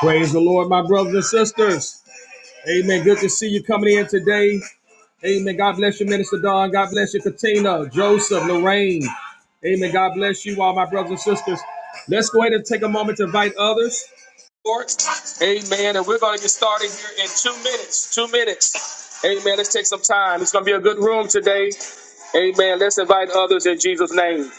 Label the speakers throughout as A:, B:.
A: Praise the Lord, my brothers and sisters. Amen. Good to see you coming in today. Amen. God bless you, Minister Don. God bless you, Katina, Joseph, Lorraine. Amen. God bless you all, my brothers and sisters. Let's go ahead and take a moment to invite others. Amen. And we're going to get started here in two minutes. Two minutes. Amen. Let's take some time. It's going to be a good room today. Amen. Let's invite others in Jesus' name.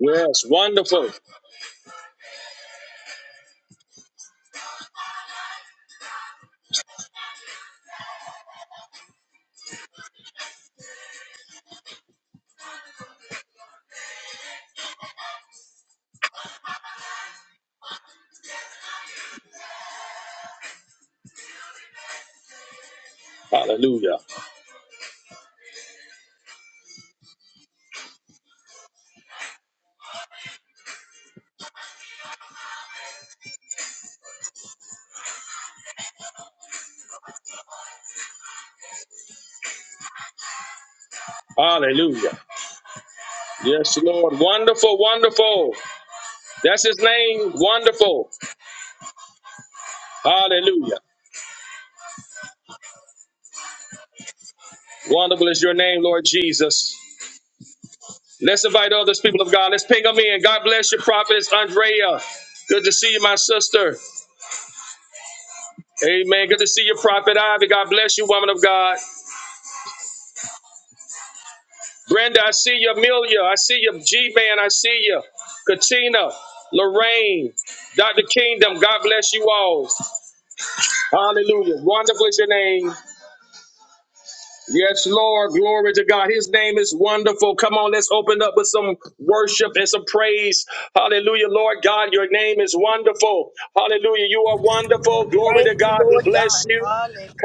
A: Yes, wonderful. Hallelujah. Hallelujah. Yes, Lord. Wonderful, wonderful. That's his name. Wonderful. Hallelujah. Wonderful is your name, Lord Jesus. Let's invite others, people of God. Let's ping them in. God bless you, prophetess, Andrea. Good to see you, my sister. Amen. Good to see you, Prophet Ivy. God bless you, woman of God. Brenda, I see you. Amelia, I see you. G Man, I see you. Katina, Lorraine, Dr. Kingdom, God bless you all. Hallelujah. Wonderful is your name. Yes, Lord. Glory to God. His name is wonderful. Come on, let's open up with some worship and some praise. Hallelujah, Lord God. Your name is wonderful. Hallelujah. You are wonderful. Glory to
B: Thank you,
A: God. We
B: Lord
A: bless
B: God.
A: you.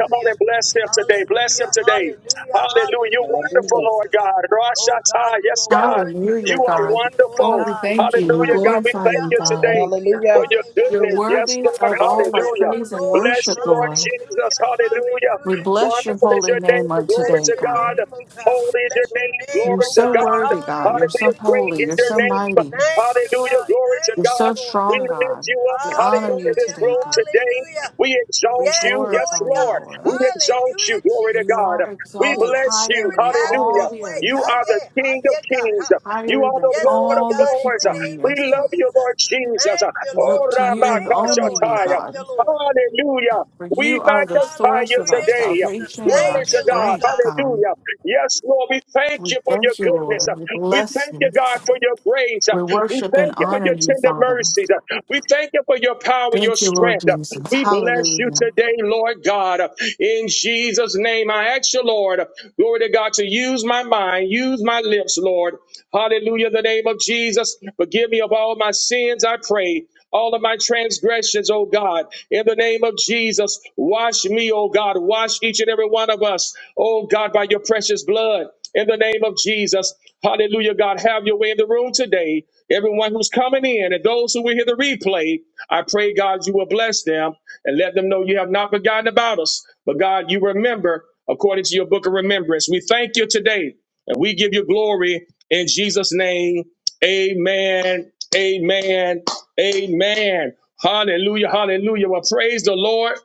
A: Come on and bless him today. Bless him
B: Hallelujah.
A: today.
B: Hallelujah.
A: Hallelujah. You're
B: Hallelujah,
A: wonderful,
C: Hallelujah.
A: Lord
B: Jesus.
A: God.
B: Oh God,
A: Rashata.
B: you
A: Yes,
B: are
A: God.
B: worthy. You're
A: You
D: Hallelujah,
A: are
D: God.
B: worthy, Lord
D: Lord,
A: wonderful.
D: we
B: God.
D: thank you. We
A: Hallelujah,
C: Jesus.
A: God. We
D: glorify
A: thank
B: Hallelujah.
D: you,
A: you today
D: God.
B: Hallelujah.
C: Hallelujah.
A: for your
D: You're
B: Hallelujah.
A: goodness. Yes,
D: worthy
A: Lord.
D: of
B: Oh,
D: all our
B: bless
A: Hallelujah.
B: the
D: praise and
B: Lord.
A: Bless
D: worship,
A: you, Lord
D: Lord.
A: Jesus.
B: Hallelujah.
A: Hallelujah.
D: We
B: Hallelujah,
D: bless your
A: Wonderful
B: Jesus.
A: is
D: holy
A: your name,
D: name
B: We
D: on
A: glory
B: bless
D: today,
A: to
B: your
A: God.
D: God.
B: name, oh God. We
A: Holy is your
B: bless your
A: name,
B: name,
D: You're
A: glory
B: oh
A: to
D: so
B: God.
A: God.
D: worthy, God. You're so
A: Hallelujah,
B: Hallelujah,
A: great
D: holy.
A: is
D: You're
A: your
D: so
B: Jesus.
A: name.
D: mighty.
B: Thank you,
A: Hallelujah,
B: God.
A: glory to
D: You're
B: Thank you,
A: God.
D: so
B: Lord
A: We
D: strong,
B: God.
A: lift
D: God.
A: you up,
D: We honor
A: hallelujah,
D: you
A: this
B: Hallelujah.
D: today,
A: room
D: God.
A: today.
B: Hallelujah.
A: We
D: We
A: exalt
B: Yes,
A: you, yes,
B: Lord
D: glorify you,
A: Lord.
B: God.
A: We
D: Lord.
A: exalt
B: Hallelujah,
A: you, glory to
B: Jesus.
D: You
A: God.
D: are
A: We
D: exalted
B: Holy
A: bless
D: higher
A: you,
B: Spirit,
D: than
B: have
D: all
B: your
A: hallelujah.
D: the
B: way.
A: You
B: Ah,
D: earth,
A: are the
B: yeah. Ah,
A: King of
B: yeah, God.
A: Kings.
B: Ah.
A: You
D: higher
A: are the
D: than
B: Yes,
A: Lord
B: Lord
A: of
D: all the
B: God, in
A: Lords.
B: the
D: people in
B: name
D: the
A: We
B: of
D: earth, God.
A: love you,
B: Jesus.
A: Lord Jesus.
B: Thank you,
D: We
A: Oh,
B: Lord
D: look to
B: God.
D: you
A: Rabbi
D: and
B: Thank you,
D: only
B: Lord.
D: you,
B: Thank
D: God.
B: you, Lord.
A: Hallelujah.
D: For
A: We
D: you are the
A: magnify
D: source
A: you
D: of our
B: Hallelujah,
A: today.
B: Jesus.
D: salvation and our
A: Glory
B: Thank
A: to
B: you,
A: God.
B: Lord
D: strength,
B: God.
D: God.
A: Hallelujah. Yes, Lord, we thank
D: We
A: you for your
D: thank you,
A: goodness.
D: Lord. We
A: We
D: bless
A: thank you,
D: you.
A: God, for your grace.
D: We
A: We
D: worship and
A: thank you for
D: honor
A: your
D: you,
A: tender
D: Father.
A: mercies. We thank you for your power, your
D: Thank you, Lord
A: strength.
D: Jesus.
A: We bless you
D: Hallelujah.
A: today, Lord God. In Jesus' name, I ask you, Lord, glory to God, to use my mind, use my lips, Lord. Hallelujah. In the name of Jesus, forgive me of all my sins, I pray all of my transgressions, oh God. In the name of Jesus, wash me, oh God. Wash each and every one of us, oh God, by your precious blood. In the name of Jesus, hallelujah, God, have your way in the room today. Everyone who's coming in and those who will hear the replay, I pray, God, you will bless them and let them know you have not forgotten about us. But God, you remember according to your book of remembrance. We thank you today and we give you glory in Jesus' name. Amen. Amen. Amen. Hallelujah. Hallelujah. Well, praise the Lord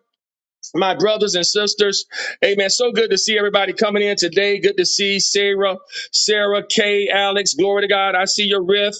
A: my brothers and sisters. Amen. So good to see everybody coming in today. Good to see Sarah, Sarah, Kay, Alex. Glory to God. I see your riff.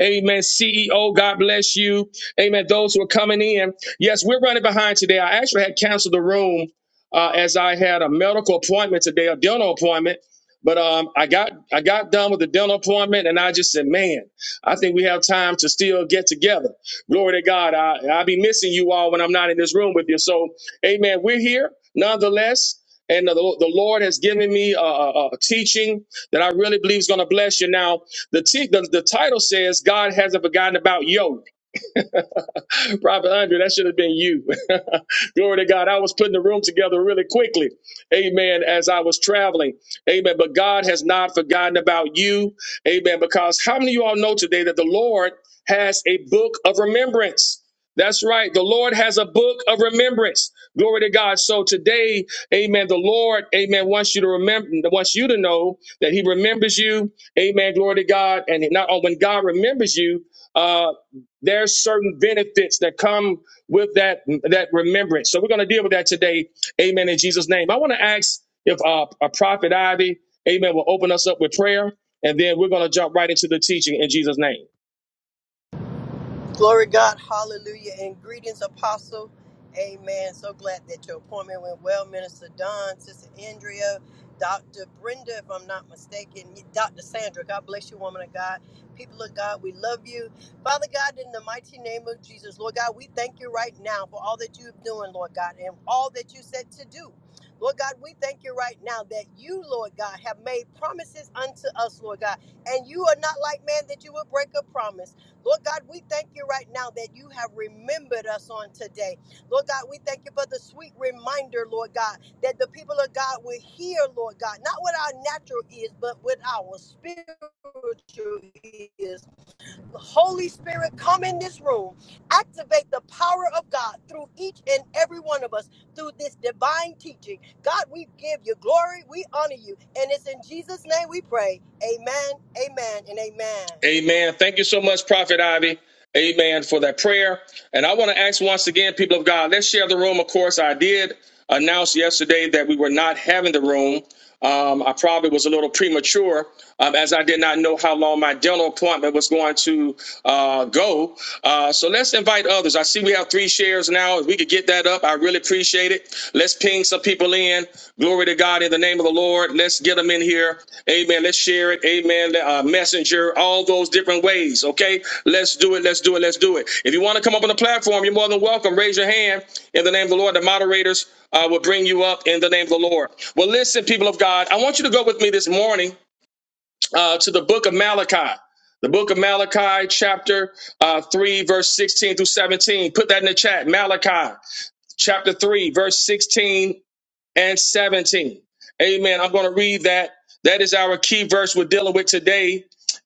A: Amen. CEO, God bless you. Amen. Those who are coming in. Yes, we're running behind today. I actually had canceled the room uh, as I had a medical appointment today, a dental appointment. But um, I got I got done with the dental appointment, and I just said, "Man, I think we have time to still get together." Glory to God. I, I'll be missing you all when I'm not in this room with you. So Amen. We're here nonetheless. And the, the Lord has given me a, a, a teaching that I really believe is going to bless you. Now, the, te- the the title says God hasn't forgotten about yo. Prophet Andre, that should have been you. Glory to God. I was putting the room together really quickly. Amen. As I was traveling. Amen. But God has not forgotten about you. Amen. Because how many of you all know today that the Lord has a book of remembrance? That's right. The Lord has a book of remembrance. Glory to God. So today, amen, the Lord, amen, wants you to remember, wants you to know that he remembers you. Amen. Glory to God. And not oh, when God remembers you, uh, there's certain benefits that come with that that remembrance. So we're going to deal with that today. Amen. In Jesus' name, I want to ask if uh, a prophet Ivy, Amen, will open us up with prayer, and then we're going to jump right into the teaching in Jesus' name.
B: Glory God, hallelujah, and greetings, Apostle. Amen. So glad that your appointment went well, Minister Don, Sister Andrea, Dr. Brenda, if I'm not mistaken, Dr. Sandra. God bless you, woman of God. People of God, we love you. Father God, in the mighty name of Jesus, Lord God, we thank you right now for all that you're doing, Lord God, and all that you said to do. Lord God, we thank you right now that you, Lord God, have made promises unto us, Lord God, and you are not like man that you will break a promise. Lord God, we thank you right now that you have remembered us on today. Lord God, we thank you for the sweet reminder, Lord God, that the people of God will hear, Lord God, not with our natural ears, but with our spiritual ears. The Holy Spirit, come in this room. Activate the power of God through each and every one of us through this divine teaching. God, we give you glory. We honor you. And it's in Jesus' name we pray. Amen, amen, and amen.
A: Amen. Thank you so much, Prophet Ivy. Amen for that prayer. And I want to ask once again, people of God, let's share the room. Of course, I did announce yesterday that we were not having the room. Um, I probably was a little premature um, as I did not know how long my dental appointment was going to uh, go. Uh, so let's invite others. I see we have three shares now. If we could get that up up. I really appreciate it. Let's ping some people in. Glory to God in the name of the Lord. Let's get them in here. Amen. Let's share it. Amen. Uh, messenger, all those different ways. Okay. Let's do it. Let's do it. Let's do it. If you want to come up on the platform, you're more than welcome. Raise your hand in the name of the Lord. The moderators uh, will bring you up in the name of the Lord. Well, listen, people of God, I want you to go with me this morning uh, to the book of Malachi. The book of Malachi, chapter uh, 3, verse 16 through 17. Put that in the chat. Malachi chapter 3, verse 16 and 17. Amen. I'm going to read that. That is our key verse we're dealing with today.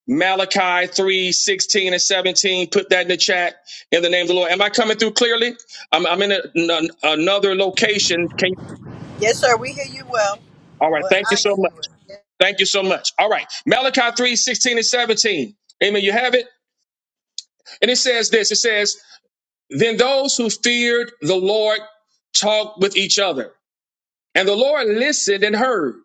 A: Malachi 3 16 and 17. Put that in the chat in the name of the Lord. Am I coming through clearly? I'm, I'm in a- n- another location. Can you,
B: Yes, sir. We hear you well.
A: all right.
B: Well,
A: Thank you
B: I hear
A: so much.
B: you.
A: Thank you so much. All right. Malachi 3 16 and 17. Amen. You have it. And it says this. It says, then those who feared the Lord talked with each other. And the Lord listened and heard.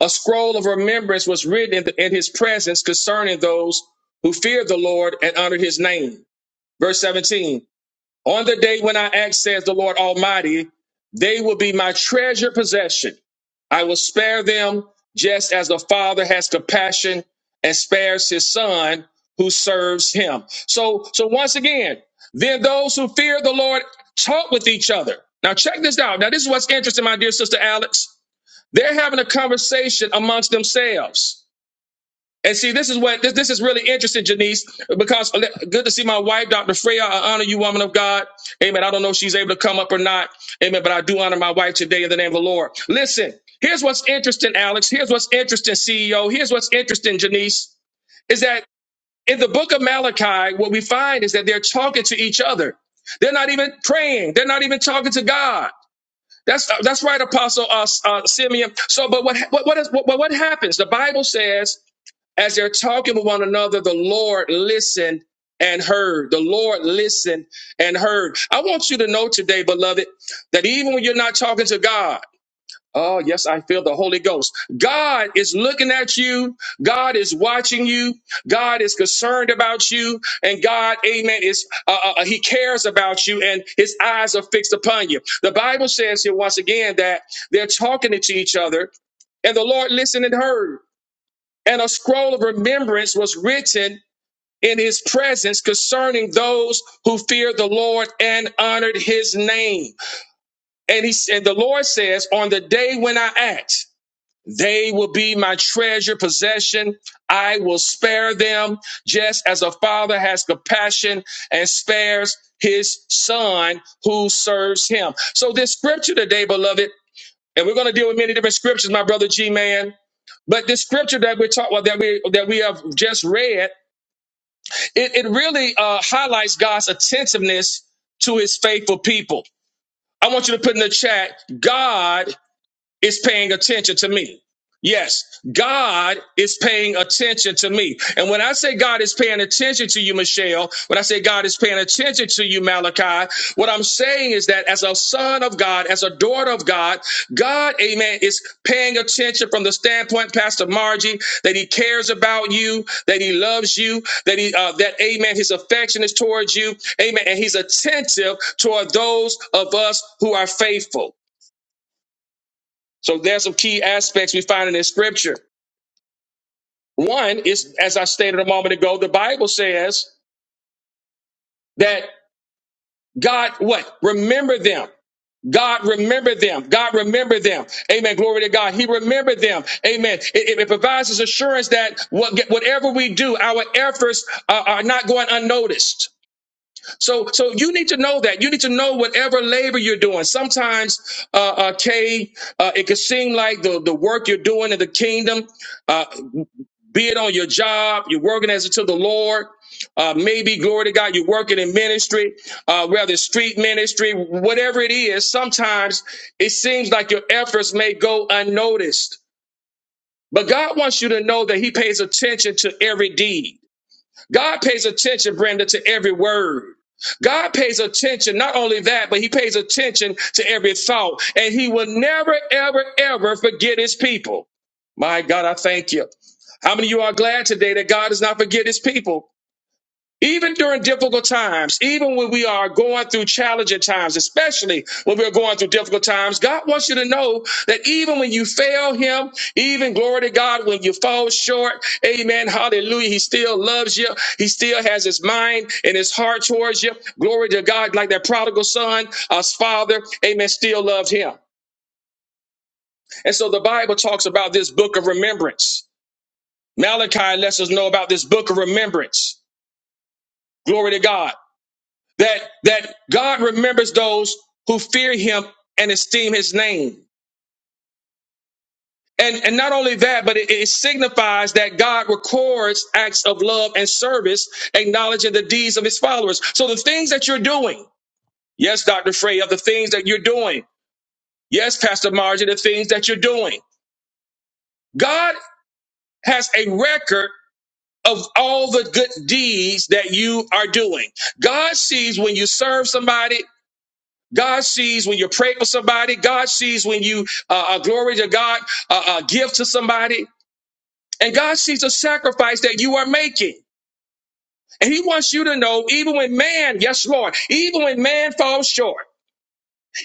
A: A scroll of remembrance was written in, the- in his presence concerning those who feared the Lord and honored his name. Verse 17 On the day when I act, says the Lord Almighty, they will be my treasure possession. I will spare them just as the father has compassion and spares his son who serves him. So, so once again, then those who fear the Lord talk with each other. Now check this out. Now this is what's interesting, my dear sister Alex. They're having a conversation amongst themselves. And see, this is what this, this is really interesting, Janice, because good to see my wife, Dr. Freya. I honor you, woman of God. Amen. I don't know if she's able to come up or not. Amen. But I do honor my wife today in the name of the Lord. Listen, here's what's interesting, Alex. Here's what's interesting, CEO. Here's what's interesting, Janice, is that in the book of Malachi, what we find is that they're talking to each other. They're not even praying. They're not even talking to God. That's uh, that's right, Apostle uh, uh, Simeon. So, but what what what, is, what what happens? The Bible says as they're talking with one another, the Lord listened and heard. The Lord listened and heard. I want you to know today, beloved, that even when you're not talking to God. Oh, yes, I feel the Holy Ghost. God is looking at you. God is watching you. God is concerned about you. And God, amen, is, uh, uh, uh, he cares about you and his eyes are fixed upon you. The Bible says here once again that they're talking to each other and the Lord listened and heard. And a scroll of remembrance was written in his presence concerning those who feared the Lord and honored his name. And he, and the Lord says, on the day when I act. They will be my treasure possession. I will spare them just as a father has compassion and spares his son who serves him. So this scripture today, beloved, and we're going to deal with many different scriptures, my brother G man. But this scripture that we are talking about, that we that we have just read, it, it really uh, highlights God's attentiveness to his faithful people. I want you to put in the chat, God is paying attention to me. Yes, God is paying attention to me. And when I say God is paying attention to you, Michelle, when I say God is paying attention to you, Malachi, what I'm saying is that as a son of God, as a daughter of God, God, amen, is paying attention from the standpoint, Pastor Margie, that he cares about you, that he loves you, that he, uh, that, amen, his affection is towards you, amen, and he's attentive toward those of us who are faithful. So there's some key aspects we find in this scripture. One is, as I stated a moment ago, the Bible says that God, what? Remember them. God remember them. God remember them. Amen. Glory to God. He remembered them. Amen. It, it- it provides us assurance that what, whatever we do, our efforts uh, are not going unnoticed. So, so you need to know that. You need to know whatever labor you're doing. Sometimes, uh, uh, Kay, uh, it can seem like the, the work you're doing in the kingdom. uh, be it on your job, you're working as unto the Lord. Uh, maybe glory to God, you're working in ministry, uh, whether it's street ministry, whatever it is. Sometimes it seems like your efforts may go unnoticed, but God wants you to know that He pays attention to every deed. God pays attention, Brenda, to every word. God pays attention, not only that, but he pays attention to every thought. And he will never, ever, ever forget his people. My God, I thank you. How many of you are glad today that God does not forget his people? Even during difficult times, even when we are going through challenging times, especially when we're going through difficult times, God wants you to know that even when you fail Him, even glory to God, when you fall short, amen, hallelujah, He still loves you. He still has His mind and His heart towards you. Glory to God, like that prodigal son, us father, amen, still loved Him. And so the Bible talks about this book of remembrance. Malachi lets us know about this book of remembrance. Glory to God. that that God remembers those who fear him and esteem his name. And and not only that, but it, it signifies that God records acts of love and service, acknowledging the deeds of his followers. So the things that you're doing, yes, Dr. Frey, of the things that you're doing, yes, Pastor Margie, the things that you're doing. God has a record of all the good deeds that you are doing. God sees when you serve somebody. God sees when you pray for somebody. God sees when you uh, uh, glory to God, uh, uh, give to somebody. And God sees a sacrifice that you are making. And he wants you to know, even when man, yes, Lord, even when man falls short,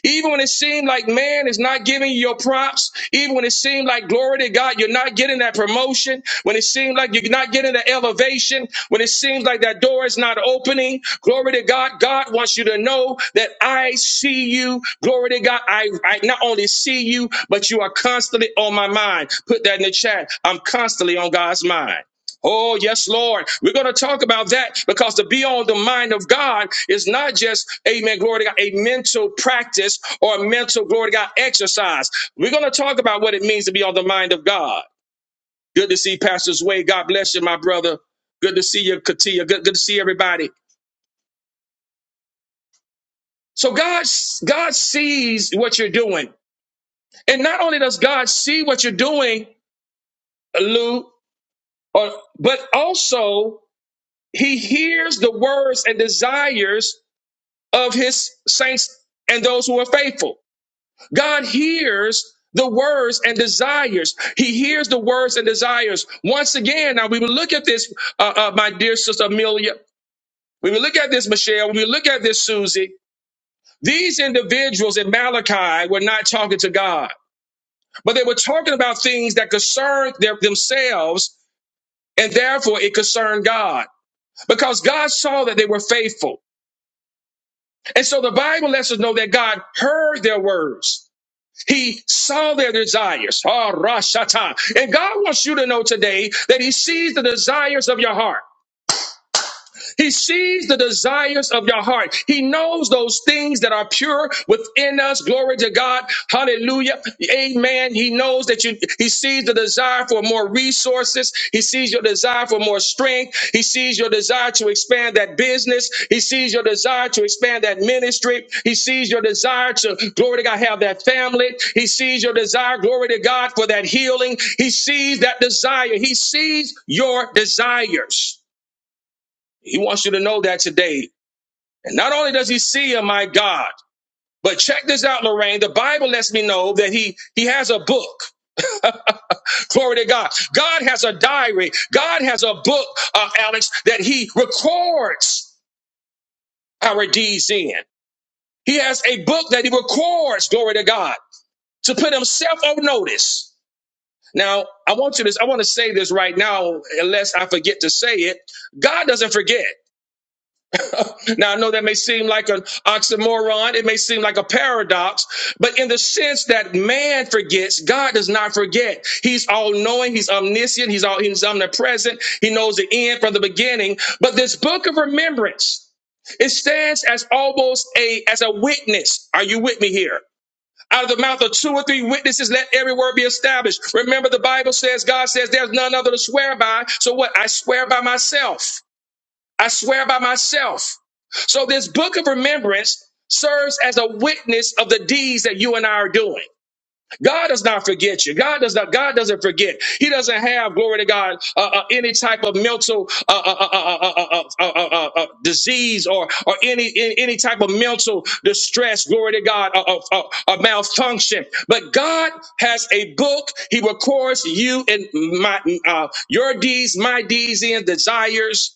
A: even when it seemed like man is not giving you your props, even when it seemed like glory to God, you're not getting that promotion, when it seemed like you're not getting the elevation, when it seems like that door is not opening, glory to God, God wants you to know that I see you. Glory to God, I, I not only see you, but you are constantly on my mind. Put that in the chat. I'm constantly on God's mind. Oh, yes, Lord. We're going to talk about that because to be on the mind of God is not just, amen, glory to God, a mental practice or a mental, glory to God, exercise. We're going to talk about what it means to be on the mind of God. Good to see Pastor Sway. God bless you, my brother. Good to see you, Katia. Good, good to see everybody. So God, God sees what you're doing. And not only does God see what you're doing, Lou, or, but also he hears the words and desires of his saints and those who are faithful. God hears the words and desires. He hears the words and desires. Once again, now we will look at this, uh, uh, my dear sister Amelia. We will look at this, Michelle. When we look at this, Susie. These individuals in Malachi were not talking to God, but they were talking about things that concerned their, themselves, and therefore it concerned God because God saw that they were faithful. And so the Bible lets us know that God heard their words. He saw their desires. Ah, Rashata. And God wants you to know today that He sees the desires of your heart. He sees the desires of your heart. He knows those things that are pure within us. Glory to God. Hallelujah. Amen. He knows that you, he sees the desire for more resources. He sees your desire for more strength. He sees your desire to expand that business. He sees your desire to expand that ministry. He sees your desire to, glory to God, have that family. He sees your desire, glory to God, for that healing. He sees that desire. He sees your desires. He wants you to know that today. And not only does he see you, my God, but check this out, Lorraine. The Bible lets me know that he he has a book. Glory to God. God has a diary. God has a book, uh, Alex, that he records our deeds in. He has a book that he records, glory to God, to put himself on notice. Now, I want you to, I want to say this right now, unless I forget to say it. God doesn't forget. Now, I know that may seem like an oxymoron, it may seem like a paradox, but in the sense that man forgets, God does not forget. He's all knowing, He's omniscient, He's, all, he's omnipresent, He knows the end from the beginning. But this book of remembrance, it stands as almost a as a witness. Are you with me here? Out of the mouth of two or three witnesses, let every word be established. Remember, the Bible says, God says, there's none other to swear by. So what? I swear by myself. I swear by myself. So this book of remembrance serves as a witness of the deeds that you and I are doing. God does not forget you. God does not. God doesn't forget. He doesn't have glory to God uh, uh, any type of mental uh, uh, uh, uh, uh, uh, uh, uh, uh, uh, uh, disease or or any any any type of mental distress. Glory to God, a, a, malfunction. But God has a book. He records you and my uh, your deeds, my deeds and desires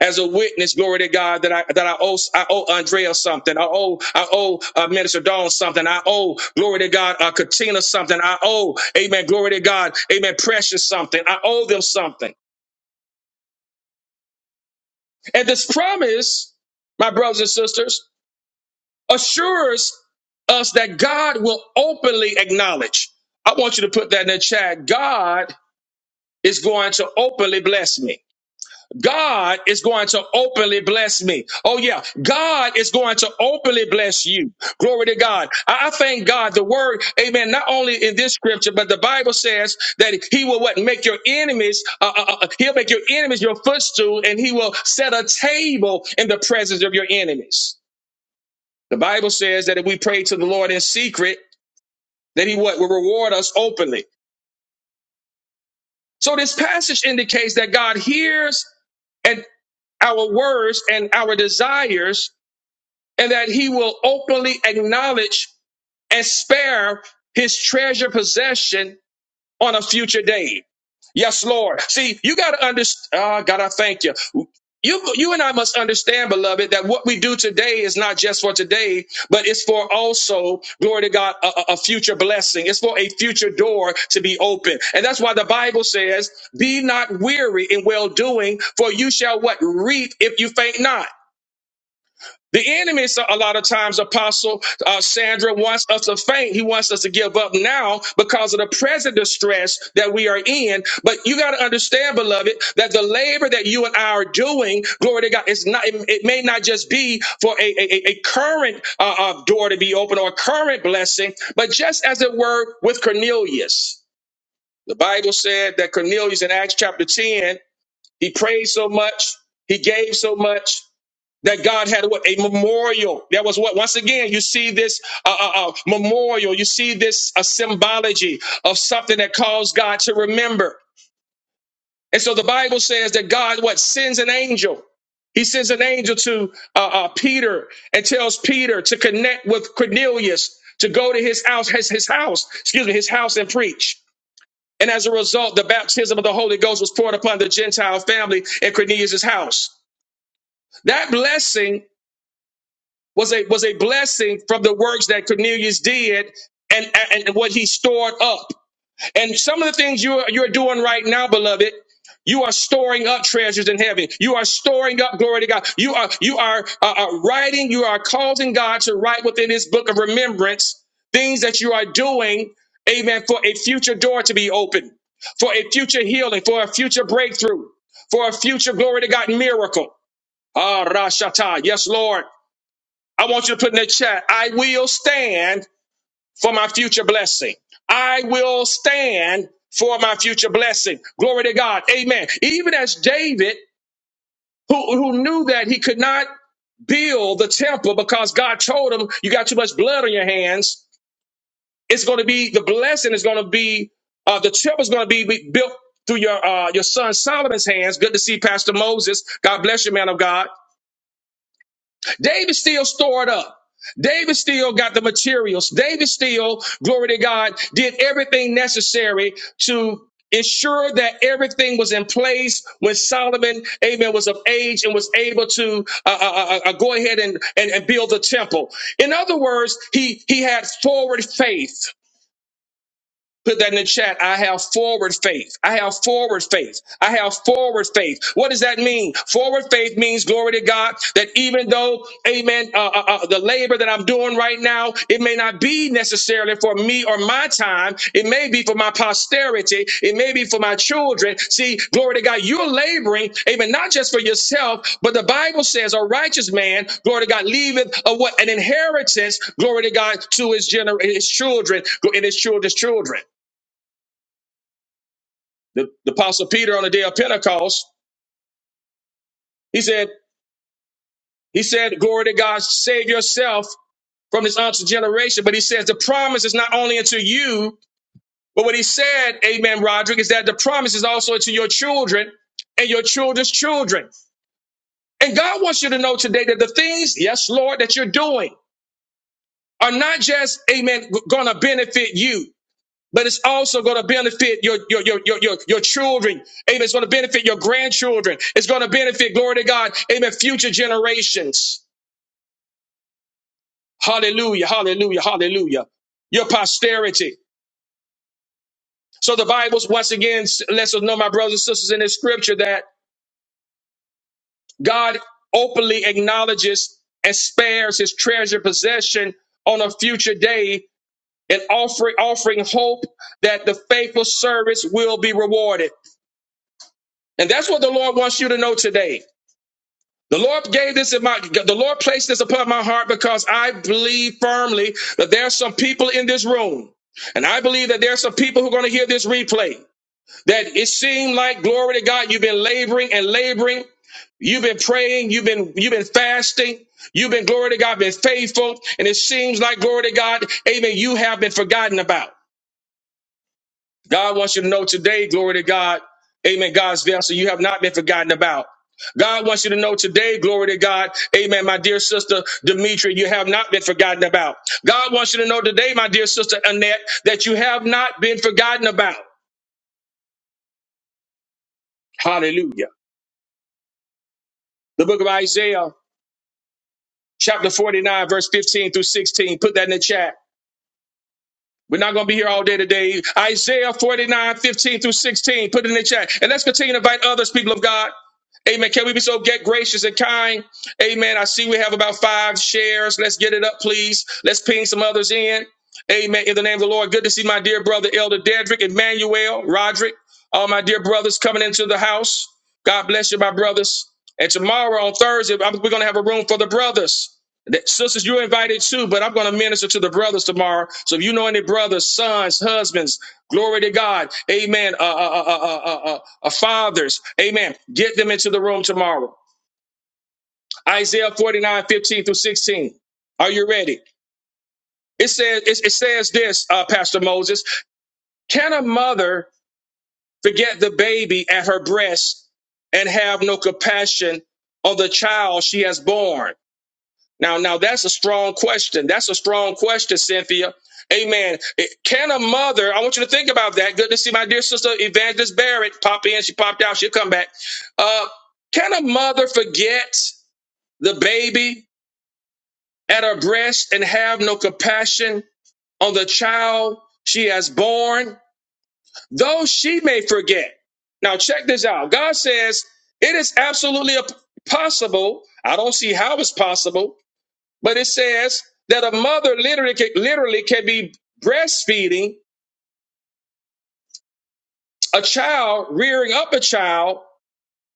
A: as a witness, glory to God, that I that I owe I owe Andrea something. I owe I owe uh, Minister Dawn something. I owe glory to God, uh, Katina something. I owe, Amen, glory to God, Amen, Precious something. I owe them something. And this promise, my brothers and sisters, assures us that God will openly acknowledge. I want you to put that in the chat. God is going to openly bless me. God is going to openly bless me. Oh yeah, God is going to openly bless you. Glory to God. I, I thank God. The word, Amen. Not only in this scripture, but the Bible says that He will what make your enemies. Uh, uh, uh, he'll make your enemies your footstool, and He will set a table in the presence of your enemies. The Bible says that if we pray to the Lord in secret, that He what will reward us openly. So this passage indicates that God hears and our words and our desires and that he will openly acknowledge and spare his treasure possession on a future day. Yes, Lord. See, you got to understand. Ah, God, I thank you. You, you and I must understand, beloved, that what we do today is not just for today, but it's for also, glory to God, a, a a future blessing. It's for a future door to be open. And that's why the Bible says, be not weary in well doing, for you shall what? Reap if you faint not. The enemy, so- a lot of times, Apostle uh, Sandra wants us to faint. He wants us to give up now because of the present distress that we are in. But you got to understand, beloved, that the labor that you and I are doing, glory to God, it's not. It, it may not just be for a a, a a current uh, uh, door to be open or a current blessing, but just as it were with Cornelius. The Bible said that Cornelius in Acts chapter ten, he prayed so much, he gave so much that God had what a memorial. That was what once again you see this uh, uh, uh, memorial. You see this a symbology of something that caused God to remember. And so the Bible says that God what sends an angel. He sends an angel to uh, uh, Peter and tells Peter to connect with Cornelius to go to his house, his, his house, excuse me, his house and preach. And as a result, the baptism of the Holy Ghost was poured upon the Gentile family in Cornelius' house. That blessing was a was a blessing from the works that Cornelius did and and what he stored up. And some of the things you are, you're doing right now, beloved, you are storing up treasures in heaven. You are storing up glory to God. You are you are uh, uh, writing. You are causing God to write within His book of remembrance things that you are doing. Amen. For a future door to be opened, for a future healing, for a future breakthrough, for a future glory to God miracle. Ah, Rashata. Yes, Lord. I want you to put in the chat, I will stand for my future blessing. I will stand for my future blessing. Glory to God. Amen. Even as David, who, who knew that he could not build the temple because God told him, you got too much blood on your hands. It's going to be, the blessing is going to be, uh, the temple is going to be be- built through your, uh, your son Solomon's hands. Good to see Pastor Moses. God bless you, man of God. David still stored up. David still got the materials. David still, glory to God, did everything necessary to ensure that everything was in place when Solomon, amen, was of age and was able to uh, uh, uh, uh, go ahead and, and, and build the temple. In other words, he, he had forward faith. Put that in the chat. I have forward faith. I have forward faith. I have forward faith. What does that mean? Forward faith means glory to God that even though, amen, uh, uh, uh, the labor that I'm doing right now, it may not be necessarily for me or my time. It may be for my posterity. It may be for my children. See, glory to God, you're laboring, amen, not just for yourself, but the Bible says a righteous man, glory to God, leaveth a, what, an inheritance, glory to God, to his, gener- his children and his children's children. The, the apostle Peter on the day of Pentecost, he said, he said, glory to God, save yourself from this unto generation. But he says the promise is not only unto you, but what he said, amen, Roderick, is that the promise is also unto your children and your children's children. And God wants you to know today that the things, yes, Lord, that you're doing are not just, amen, going to benefit you. but it's also going to benefit your your your your your, your children. Amen. It's going to benefit your grandchildren. It's going to benefit, glory to God, amen, future generations. Hallelujah, hallelujah, hallelujah. Your posterity. So the Bible once again lets us know, my brothers and sisters, in this scripture that God openly acknowledges and spares his treasured possession on a future day and offering offering hope that the faithful service will be rewarded. And that's what the Lord wants you to know today. The Lord gave this in my, the Lord placed this upon my heart because I believe firmly that there are some people in this room. And I believe that there are some people who are going to hear this replay. That it seemed like, glory to God, you've been laboring and laboring. You've been praying. You've been, you've been fasting. You've been, glory to God, been faithful. And it seems like, glory to God, amen, you have been forgotten about. God wants you to know today, glory to God. Amen. God's vessel, you have not been forgotten about. God wants you to know today, glory to God. Amen. My dear sister Demetria, you have not been forgotten about. God wants you to know today, my dear sister Annette, that you have not been forgotten about. Hallelujah. The book of Isaiah, chapter 49, verse 15 through 16. Put that in the chat. We're not going to be here all day today. Isaiah 49 15 through 16. Put it in the chat. And let's continue to invite others, people of God. Amen. Can we be so get gracious and kind? Amen. I see we have about five shares. Let's get it up, please. Let's ping some others in. Amen. In the name of the Lord. Good to see my dear brother, Elder Dedrick, Emmanuel, Roderick, all my dear brothers coming into the house. God bless you, my brothers. And tomorrow on Thursday, I'm- we're going to have a room for the brothers. That- Sisters, you're invited too, but I'm going to minister to the brothers tomorrow. So if you know any brothers, sons, husbands, glory to God, amen, uh, uh, uh, uh, uh, uh, uh, fathers, amen, get them into the room tomorrow. Isaiah 49:15 through 16. Are you ready? It says, it, it says this, uh, Pastor Moses, can a mother forget the baby at her breast and have no compassion on the child she has born? Now, now that's a strong question. That's a strong question, Cynthia. Amen. It- Can a mother, I want you to think about that. Good to see my dear sister Evangelist Barrett pop in. She popped out. She'll come back. Uh, can a mother forget the baby at her breast and have no compassion on the child she has born? Though she may forget. Now, check this out. God says it is absolutely a- possible. I don't see how it's possible but it says that a mother literally can, literally can be breastfeeding a child, rearing up a child,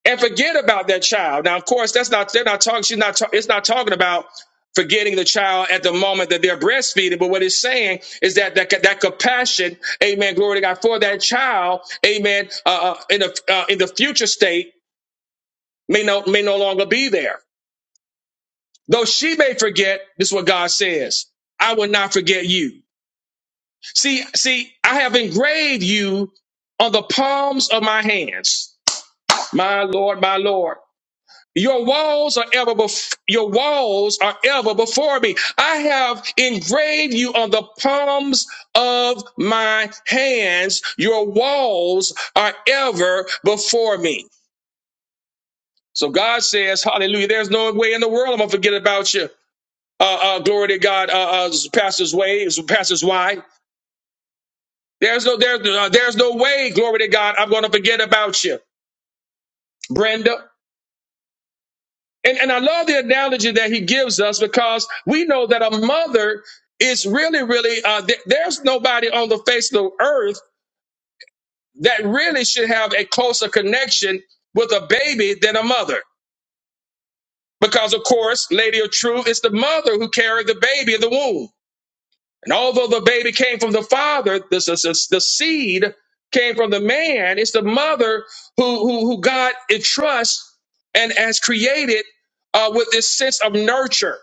A: and forget about that child. Now, of course, that's not they're not talking. She's not. ta- it's not talking about forgetting the child at the moment that they're breastfeeding. But what it's saying is that that that compassion, Amen. Glory to God for that child, Amen. Uh, uh, in the uh, in the future state may no may no longer be there. Though she may forget, this is what God says. I will not forget you. See, see, I have engraved you on the palms of my hands. My Lord, my Lord. Your walls are ever bef- your walls are ever before me. I have engraved you on the palms of my hands. Your walls are ever before me. So God says, Hallelujah. There's no way in the world I'm gonna forget about you. Uh, uh, glory to God, uh, uh, Pastor's Way, Pastor's why? There's no there's uh, there's no way, glory to God, I'm going to forget about you, Brenda. And and I love the analogy that he gives us because we know that a mother is really really uh, th- there's nobody on the face of the earth that really should have a closer connection with a baby than a mother. Because of course, Lady of Truth, it's the mother who carried the baby in the womb. And although the baby came from the father, this is this- the seed came from the man. It's the mother who who, who God entrusts and has created uh, with this sense of nurture,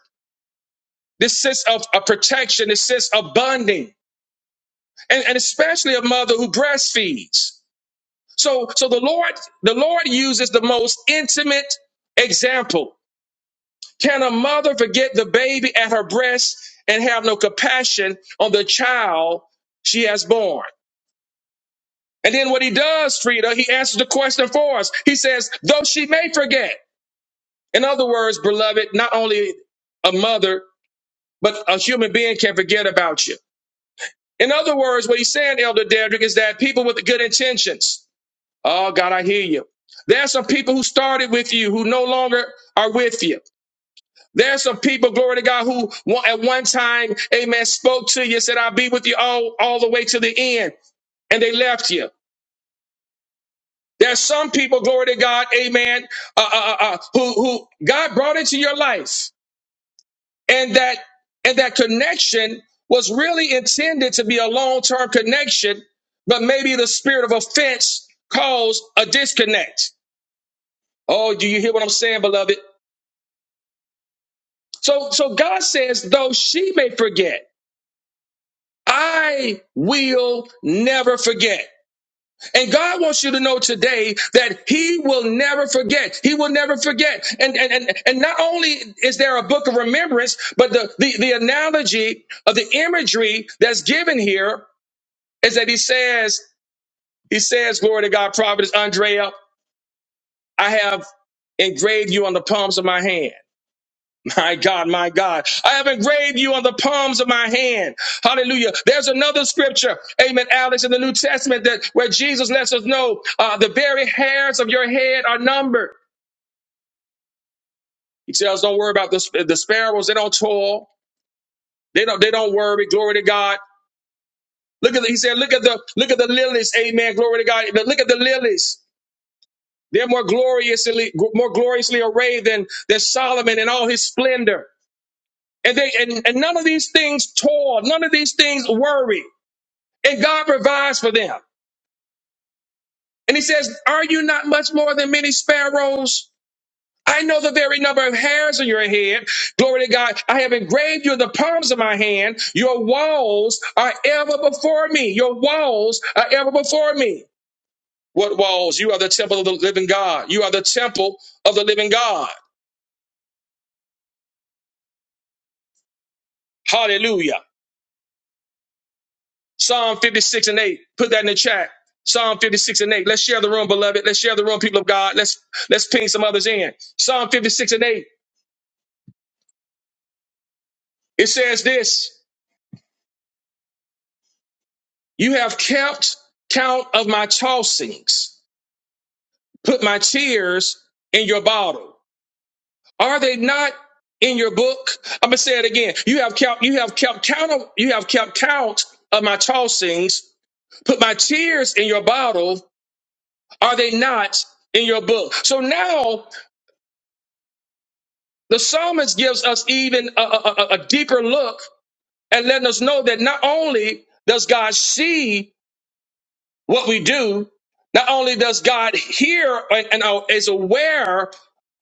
A: this sense of, of protection, this sense of bonding, and, and especially a mother who breastfeeds. So so the Lord the Lord uses the most intimate example. Can a mother forget the baby at her breast and have no compassion on the child she has born? And then what he does, Frida, he answers the question for us. He says, though she may forget. In other words, beloved, not only a mother, but a human being can forget about you. In other words, what he's saying, Elder Dedrick, is that people with good intentions, oh God, I hear you. There are some people who started with you who no longer are with you. There are some people, glory to God, who wa- at one time, amen, spoke to you, said, I'll be with you all, all the way to the end, and they left you. There's some people, glory to God, amen, uh, uh, uh, uh, who, who God brought into your life. And that, and that connection was really intended to be a long-term connection, but maybe the spirit of offense caused a disconnect. Oh, do you hear what I'm saying, beloved? So, so God says, though she may forget, I will never forget. And God wants you to know today that He will never forget. He will never forget. And and and, and not only is there a book of remembrance, but the, the, the analogy of the imagery that's given here is that he says, He says, Glory to God, Providence, Andrea, I have engraved you on the palms of my hand. My God, my God. I have engraved you on the palms of my hand. Hallelujah. There's another scripture, amen, Alex, in the New Testament that where Jesus lets us know uh, the very hairs of your head are numbered. He tells, don't worry about the, sp- the sparrows. They don't toil. They don't, they don't worry. Glory to God. Look at the, he said, look at the, look at the lilies. Amen. Glory to God. Look at the lilies. They're more gloriously, more gloriously arrayed than, than Solomon in all his splendor. And they, and, and none of these things toil. None of these things worry. and God provides for them. And he says, Are you not much more than many sparrows? I know the very number of hairs on your head. Glory to God. I have engraved you in the palms of my hand. Your walls are ever before me. Your walls are ever before me. What walls? You are the temple of the living God. You are the temple of the living God. Hallelujah. Psalm 56 and 8. Put that in the chat. Psalm 56 and 8. Let's share the room, beloved. Let's share the room, people of God. Let's let's ping some others in. Psalm 56 and 8. It says this You have kept count of my tossings, put my tears in your bottle. Are they not in your book? I'm gonna say it again. You have kept you have kept count of you have kept count of my tossings, put my tears in your bottle. Are they not in your book? So now the psalmist gives us even a, a a- a deeper look and letting us know that not only does God see what we do, not only does God hear and, and, uh, is aware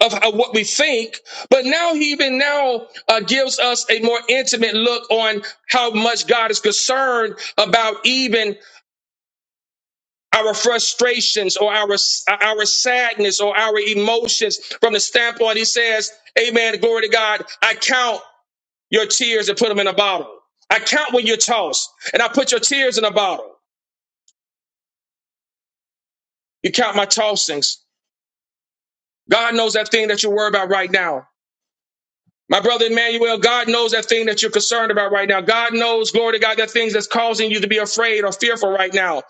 A: of how- what we think, but now He even now uh, gives us a more intimate look on how much God is concerned about even our frustrations or our our sadness or our emotions. From the standpoint, He says, "Amen, glory to God. I count your tears and put them in a bottle. I count when you're tossed, and I put your tears in a bottle. You count my tossings." God knows that thing that you're worried about right now. My brother Emmanuel, God knows that thing that you're concerned about right now. God knows, glory to God, that things that's causing you to be afraid or fearful right now.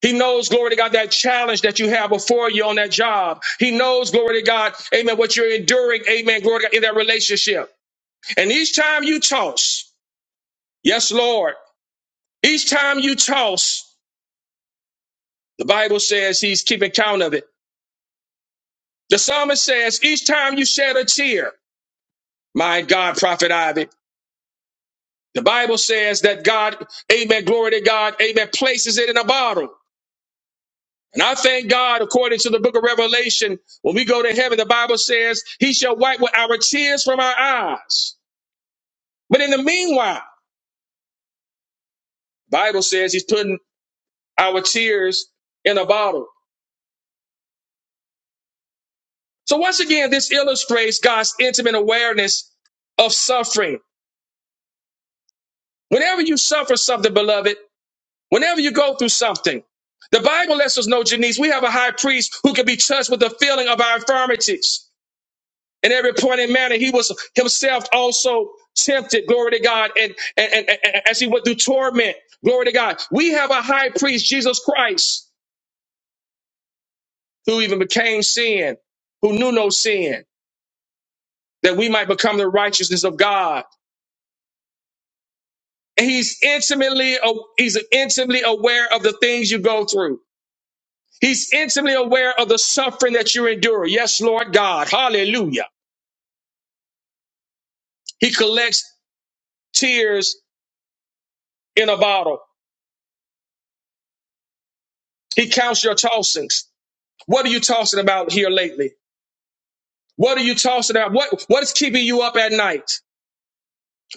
A: He knows, glory to God, that challenge that you have before you on that job. He knows, glory to God, amen, what you're enduring, amen, glory to God, in that relationship. And each time you toss, yes, Lord, each time you toss, the Bible says he's keeping count of it. The psalmist says, each time you shed a tear, my God, Prophet Ivy. The Bible says that God, amen, glory to God, amen, places it in a bottle. And I thank God, according to the book of Revelation, when we go to heaven, the Bible says, He shall wipe with our tears from our eyes. But in the meanwhile, the Bible says He's putting our tears in a bottle. So once again, this illustrates God's intimate awareness of suffering. Whenever you suffer something, beloved, Whenever you go through something, the Bible lets us know, Janice, we have a high priest who can be touched with the feeling of our infirmities. In every point and manner, he was himself also tempted, glory to God, and, and, and, and as he went through torment, glory to God. We have a high priest, Jesus Christ, who even became sin, who knew no sin, that we might become the righteousness of God. And he's intimately, he's intimately aware of the things you go through. He's intimately aware of the suffering that you endure. Yes, Lord God. Hallelujah. He collects tears in a bottle. He counts your tossings. What are you tossing about here lately? What are you tossing about? What, what is keeping you up at night?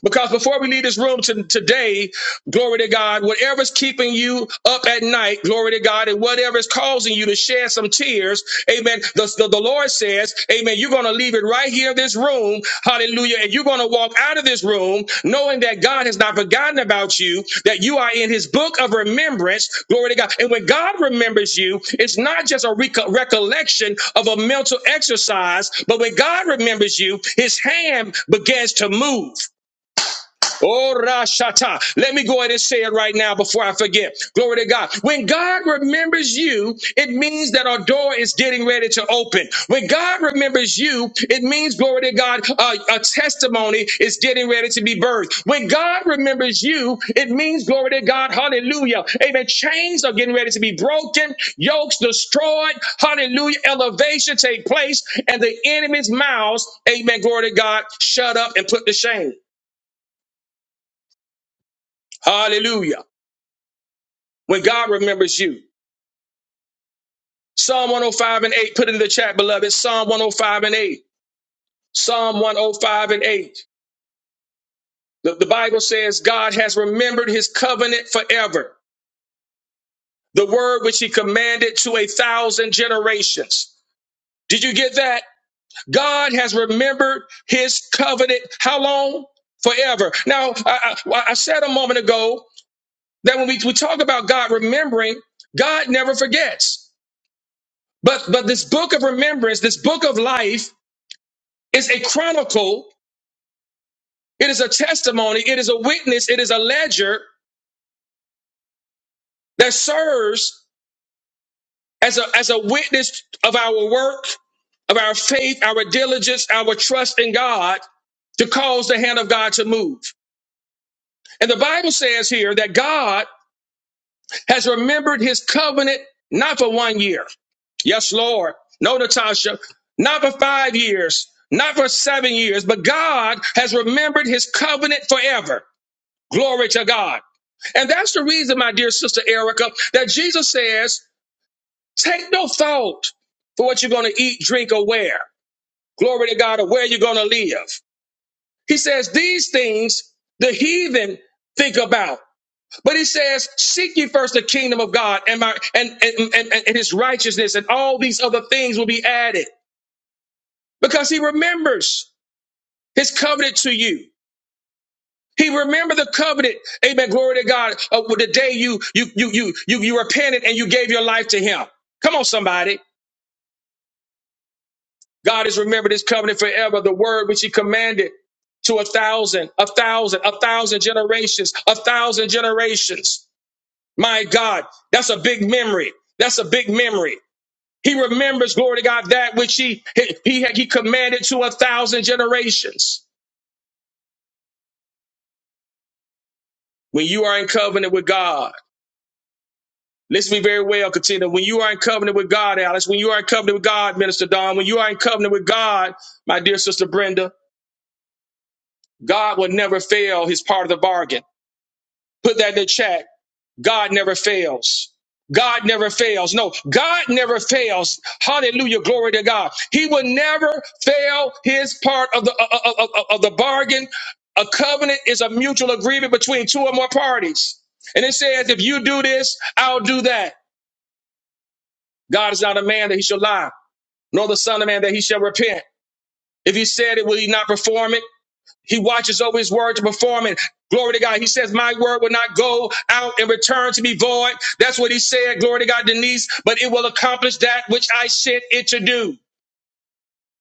A: Because before we leave this room to, today, glory to God, whatever's keeping you up at night, glory to God, and whatever's causing you to shed some tears, amen. The, the, the Lord says, amen, you're going to leave it right here in this room, hallelujah, and you're going to walk out of this room knowing that God has not forgotten about you, that you are in his book of remembrance, glory to God. And when God remembers you, it's not just a reco- recollection of a mental exercise, but when God remembers you, his hand begins to move. Oh, Rashata. Let me go ahead and say it right now before I forget. Glory to God. When God remembers you, it means that our door is getting ready to open. When God remembers you, it means, glory to God, uh, a testimony is getting ready to be birthed. When God remembers you, it means, glory to God, hallelujah. Amen. Chains are getting ready to be broken, yokes destroyed, hallelujah. Elevation take place, and the enemy's mouths, amen, glory to God, shut up and put to shame. Hallelujah. when God remembers you. Psalm 105 and 8, put it in the chat, beloved. Psalm 105 and 8. Psalm 105 and 8. The, the Bible says God has remembered his covenant forever, the word which he commanded to a thousand generations. Did you get that? God has remembered his covenant. How long? Forever. Now, I, I, well, I said a moment ago that when we, we talk about God remembering, God never forgets. But but this book of remembrance, this book of life, It's a chronicle, it is a testimony, it is a witness, it is a ledger that serves as a, as a witness of our work, of our faith, our diligence, our trust in God to cause the hand of God to move. And the Bible says here that God has remembered his covenant not for one year. Yes, Lord. No, Natasha, not for five years, not for seven years, but God has remembered his covenant forever. Glory to God. And that's the reason, my dear sister Erica, that Jesus says, take no thought for what you're going to eat, drink, or wear. Glory to God, or where you're going to live. He says, these things the heathen think about. But he says, seek ye first the kingdom of God and, my, and, and, and, and his righteousness, and all these other things will be added. Because he remembers his covenant to you. He remembered the covenant. Amen. Glory to God. Of the day you you you you you you repented and you gave your life to Him. Come on, somebody. God has remembered His covenant forever. The word which He commanded to a thousand, a thousand, a thousand generations, a thousand generations. My God, that's a big memory. That's a big memory. He remembers, glory to God, that which He He He, he commanded to a thousand generations. When you are in covenant with God. Listen to me very well, Katina. When you are in covenant with God, Alice, when you are in covenant with God, Minister Don, when you are in covenant with God, my dear sister Brenda, God will never fail his part of the bargain. Put that in the chat. God never fails. God never fails. No, God never fails. Hallelujah. Glory to God. He will never fail his part of the, of, of- of- of the bargain. A covenant is a mutual agreement between two or more parties. And it says, if you do this, I'll do that. God is not a man that he should lie. nor the Son of Man that he shall repent. If he said it, will he not perform it? He watches over his word to perform it. Glory to God. He says, My word will not go out and return to be void. That's what he said. Glory to God, Denise. But it will accomplish that which I sent it to do.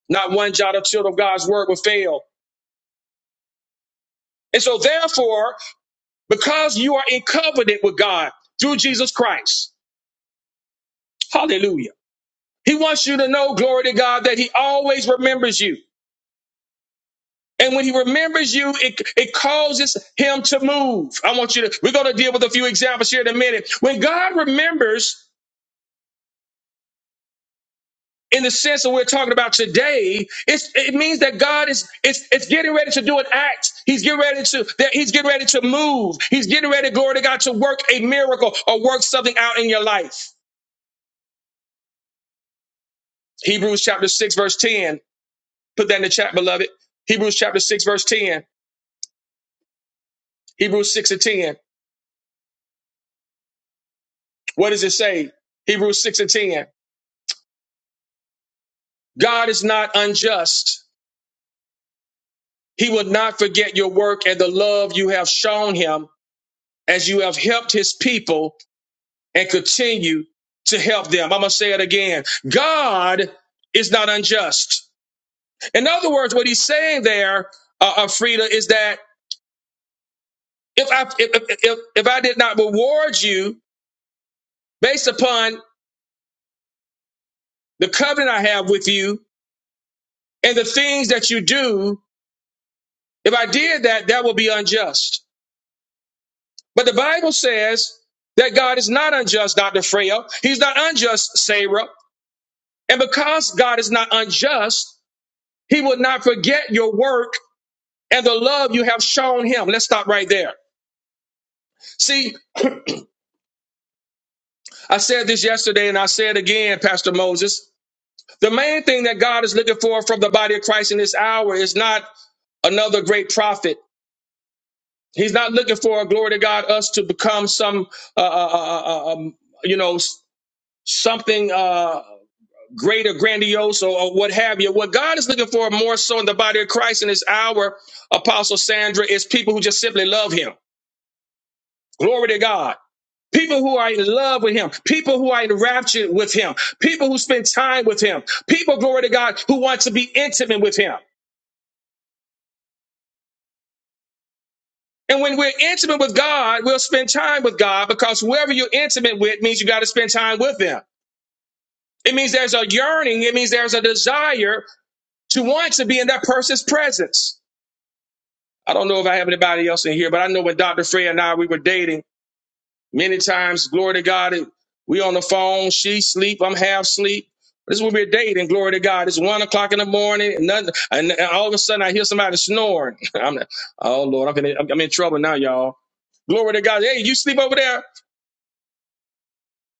A: Not one jot or tittle of God's word will fail. And so, therefore, because you are in covenant with God through Jesus Christ, hallelujah. He wants you to know, glory to God, that he always remembers you. And when he remembers you, it, it causes him to move. I want you to, we're going to deal with a few examples here in a minute. When God remembers, in the sense that we're talking about today, it's, it means that God is it's, it's getting ready to do an act. He's getting ready to that He's getting ready to move. He's getting ready, glory to God, to work a miracle or work something out in your life. Hebrews chapter six verse ten. Put that in the chat, beloved. Hebrews chapter six verse ten. Hebrews six and ten. What does it say? Hebrews six and ten. God is not unjust. He will not forget your work and the love you have shown him as you have helped his people and continue to help them. I'm going to say it again. God is not unjust. In other words, what he's saying there, uh, uh, Frida, is that if I, if, if, if if I did not reward you based upon the covenant I have with you and the things that you do, if I did that, that would be unjust. But the Bible says that God is not unjust, Dr. Freya. He's not unjust, Sarah. And because God is not unjust, he will not forget your work and the love you have shown him. Let's stop right there. See, I said this yesterday and I said again, Pastor Moses. The main thing that God is looking for from the body of Christ in this hour is not another great prophet. He's not looking for, glory to God, us to become some, uh, uh, uh, uh, um, you know, s- something. Uh, great or grandiose or, or what have you. What God is looking for more so in the body of Christ in this hour, Apostle Sandra, is people who just simply love him. Glory to God. People who are in love with him, people who are enraptured with him, people who spend time with him, people, glory to God, who want to be intimate with him. And when we're intimate with God, we'll spend time with God because whoever you're intimate with means you got to spend time with them. It means there's a yearning, it means there's a desire to want to be in that person's presence. I don't know if I have anybody else in here, but I know when Dr. Frey and I we were dating many times, glory to God, and we on the phone, she sleep, I'm half sleep. This is when we're dating, glory to God. It's one o'clock in the morning, and, nothing, and, and all of a sudden I hear somebody snoring. I'm like, oh Lord, I'm in, I'm in trouble now, y'all. Glory to God. Hey, you sleep over there.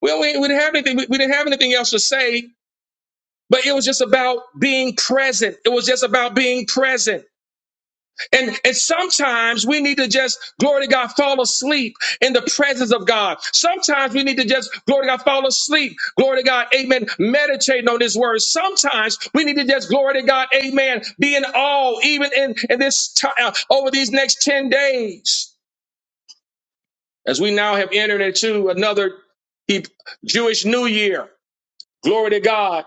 A: Well, we, we didn't have anything. We, we didn't have anything else to say, but it was just about being present. It was just about being present. And, and sometimes we need to just, glory to God, fall asleep in the presence of God. Sometimes we need to just, glory to God, fall asleep. Glory to God, amen, meditating on His word. Sometimes we need to just, glory to God, amen, be in awe, even in, in this time, over these next 10 days, as we now have entered into another He- Jewish New Year. Glory to God,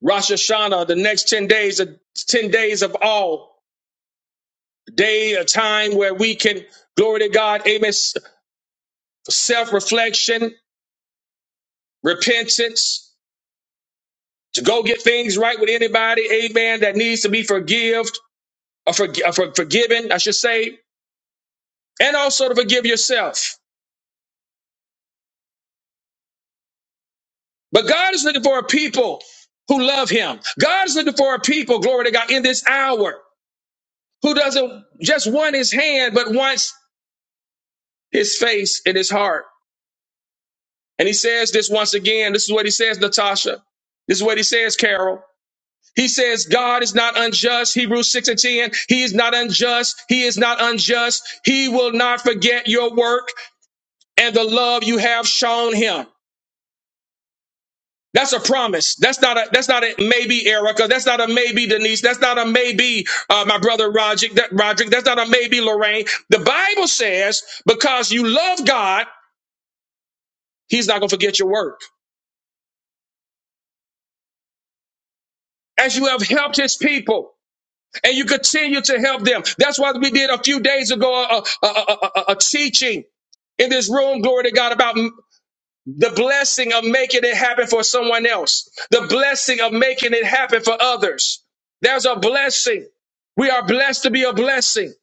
A: Rosh Hashanah, the next 10 days, of 10 days of awe. day, a time where we can, glory to God, amen, self reflection, repentance, to go get things right with anybody, amen, that needs to be forgived or, forg- or for- forgiven, I should say, and also to forgive yourself. But God is looking for a people who love Him. God is looking for a people, glory to God, in this hour who doesn't just want His hand, but wants His face and His heart. And He says this once again. This is what He says, Natasha. This is what He says, Carol. He says God is not unjust. Hebrews 6 and 10. He is not unjust. He is not unjust. He will not forget your work and the love you have shown him. That's a promise. That's not a that's not a maybe, Erica. That's not a maybe, Denise. That's not a maybe, uh, my brother Roderick. That Roderick. That's not a maybe, Lorraine. The Bible says, because you love God, He's not gonna forget your work. As you have helped His people, and you continue to help them. That's why we did a few days ago a, a, a, a, a teaching in this room, glory to God, about the blessing of making it happen for someone else, the blessing of making it happen for others. There's a blessing. We are blessed to be a blessing.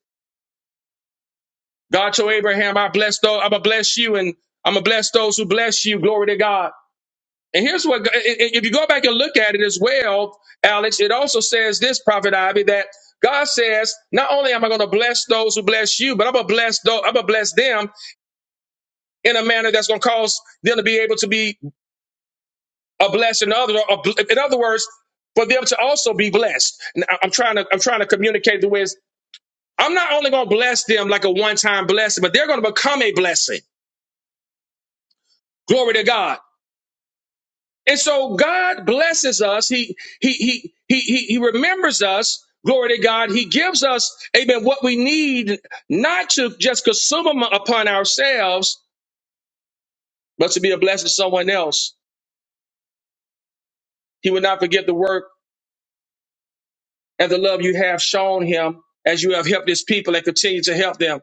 A: God told Abraham, I bless those, I'm gonna bless you and I'm gonna bless those who bless you. Glory to God. And here's what, if you go back and look at it as well, Alex, it also says this, Prophet Ivy, that God says, not only am I going to bless those who bless you, but I'm going to bless those, I'm going to bless them in a manner that's going to cause them to be able to be a blessing to others. or a- In other words, for them to also be blessed. And I- I'm trying to, I'm trying to communicate the ways. I'm not only going to bless them like a one-time blessing, but they're going to become a blessing. Glory to God. And so God blesses us. He he he he he he remembers us. Glory to God. He gives us, amen, what we need not to just consume them upon ourselves, but to be a blessing to someone else. He will not forget the work and the love you have shown him as you have helped his people and continue to help them.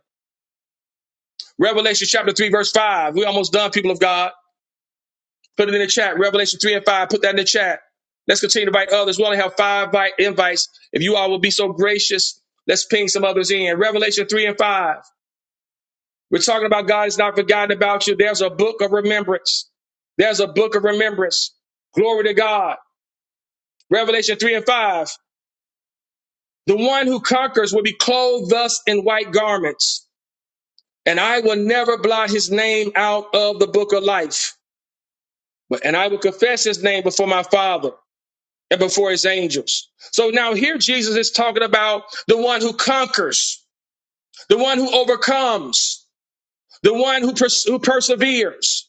A: Revelation chapter 3, verse 5. We're almost done, people of God. Put it in the chat. Revelation 3 and 5. Put that in the chat. Let's continue to invite others. We only have five vi- invites. If you all will be so gracious, let's ping some others in. Revelation 3 and 5. We're talking about God has not forgotten about you. There's a book of remembrance. There's a book of remembrance. Glory to God. Revelation 3 and 5. The one who conquers will be clothed thus in white garments, and I will never blot his name out of the book of life. But and I will confess his name before my Father and before his angels. So now here Jesus is talking about the one who conquers, the one who overcomes, the one who, pers- who perseveres,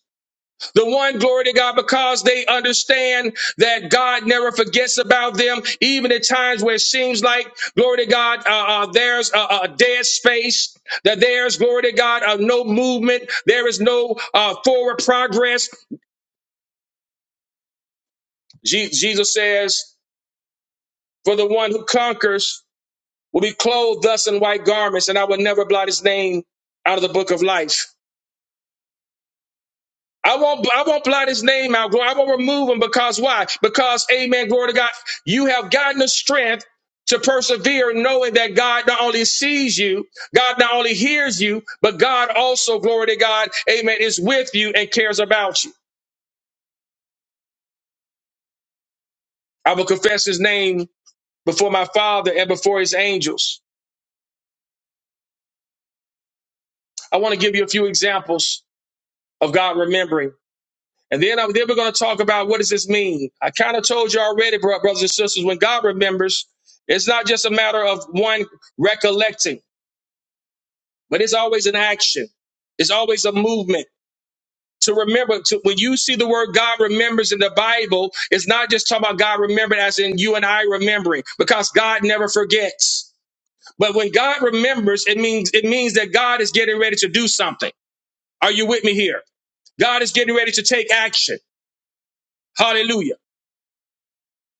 A: the one, glory to God, because they understand that God never forgets about them, even at times where it seems like, glory to God, uh, uh, there's a, a dead space, that there's, glory to God, uh, no movement, there is no uh, forward progress. Je- Jesus says, for the one who conquers, will be clothed thus in white garments, and I will never blot his name out of the book of life. I won't, I won't blot his name out. I won't remove him because why? Because, amen, glory to God, you have gotten the strength to persevere knowing that God not only sees you, God not only hears you, but God also, glory to God, amen, is with you and cares about you. I will confess his name before my father and before his angels. I want to give you a few examples of God remembering. And then, I'm, then we're going to talk about what does this mean. I kind of told you already, bro, brothers and sisters, when God remembers, it's not just a matter of one recollecting, but it's always an action. It's always a movement to remember. To, when you see the word God remembers in the Bible, it's not just talking about God remembering as in you and I remembering, because God never forgets. But when God remembers, it means it means that God is getting ready to do something. Are you with me here? God is getting ready to take action. Hallelujah.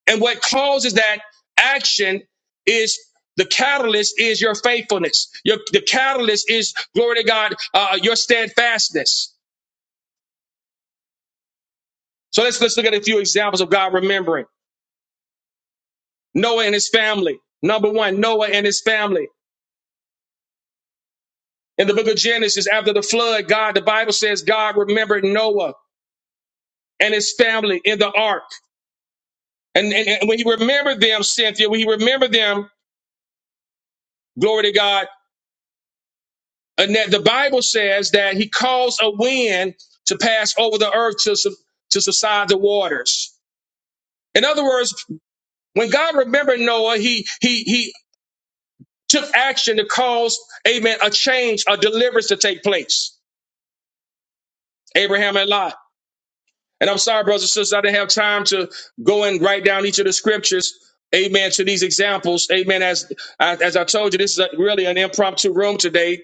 A: And what causes that action is the catalyst is your faithfulness. Your, the catalyst is glory to God, uh, your steadfastness. So let's let's look at a few examples of God remembering Noah and his family. Number one, Noah and his family. In the book of Genesis, after the flood, God, the Bible says God remembered Noah and his family in the ark. And, and, and when he remembered them, Cynthia, when he remembered them, glory to God, And that the Bible says that he caused a wind to pass over the earth to, su- to subside the waters. In other words, when God remembered Noah, he, he, he took action to cause, amen, a change, a deliverance to take place. Abraham and Lot. And I'm sorry, brothers and sisters, I didn't have time to go and write down each of the scriptures. Amen to these examples. Amen. As, as I told you, this is a, really an impromptu room today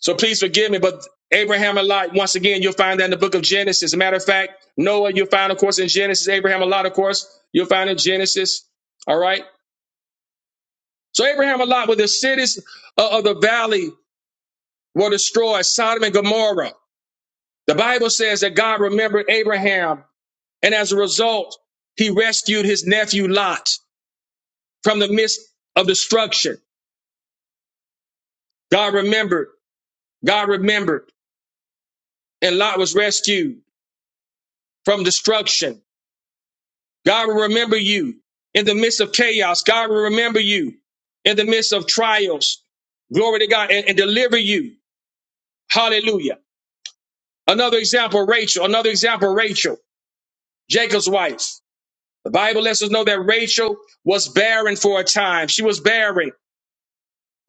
A: So please forgive me, but Abraham and Lot, once again, you'll find that in the book of Genesis. As a matter of fact, Noah, you'll find, of course, in Genesis. Abraham and Lot, of course, you'll find in Genesis. All right. So Abraham and Lot, with the cities o- of the valley were destroyed, Sodom and Gomorrah. The Bible says that God remembered Abraham, and as a result, he rescued his nephew Lot from the midst of destruction. God remembered, God remembered, and Lot was rescued from destruction. God will remember you in the midst of chaos. God will remember you in the midst of trials. Glory to God and, and deliver you. Hallelujah. Another example, Rachel. Another example, Rachel, Jacob's wife. The Bible lets us know that Rachel was barren for a time. She was barren.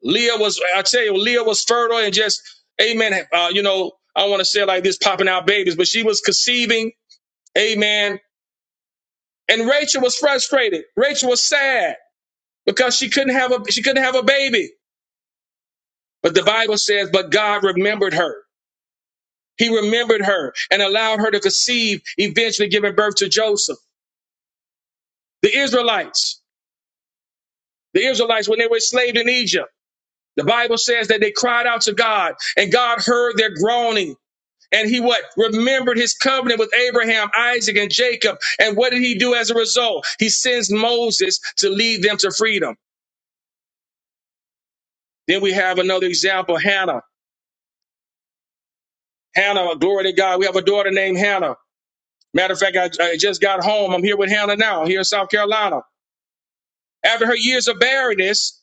A: Leah was, I tell you, Leah was fertile and just, amen. Uh, you know, I don't want to say it like this, popping out babies, but she was conceiving. Amen. And Rachel was frustrated. Rachel was sad. because she couldn't have a she couldn't have a baby. But the Bible says, but God remembered her. He remembered her and allowed her to conceive, eventually giving birth to Joseph. The Israelites, the Israelites, when they were enslaved in Egypt, the Bible says that they cried out to God and God heard their groaning. And he what? Remembered his covenant with Abraham, Isaac, and Jacob. And what did he do as a result? He sends Moses to lead them to freedom. Then we have another example, Hannah. Hannah, glory to God. We have a daughter named Hannah. Matter of fact, I, I just got home. I'm here with Hannah now, here in South Carolina. After her years of barrenness,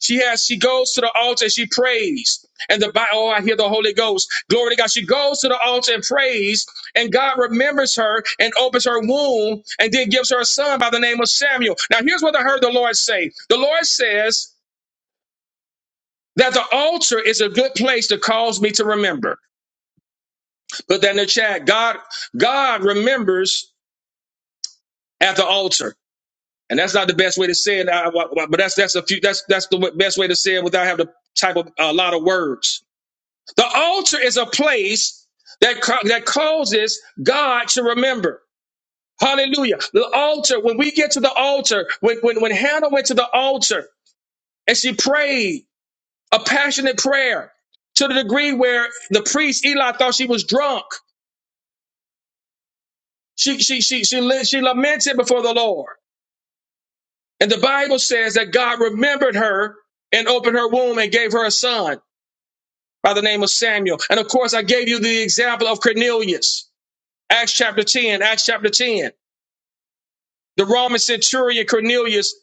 A: she has she goes to the altar and she prays. And the Bible, oh, I hear the Holy Ghost. Glory to God. She goes to the altar and prays, and God remembers her and opens her womb and then gives her a son by the name of Samuel. Now, here's what I heard the Lord say. The Lord says that the altar is a good place to cause me to remember. Put that in the chat. God, God remembers at the altar. and that's not the best way to say it. I- I- But that's that's a few. That's that's the best way to say it without having to type of, a lot of words. The altar is a place that ca- that causes God to remember. Hallelujah. The altar. When we get to the altar, when when when Hannah went to the altar and she prayed a passionate prayer to the degree where the priest Eli thought she was drunk. She she she she, she lamented before the Lord. And the Bible says that God remembered her and opened her womb and gave her a son by the name of Samuel. And of course, I gave you the example of Cornelius, Acts chapter 10, Acts chapter 10, the Roman centurion Cornelius,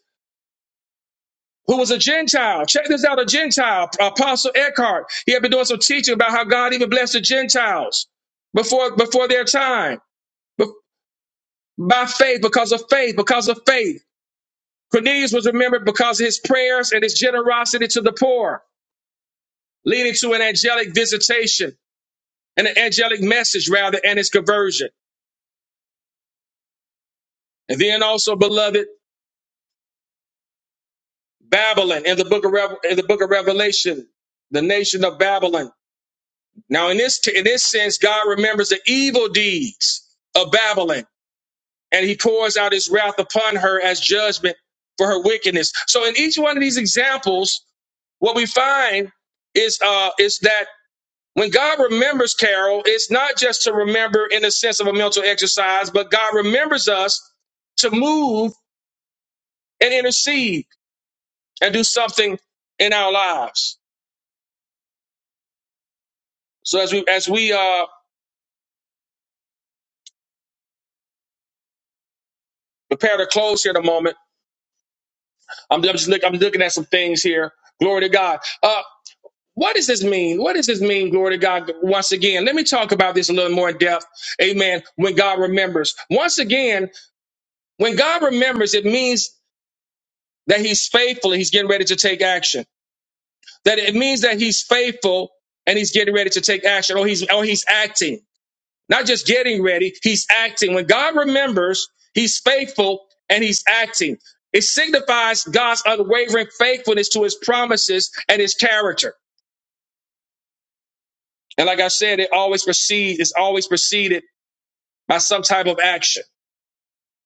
A: who was a Gentile. Check this out a Gentile, Apostle Eckhart. He had been doing some teaching about how God even blessed the Gentiles before, before their time, Be- by faith, because of faith, because of faith. Cornelius was remembered because of his prayers and his generosity to the poor. leading to an angelic visitation and an angelic message rather and its conversion. And then also, beloved, Babylon in the book of Rev- in the book of Revelation, the nation of Babylon. Now, in this in this sense, God remembers the evil deeds of Babylon, and He pours out His wrath upon her as judgment for her wickedness. So, in each one of these examples, what we find is uh, is that When God remembers, Carol, it's not just to remember in the sense of a mental exercise, but God remembers us to move and intercede and do something in our lives. So as we as we uh, prepare to close here in a moment, I'm, I'm just look, I'm looking at some things here. Glory to God. Uh, what does this mean? What does this mean? Glory to God. Once again, let me talk about this a little more in depth. Amen. When God remembers, once again, when God remembers, it means that He's faithful and He's getting ready to take action. That it means that he's faithful and he's getting ready to take action, or he's or he's acting. Not just getting ready, he's acting. When God remembers, he's faithful and he's acting. It signifies God's unwavering faithfulness to his promises and his character. And like I said, it always precedes, it's always preceded by some type of action.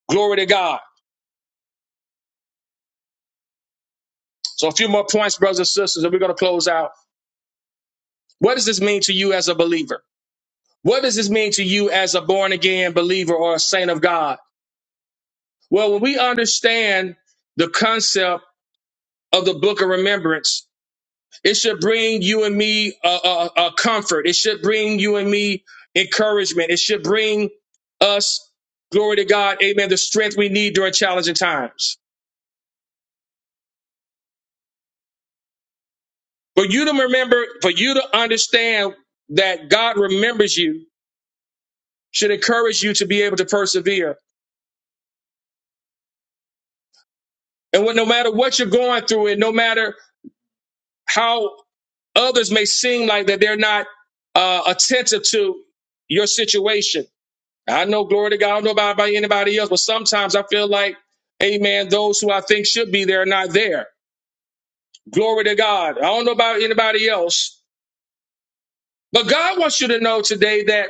A: Glory to God. So a few more points, brothers and sisters, and we're going to close out. What does this mean to you as a believer? What does this mean to you as a born again believer or a saint of God? Well, when we understand the concept of the book of remembrance, it should bring you and me a, uh uh uh, comfort. It should bring you and me encouragement. It should bring us, glory to God, amen, the strength we need during challenging times. For you to remember, for you to understand that God remembers you should encourage you to be able to persevere. And what, no matter what you're going through and no matter how Others may seem like that they're not uh, attentive to your situation. I know, glory to God, I don't know about, about anybody else, but sometimes I feel like, amen, those who I think should be there are not there. Glory to God. I don't know about anybody else, but God wants you to know today that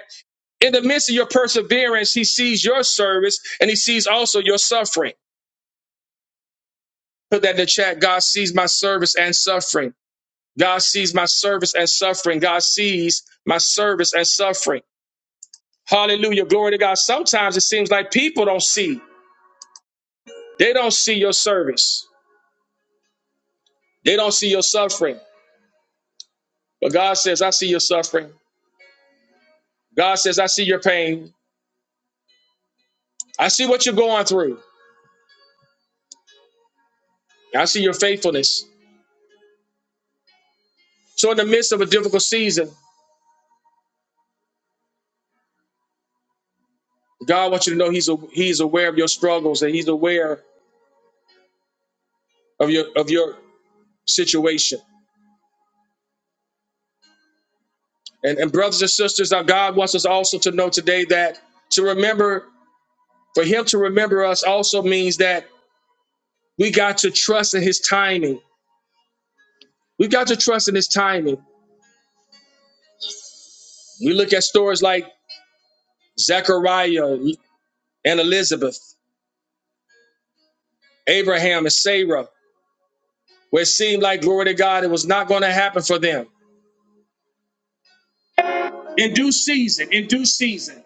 A: in the midst of your perseverance, He sees your service and He sees also your suffering. Put that in the chat. God sees my service and suffering. God sees my service and suffering. God sees my service and suffering. Hallelujah. Glory to God. Sometimes it seems like people don't see. They don't see your service. They don't see your suffering. But God says, I see your suffering. God says, I see your pain. I see what you're going through. I see your faithfulness. So in the midst of a difficult season, God wants you to know He's a, He's aware of your struggles and He's aware of your of your situation. And, and brothers and sisters, our God wants us also to know today that to remember, for Him to remember us also means that we got to trust in His timing We got to trust in his timing. We look at stories like Zechariah and Elizabeth, Abraham and Sarah, where it seemed like, glory to God, it was not going to happen for them. In due season, in due season,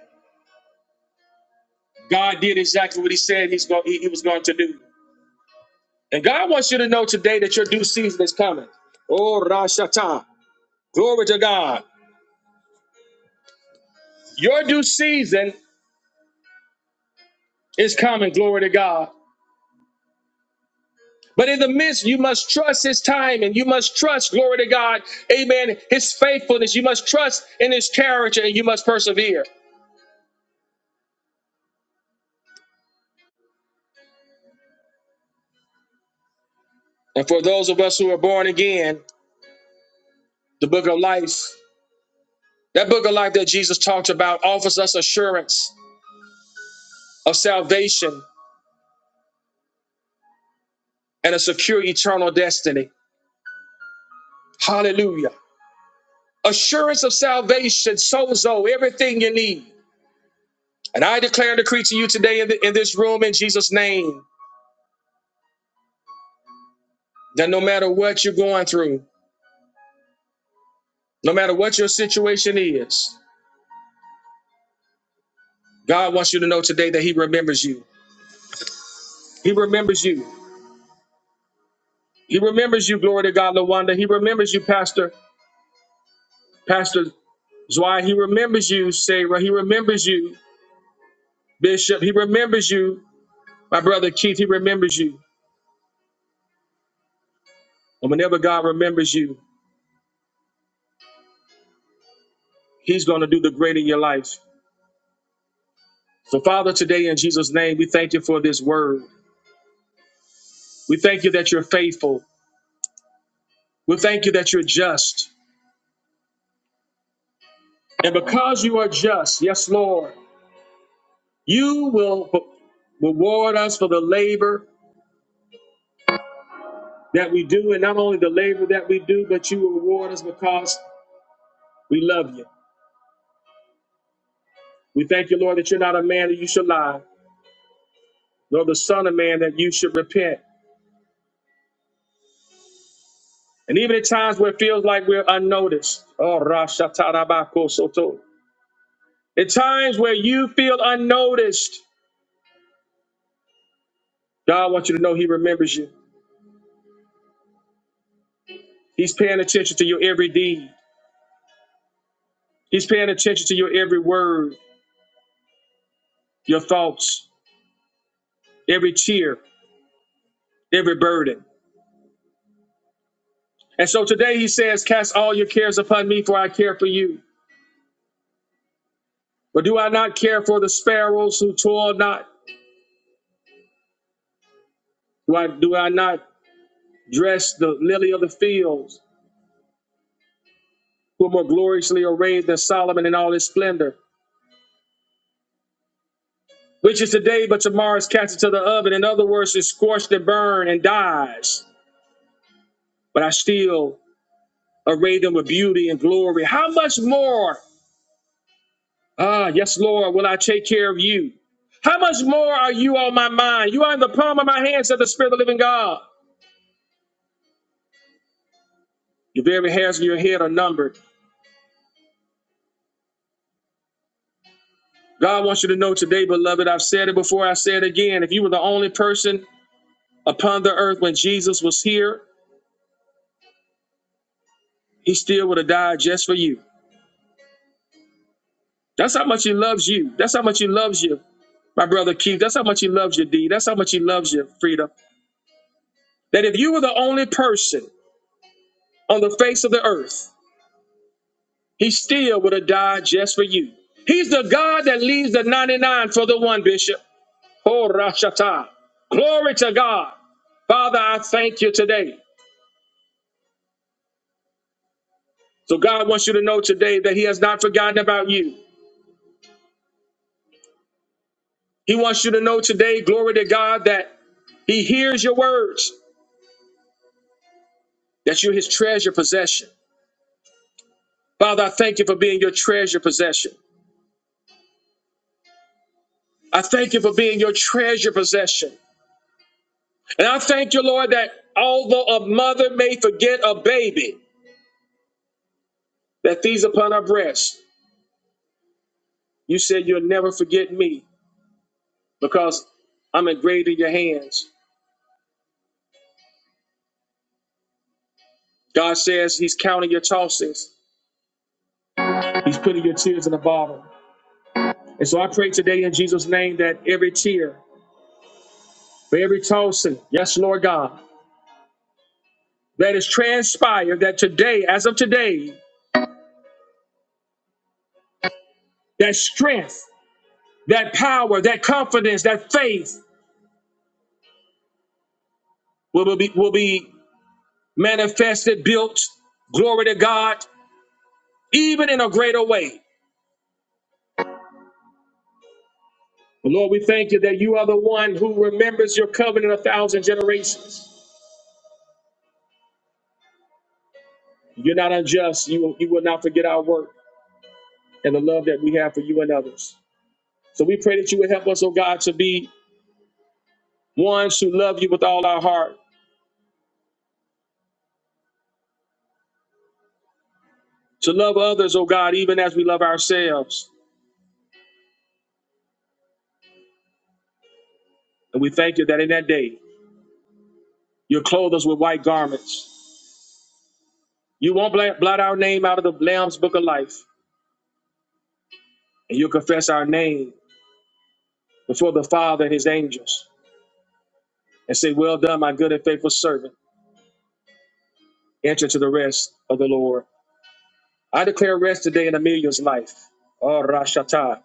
A: God did exactly what he said he's going, he, he was going to do. And God wants you to know today that your due season is coming. Oh, Rashata. Glory to God. Your due season is coming. Glory to God. But in the midst, you must trust his time and you must trust, glory to God, amen, his faithfulness. You must trust in his character and you must persevere. And for those of us who are born again, the book of life, that book of life that Jesus talked about offers us assurance of salvation and a secure eternal destiny. Hallelujah. Assurance of salvation, sozo, everything you need. And I declare and decree to you today in, the, in this room in Jesus' name that no matter what you're going through, No matter what your situation is, God wants you to know today that He remembers you. He remembers you. He remembers you, glory to God, Lawanda. He remembers you, Pastor, Pastor Zwei. He remembers you, Sarah. He remembers you, Bishop. He remembers you, my brother Keith. He remembers you. And whenever God remembers you, He's going to do the great in your life. So, Father, today in Jesus' name, we thank you for this word. We thank you that you're faithful. We thank you that you're just. And because you are just, yes, Lord, You will reward us for the labor that we do, and not only the labor that we do, but you will reward us because we love you. We thank you, Lord, that you're not a man that you should lie, nor the son of man that you should repent. And even at times where it feels like we're unnoticed, oh, rashatarabako at times where you feel unnoticed, God wants you to know He remembers you. He's paying attention to your every deed. He's paying attention to your every word, your thoughts, every tear, every burden. And so today he says, Cast all your cares upon me, for I care for you. But do I not care for the sparrows who toil not? Do I, do I not dress the lily of the fields, who are more gloriously arrayed than Solomon in all his splendor? Which is today, but tomorrow is cast into the oven. In other words, is scorched and burned and dies. But I still array them with beauty and glory. How much more, ah, yes, Lord, will I take care of you? How much more are you on my mind? You are in the palm of my hand, said the Spirit of the living God. Your very hairs of your head are numbered. God wants you to know today, beloved, I've said it before, I say it again. If you were the only person upon the earth when Jesus was here, he still would have died just for you. That's how much he loves you. That's how much he loves you, my brother Keith. That's how much he loves you, Dee. That's how much he loves you, Frida. That if you were the only person on the face of the earth, he still would have died just for you. He's the God that leaves the 99 for the one, Bishop. Oh, Rashata. Glory to God. Father, I thank you today. So God wants you to know today that he has not forgotten about you. He wants you to know today, glory to God, that he hears your words, that you're his treasure possession. Father, I thank you for being your treasure possession. I thank you for being your treasure possession. And I thank you, Lord, that although a mother may forget a baby that these upon her breast, you said you'll never forget me because I'm engraved in your hands. God says He's counting your tosses, He's putting your tears in a bottle. And so I pray today in Jesus' name that every tear, for every tossing, yes, Lord God, that is transpired, that today, as of today, that strength, that power, that confidence, that faith will be, will be manifested, built, glory to God, even in a greater way. But Lord, we thank you that you are the one who remembers your covenant a thousand generations. You're not unjust. You will, you will not forget our work. and the love that we have for you and others. So we pray that you would help us, oh God, to be ones who love you with all our heart, to love others, oh God, even as we love ourselves. And we thank you that in that day, you'll clothe us with white garments. You won't bla- blot our name out of the Lamb's book of life, and you'll confess our name before the Father and his angels and say, Well done, my good and faithful servant. Enter to the rest of the Lord. I declare rest today in Amelia's life. Oh, Rashata.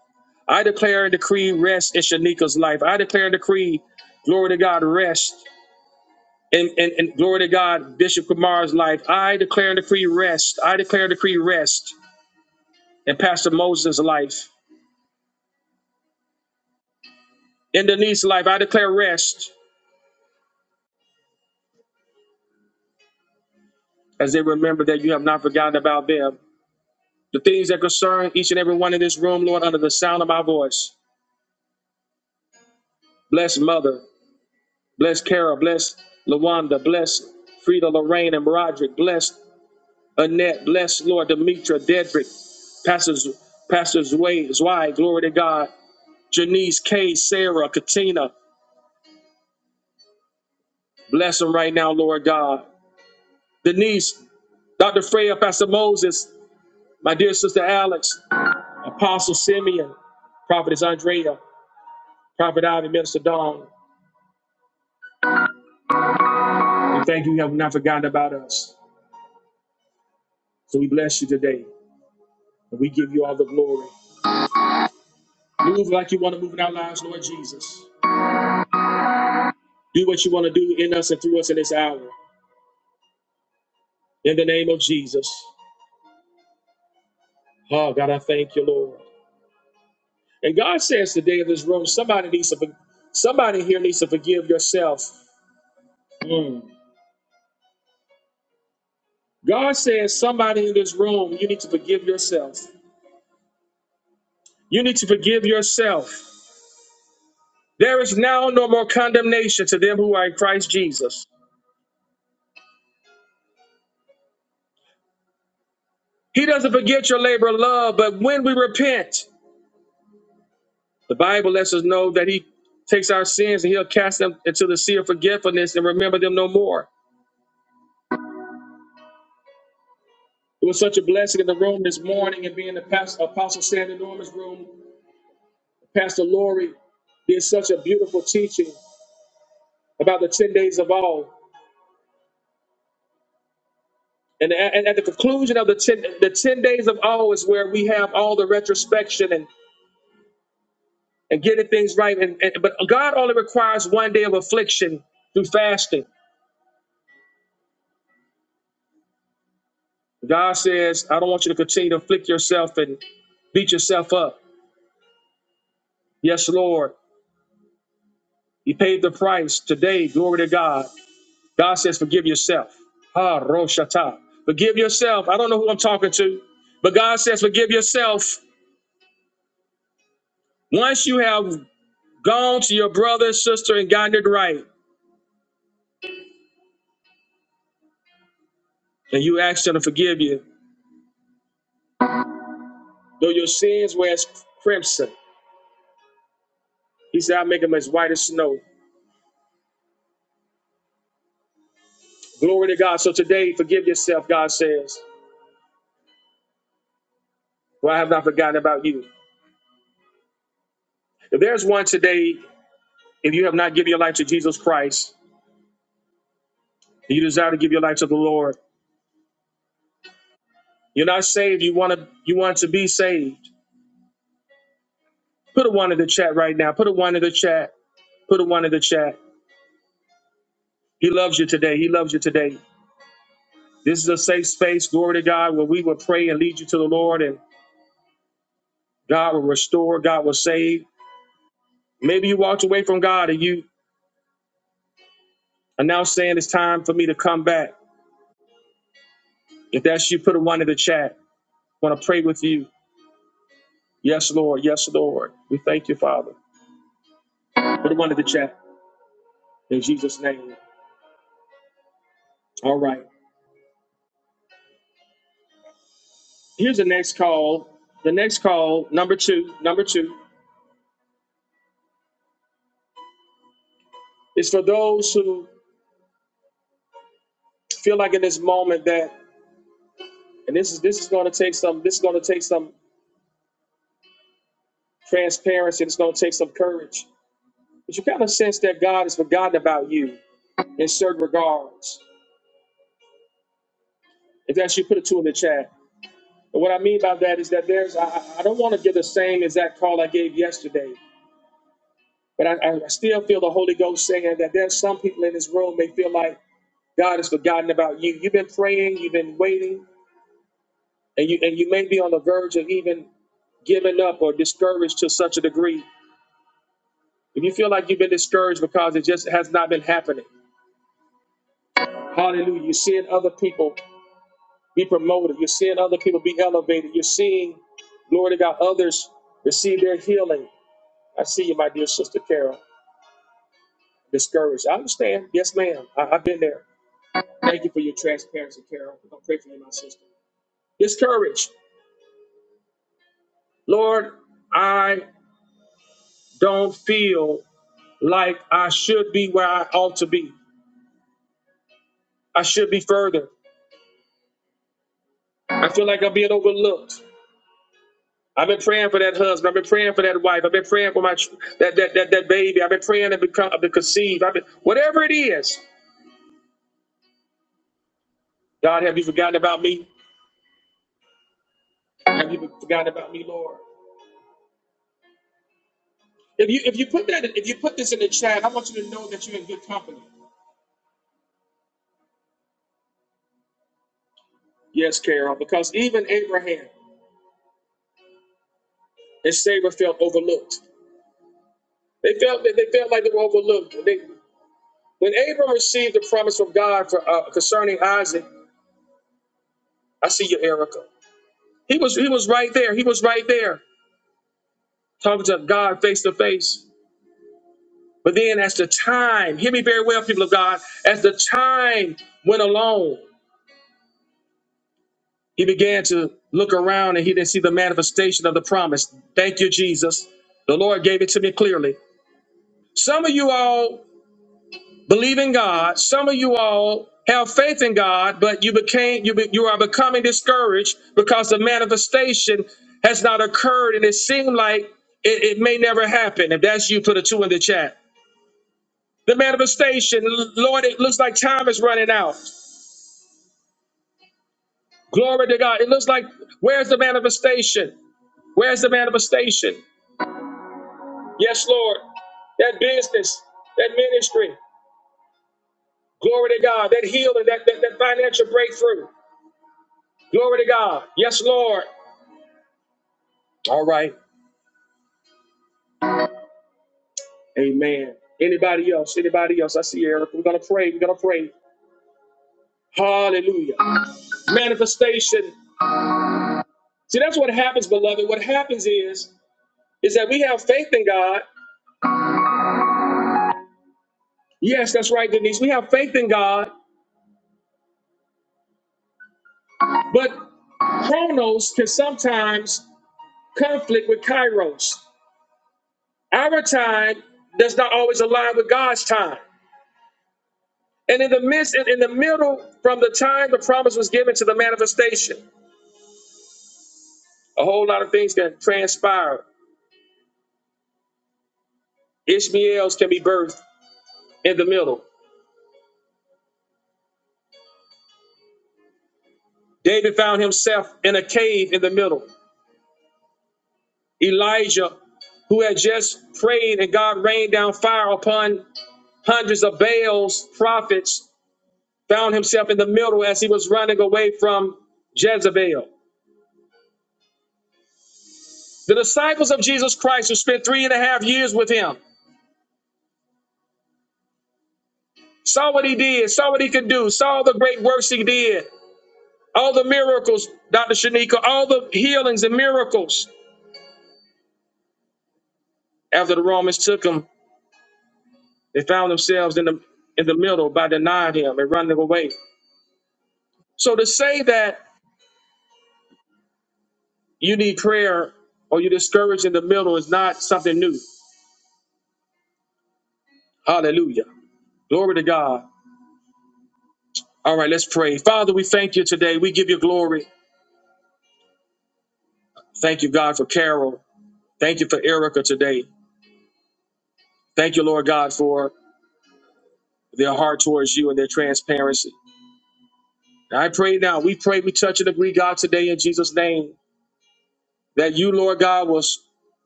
A: I declare and decree rest in Shanika's life. I declare and decree, glory to God, rest. And, and, and glory to God, Bishop Kumar's life. I declare and decree rest. I declare and decree rest in Pastor Moses' life. In Denise's life, I declare rest as they remember that you have not forgotten about them. The things that concern each and every one in this room, Lord, under the sound of my voice. Bless Mother. Bless Kara. Bless Lawanda. Bless Frida Lorraine and Roderick. Bless Annette. Bless Lord Demetra Dedrick. Pastor, Z- Pastor Zwei, Zwei. Glory to God. Janice Kay, Sarah. Katina. Bless them right now, Lord God. Denise. Dr. Freya. Pastor Moses. My dear sister Alex. Apostle Simeon. Prophetess Andrea. Prophet Ivy. Minister Dawn. We thank you. You have not forgotten about us. So we bless you today. And we give you all the glory. Move like you want to move in our lives, Lord Jesus. Do what you want to do in us and through us in this hour. In the name of Jesus. Oh, God, I thank you, Lord. And God says today in this room, somebody needs to, somebody here needs to forgive yourself. Mm. God says, somebody in this room, you need to forgive yourself. You need to forgive yourself. There is now no more condemnation to them who are in Christ Jesus. He doesn't forget your labor of love, but when we repent, The Bible lets us know that He takes our sins and He'll cast them into the sea of forgetfulness and remember them no more. It was such a blessing in the room this morning and being the past, Apostle Stan Norman's room. Pastor Lori did such a beautiful teaching about the 10 days of all. And at, and at the conclusion of the 10, the 10 days of all is where we have all the retrospection and, and getting things right. And, and But God only requires one day of affliction through fasting. God says, I don't want you to continue to afflict yourself and beat yourself up. Yes, Lord. He paid the price today. Glory to God. God says, forgive yourself. Ha, Roshata. Forgive yourself. I don't know who I'm talking to, but God says, forgive yourself. Once you have gone to your brother, sister, and gotten it right, and you ask them to forgive you, though your sins were as crimson, He said, I'll make them as white as snow. Glory to God. So today, forgive yourself, God says, for I have not forgotten about you. If there's one today, if you have not given your life to Jesus Christ, You desire to give your life to the Lord. You're not saved. You want to you want to be saved. Put a one in the chat right now. Put a one in the chat. Put a one in the chat. He loves you today. He loves you today. This is a safe space, glory to God, where we will pray and lead you to the Lord and God will restore, God will save. Maybe you walked away from God and you are now saying it's time for me to come back. If that's you, put a one in the chat. want to pray with you. Yes, Lord. Yes, Lord. We thank you, Father. Put a one in the chat in Jesus' name. All right. Here's the next call. The next call, number two, number two, is for those who feel like in this moment that, and this is this is going to take some, this is going to take some transparency. It's going to take some courage. But you kind of sense that God has forgotten about you in certain regards. If that's you, put it two in the chat. And what I mean by that is that there's, I, I I don't want to give the same exact call I gave yesterday, but I, I still feel the Holy Ghost saying that there's some people in this room may feel like God has forgotten about you. You've been praying, you've been waiting, and you and you may be on the verge of even giving up or discouraged to such a degree. If you feel like you've been discouraged because it just has not been happening, hallelujah. You're seeing other people be promoted, you're seeing other people be elevated, you're seeing, glory to God, others receive their healing. I see you, my dear sister Carol, discouraged. I understand. Yes, ma'am. I, I've been there. Thank you for your transparency, Carol. I'm gonna pray for you, my sister. Discouraged. Lord, I don't feel like I should be where I ought to be. I should be further. I feel like I'm being overlooked. I've been praying for that husband. I've been praying for that wife. I've been praying for my that that that, that baby. I've been praying to become to conceive. I've been whatever it is. God, have you forgotten about me? Have you forgotten about me, Lord? If you if you put that if you put this in the chat, I want you to know that you're in good company. Yes, Carol, because even Abraham and Sarah felt overlooked. They felt that they felt like they were overlooked. They When Abram received the promise from God for, uh, concerning Isaac, I see you, Erica. He was he was right there. He was right there talking to God face to face. But then, as the time, hear me very well, people of God, as the time went along, he began to look around and he didn't see the manifestation of the promise. Thank you, Jesus. The Lord gave it to me clearly. Some of you all believe in God. Some of you all have faith in God, but you became you be, you are becoming discouraged because the manifestation has not occurred, and it seemed like it, it may never happen. If that's you, put a two in the chat. The manifestation, L- Lord, it looks like time is running out. Glory to God. It looks like where's the manifestation? Where's the manifestation? Yes, Lord. That business, that ministry. Glory to God. That healing, that, that, that financial breakthrough. Glory to God. Yes, Lord. All right. Amen. Anybody else? Anybody else? I see Eric. We're going to pray. We're going to pray. Hallelujah. Manifestation. See, that's what happens, beloved. What happens is, is that we have faith in God. Yes, that's right, Denise. We have faith in God, but chronos can sometimes conflict with kairos. Our time does not always align with God's time. And in the midst, in in the middle, from the time the promise was given to the manifestation, a whole lot of things can transpire. Ishmael's can be birthed in the middle. David found himself in a cave in the middle. Elijah, who had just prayed and God rained down fire upon hundreds of Baal's prophets, found himself in the middle as he was running away from Jezebel. The disciples of Jesus Christ, who spent three and a half years with him, saw what he did, saw what he could do, saw the great works he did, all the miracles, Dr. Shanika, all the healings and miracles after the Romans took him They found themselves in the in the middle by denying him and running away. So to say that you need prayer or you're discouraged in the middle is not something new. Hallelujah. Glory to God. All right, let's pray. Father, we thank you today. We give you glory. Thank you, God, for Carol. Thank you for Erica today. Thank you, Lord God, for their heart towards you and their transparency. And I pray now, we pray, we touch and agree, God, today in Jesus' name, that you, Lord God, will s-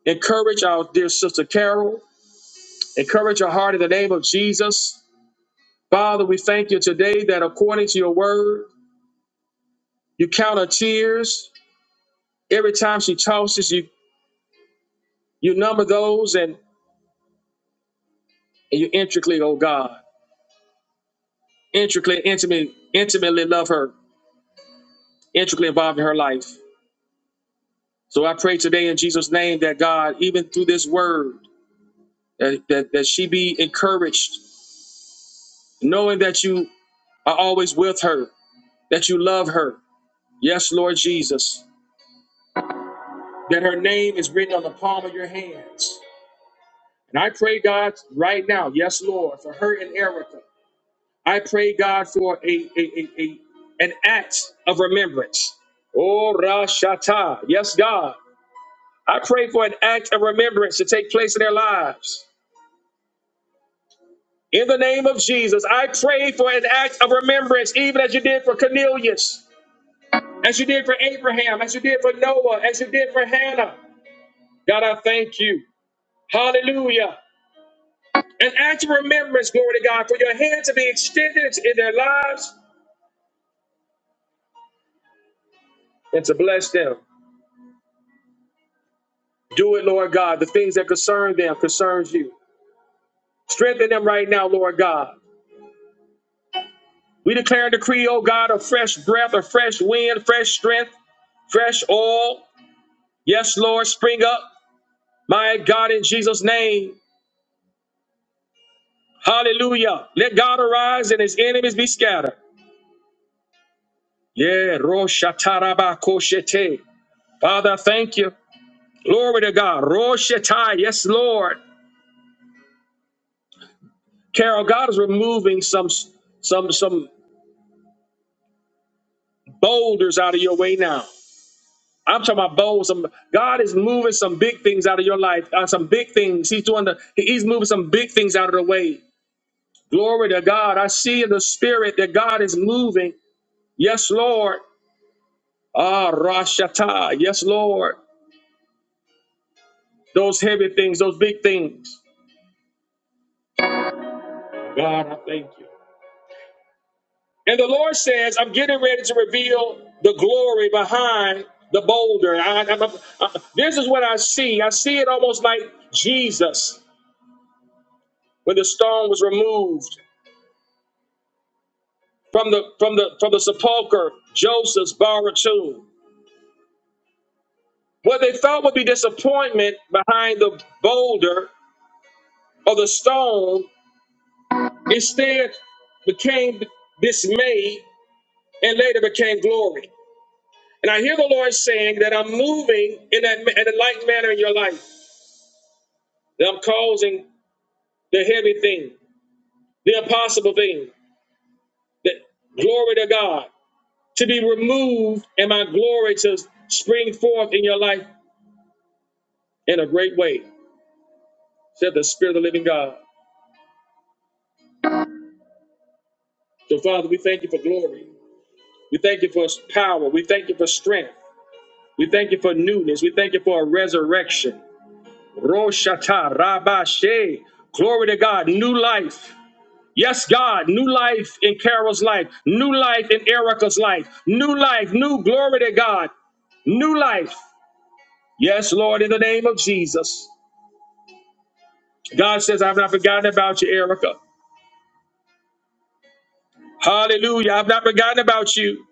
A: encourage our dear sister Carol, Encourage your heart in the name of Jesus. Father, we thank you today that according to your word, you count her tears. Every time she tosses, you you number those and, and you intricately, oh God, intricately, intimately, intimately love her, intricately involved in her life. So I pray today in Jesus' name that God, even through this word, that, that, that she be encouraged, knowing that you are always with her, that you love her. Yes, Lord Jesus, that her name is written on the palm of your hands And I pray, God, right now, yes, Lord, for her and Erica. I pray, God, for a, a, a, a an act of remembrance. Oh, Rashata. Yes, God. I pray for an act of remembrance to take place in their lives. In the name of Jesus, I pray for an act of remembrance, even as you did for Cornelius, as you did for Abraham, as you did for Noah, as you did for Hannah. God, I thank you. Hallelujah. and act in remembrance, glory to God, for your hand to be extended in their lives and to bless them. Do it, Lord God. The things that concern them concerns you. Strengthen them right now, Lord God. We declare and decree, oh God, a fresh breath, a fresh wind, fresh strength, fresh oil. Yes, Lord, spring up. My God, in Jesus' name. Hallelujah. Let God arise and his enemies be scattered. Yeah, Roshatarabakoshete. Father, thank you. Glory to God. Roshatai. Yes, Lord. Carol, God is removing some some some boulders out of your way now. I'm talking about boulders. Some God is moving some big things out of your life. Uh, some big things. He's doing the. He's moving some big things out of the way. Glory to God. I see in the spirit that God is moving. Yes, Lord. Ah, Rashata. Yes, Lord. Those heavy things. Those big things. God, I thank you. And the Lord says, I'm getting ready to reveal the glory behind the boulder. I, I'm- I'm- I- this is what I see. I see it almost like Jesus when the stone was removed from the from the from the sepulcher, Joseph's borrowed tomb. What they thought would be disappointment behind the boulder or the stone instead became dismay and later became glory. And I hear the Lord saying that I'm moving in that in a like manner in your life. them causing the heavy thing, the impossible thing, the glory to God to be removed, and my glory to spring forth in your life in a great way, said the Spirit of the living God. So, Father, we thank you for glory. We thank you for power. We thank you for strength. We thank you for newness. We thank you for a resurrection. Roshata Rabashe. Glory to God. New life. Yes, God, new life in Carol's life, new life in Erica's life, new life, new glory to God, new life. Yes, Lord, in the name of Jesus. God says, I've not forgotten about you, Erica. Hallelujah. I've not forgotten about you.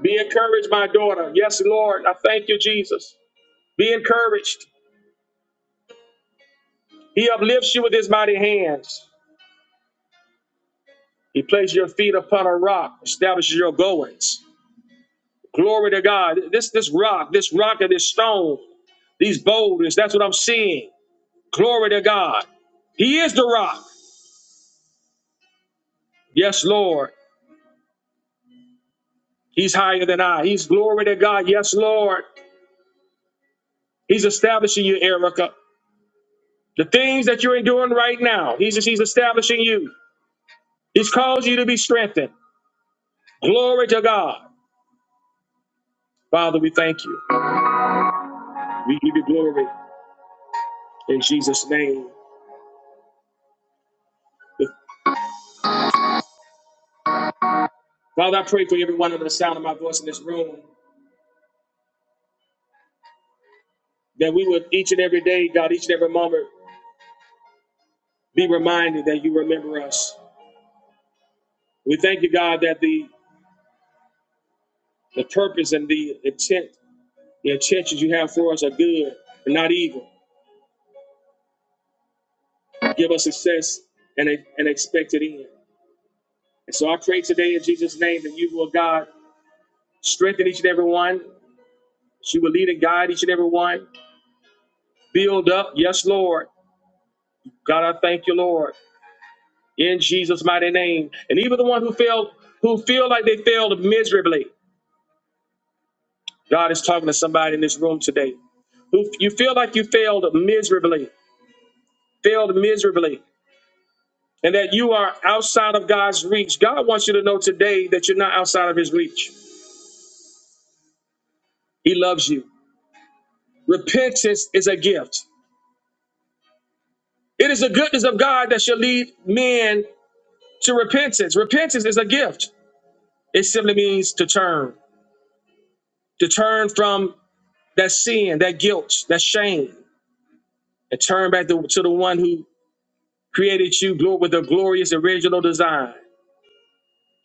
A: Be encouraged, my daughter. Yes, Lord. I thank you, Jesus. Be encouraged. He uplifts you with his mighty hands. He places your feet upon a rock, establishes your goings. Glory to God. This this rock, this rock and this stone. These boulders, that's what I'm seeing. Glory to God. He is the rock. Yes, Lord. He's higher than I. He's glory to God. Yes, Lord. He's establishing you, Erica. The things that you're enduring right now, he's, he's establishing you. He's caused you to be strengthened. Glory to God. Father, we thank you. We give you glory in Jesus' name. Father, I pray for everyone under the sound of my voice in this room that we would each and every day, God, each and every moment, be reminded that you remember us. We thank you, God, that the, the purpose and the intent, the intentions you have for us are good and not evil. Give us success and an expected end. And so I pray today in Jesus' name that you will, God, strengthen each and every one. You will lead and guide each and every one. Build up. Yes, Lord. God, I thank you, Lord, in Jesus' mighty name. And even the one who failed, who feel like they failed miserably, God is talking to somebody in this room today who you feel like you failed miserably, failed miserably. and that you are outside of God's reach. God wants you to know today that you're not outside of his reach. He loves you. Repentance is a gift. It is the goodness of God that shall lead men to repentance. Repentance is a gift. It simply means to turn, to turn from that sin, that guilt, that shame, and turn back to, to the one who created you glo- with a glorious original design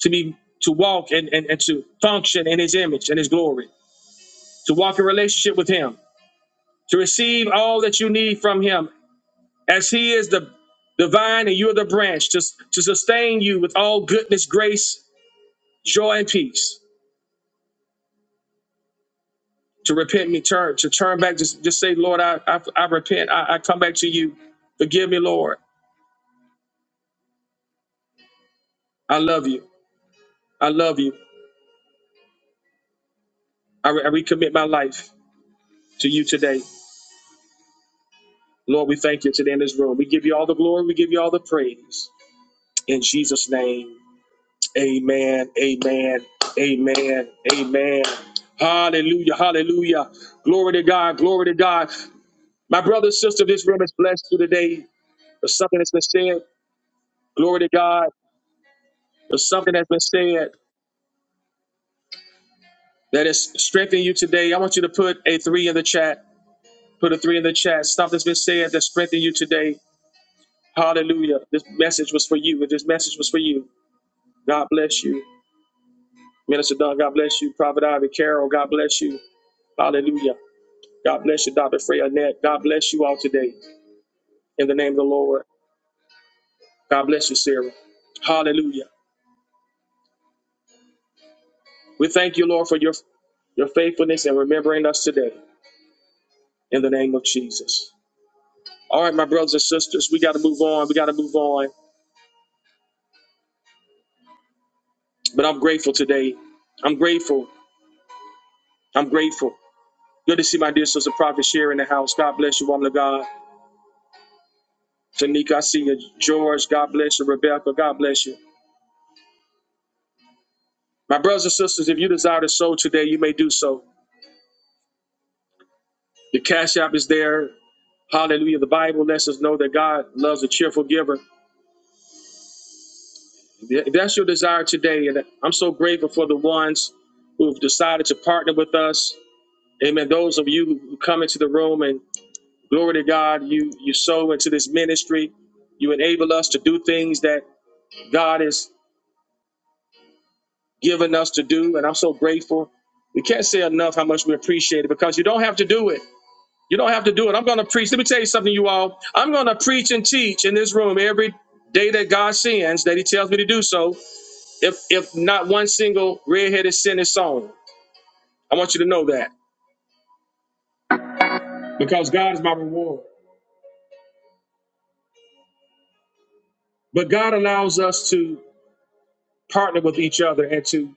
A: to be to walk and, and, and to function in his image and his glory, to walk in relationship with him to receive all that you need from him as he is the the vine and you're the branch to, to sustain you with all goodness grace joy and peace to repent me turn to turn back just, just say lord i i, I repent I, I come back to you forgive me lord i love you i love you I, re- I recommit my life to you today lord we thank you today in this room we give you all the glory we give you all the praise in jesus name Amen. Amen. Amen. Amen. Hallelujah. Hallelujah. Glory to God. Glory to God. My brother, and sister, this room is blessed through today. There's something that's been said. Glory to God. There's something that's been said that has strengthened you today. I want you to put a three in the chat. Put a three in the chat. Stuff that's been said that strengthened you today. Hallelujah. This message was for you. If This message was for you. God bless you. Minister Don, God bless you. Prophet Ivy Carroll, God bless you. Hallelujah. God bless you, Dr. Frey Annette. God bless you all today in the name of the Lord. God bless you, Sarah. Hallelujah. We thank you, Lord, for your, your faithfulness and remembering us today in the name of Jesus. All right, my brothers and sisters, we got to move on. We got to move on. But I'm grateful today. I'm grateful. I'm grateful. Good to see my dear sister Prophet Sherry in the house. God bless you, woman of God. Tanika, I see you. George, God bless you. Rebecca, God bless you. My brothers and sisters, if you desire to sow today, you may do so. The cash app is there. Hallelujah. The Bible lets us know that God loves a cheerful giver. If that's your desire today, and I'm so grateful for the ones who've decided to partner with us. Amen. Those of you who come into the room and glory to God, you you sow into this ministry. You enable us to do things that God has given us to do. And I'm so grateful. We can't say enough how much we appreciate it because you don't have to do it. You don't have to do it. I'm going to preach. Let me tell you something, you all. I'm going to preach and teach in this room every day that God sends, that He tells me to do so. If if not one single redheaded sin is sown, I want you to know that because God is my reward. But God allows us to partner with each other and to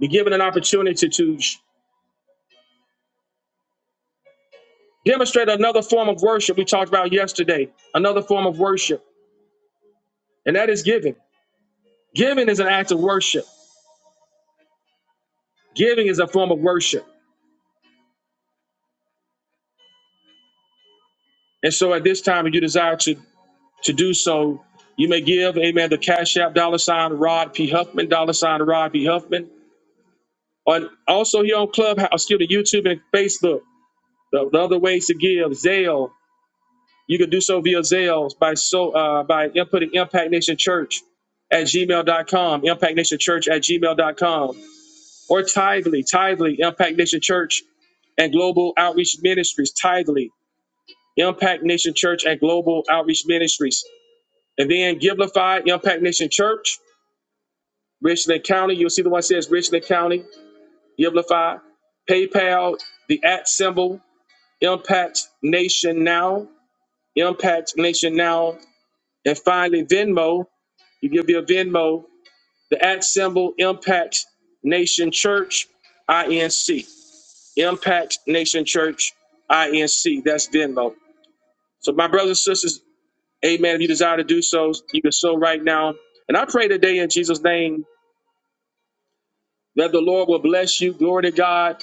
A: be given an opportunity to demonstrate another form of worship we talked about yesterday, another form of worship, and that is giving. Giving is an act of worship. Giving is a form of worship. And so at this time, if you desire to To do so, you may give, amen, the Cash App dollar sign Rod P. Huffman, dollar sign Rod P. Huffman. On also here on Clubhouse, excuse me, YouTube and Facebook. The, the other ways to give, Zelle. You can do so via Zelle by so uh, by inputting Impact Nation Church at gmail dot com, Impact Nation Church at gmail dot com, or Tithely, Tithely, Impact Nation Church and Global Outreach Ministries, Tithely, Impact Nation Church and Global Outreach Ministries. And then Givelify, Impact Nation Church, Richland County. You'll see the one that says Richland County, Giblify, PayPal, the at symbol, Impact Nation Now, Impact Nation Now, and finally Venmo. You give your Venmo, the at symbol, Impact Nation Church, INC. Impact Nation Church, INC. That's Venmo. So, my brothers and sisters, amen. If you desire to do so, you can sow right now. And I pray today in Jesus' name that the Lord will bless you. Glory to God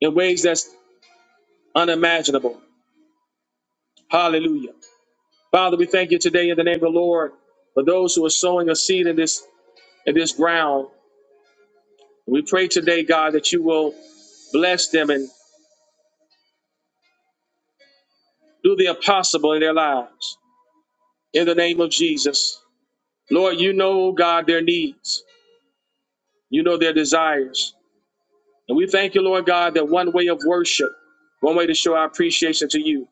A: in ways that's unimaginable. Hallelujah. Father, we thank you today in the name of the Lord for those who are sowing a seed in this in this ground. We pray today, God, that you will bless them and do the impossible in their lives. In the name of Jesus. Lord, you know, God, their needs. You know their desires. And we thank you, Lord God, that one way of worship, one way to show our appreciation to you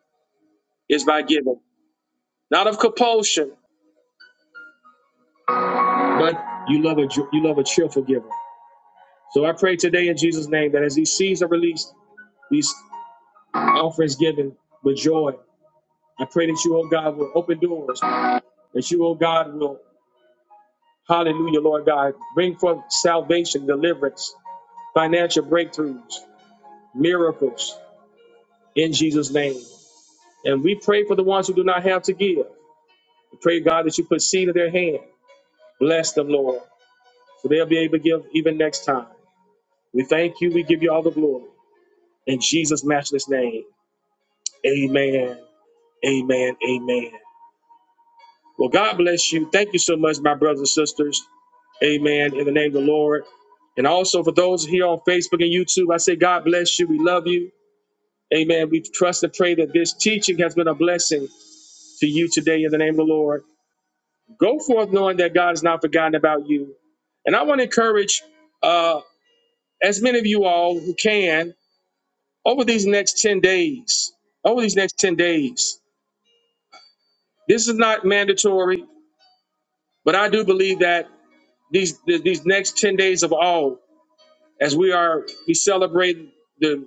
A: is by giving. Not of compulsion, but you love a you love a cheerful giver. So I pray today in Jesus' name that as these seeds are released, these offerings given with joy, I pray that you, oh God, will open doors, that you, oh God, will, hallelujah, Lord God, bring forth salvation, deliverance, financial breakthroughs, miracles in Jesus' name. And we pray for the ones who do not have to give. We pray, God, that you put seed in their hand. Bless them, Lord, so they'll be able to give even next time. We thank you. We give you all the glory. In Jesus' matchless name, amen Amen. Amen. Well, God bless you. Thank you so much, my brothers and sisters. Amen. In the name of the Lord. And also for those here on Facebook and YouTube, I say, God bless you. We love you. Amen. We trust and pray that this teaching has been a blessing to you today in the name of the Lord. Go forth knowing that God has not forgotten about you. And I want to encourage uh, as many of you all who can over these next 10 days, over these next 10 days. This is not mandatory, but I do believe that. these th- these next 10 days of all as we are we celebrate the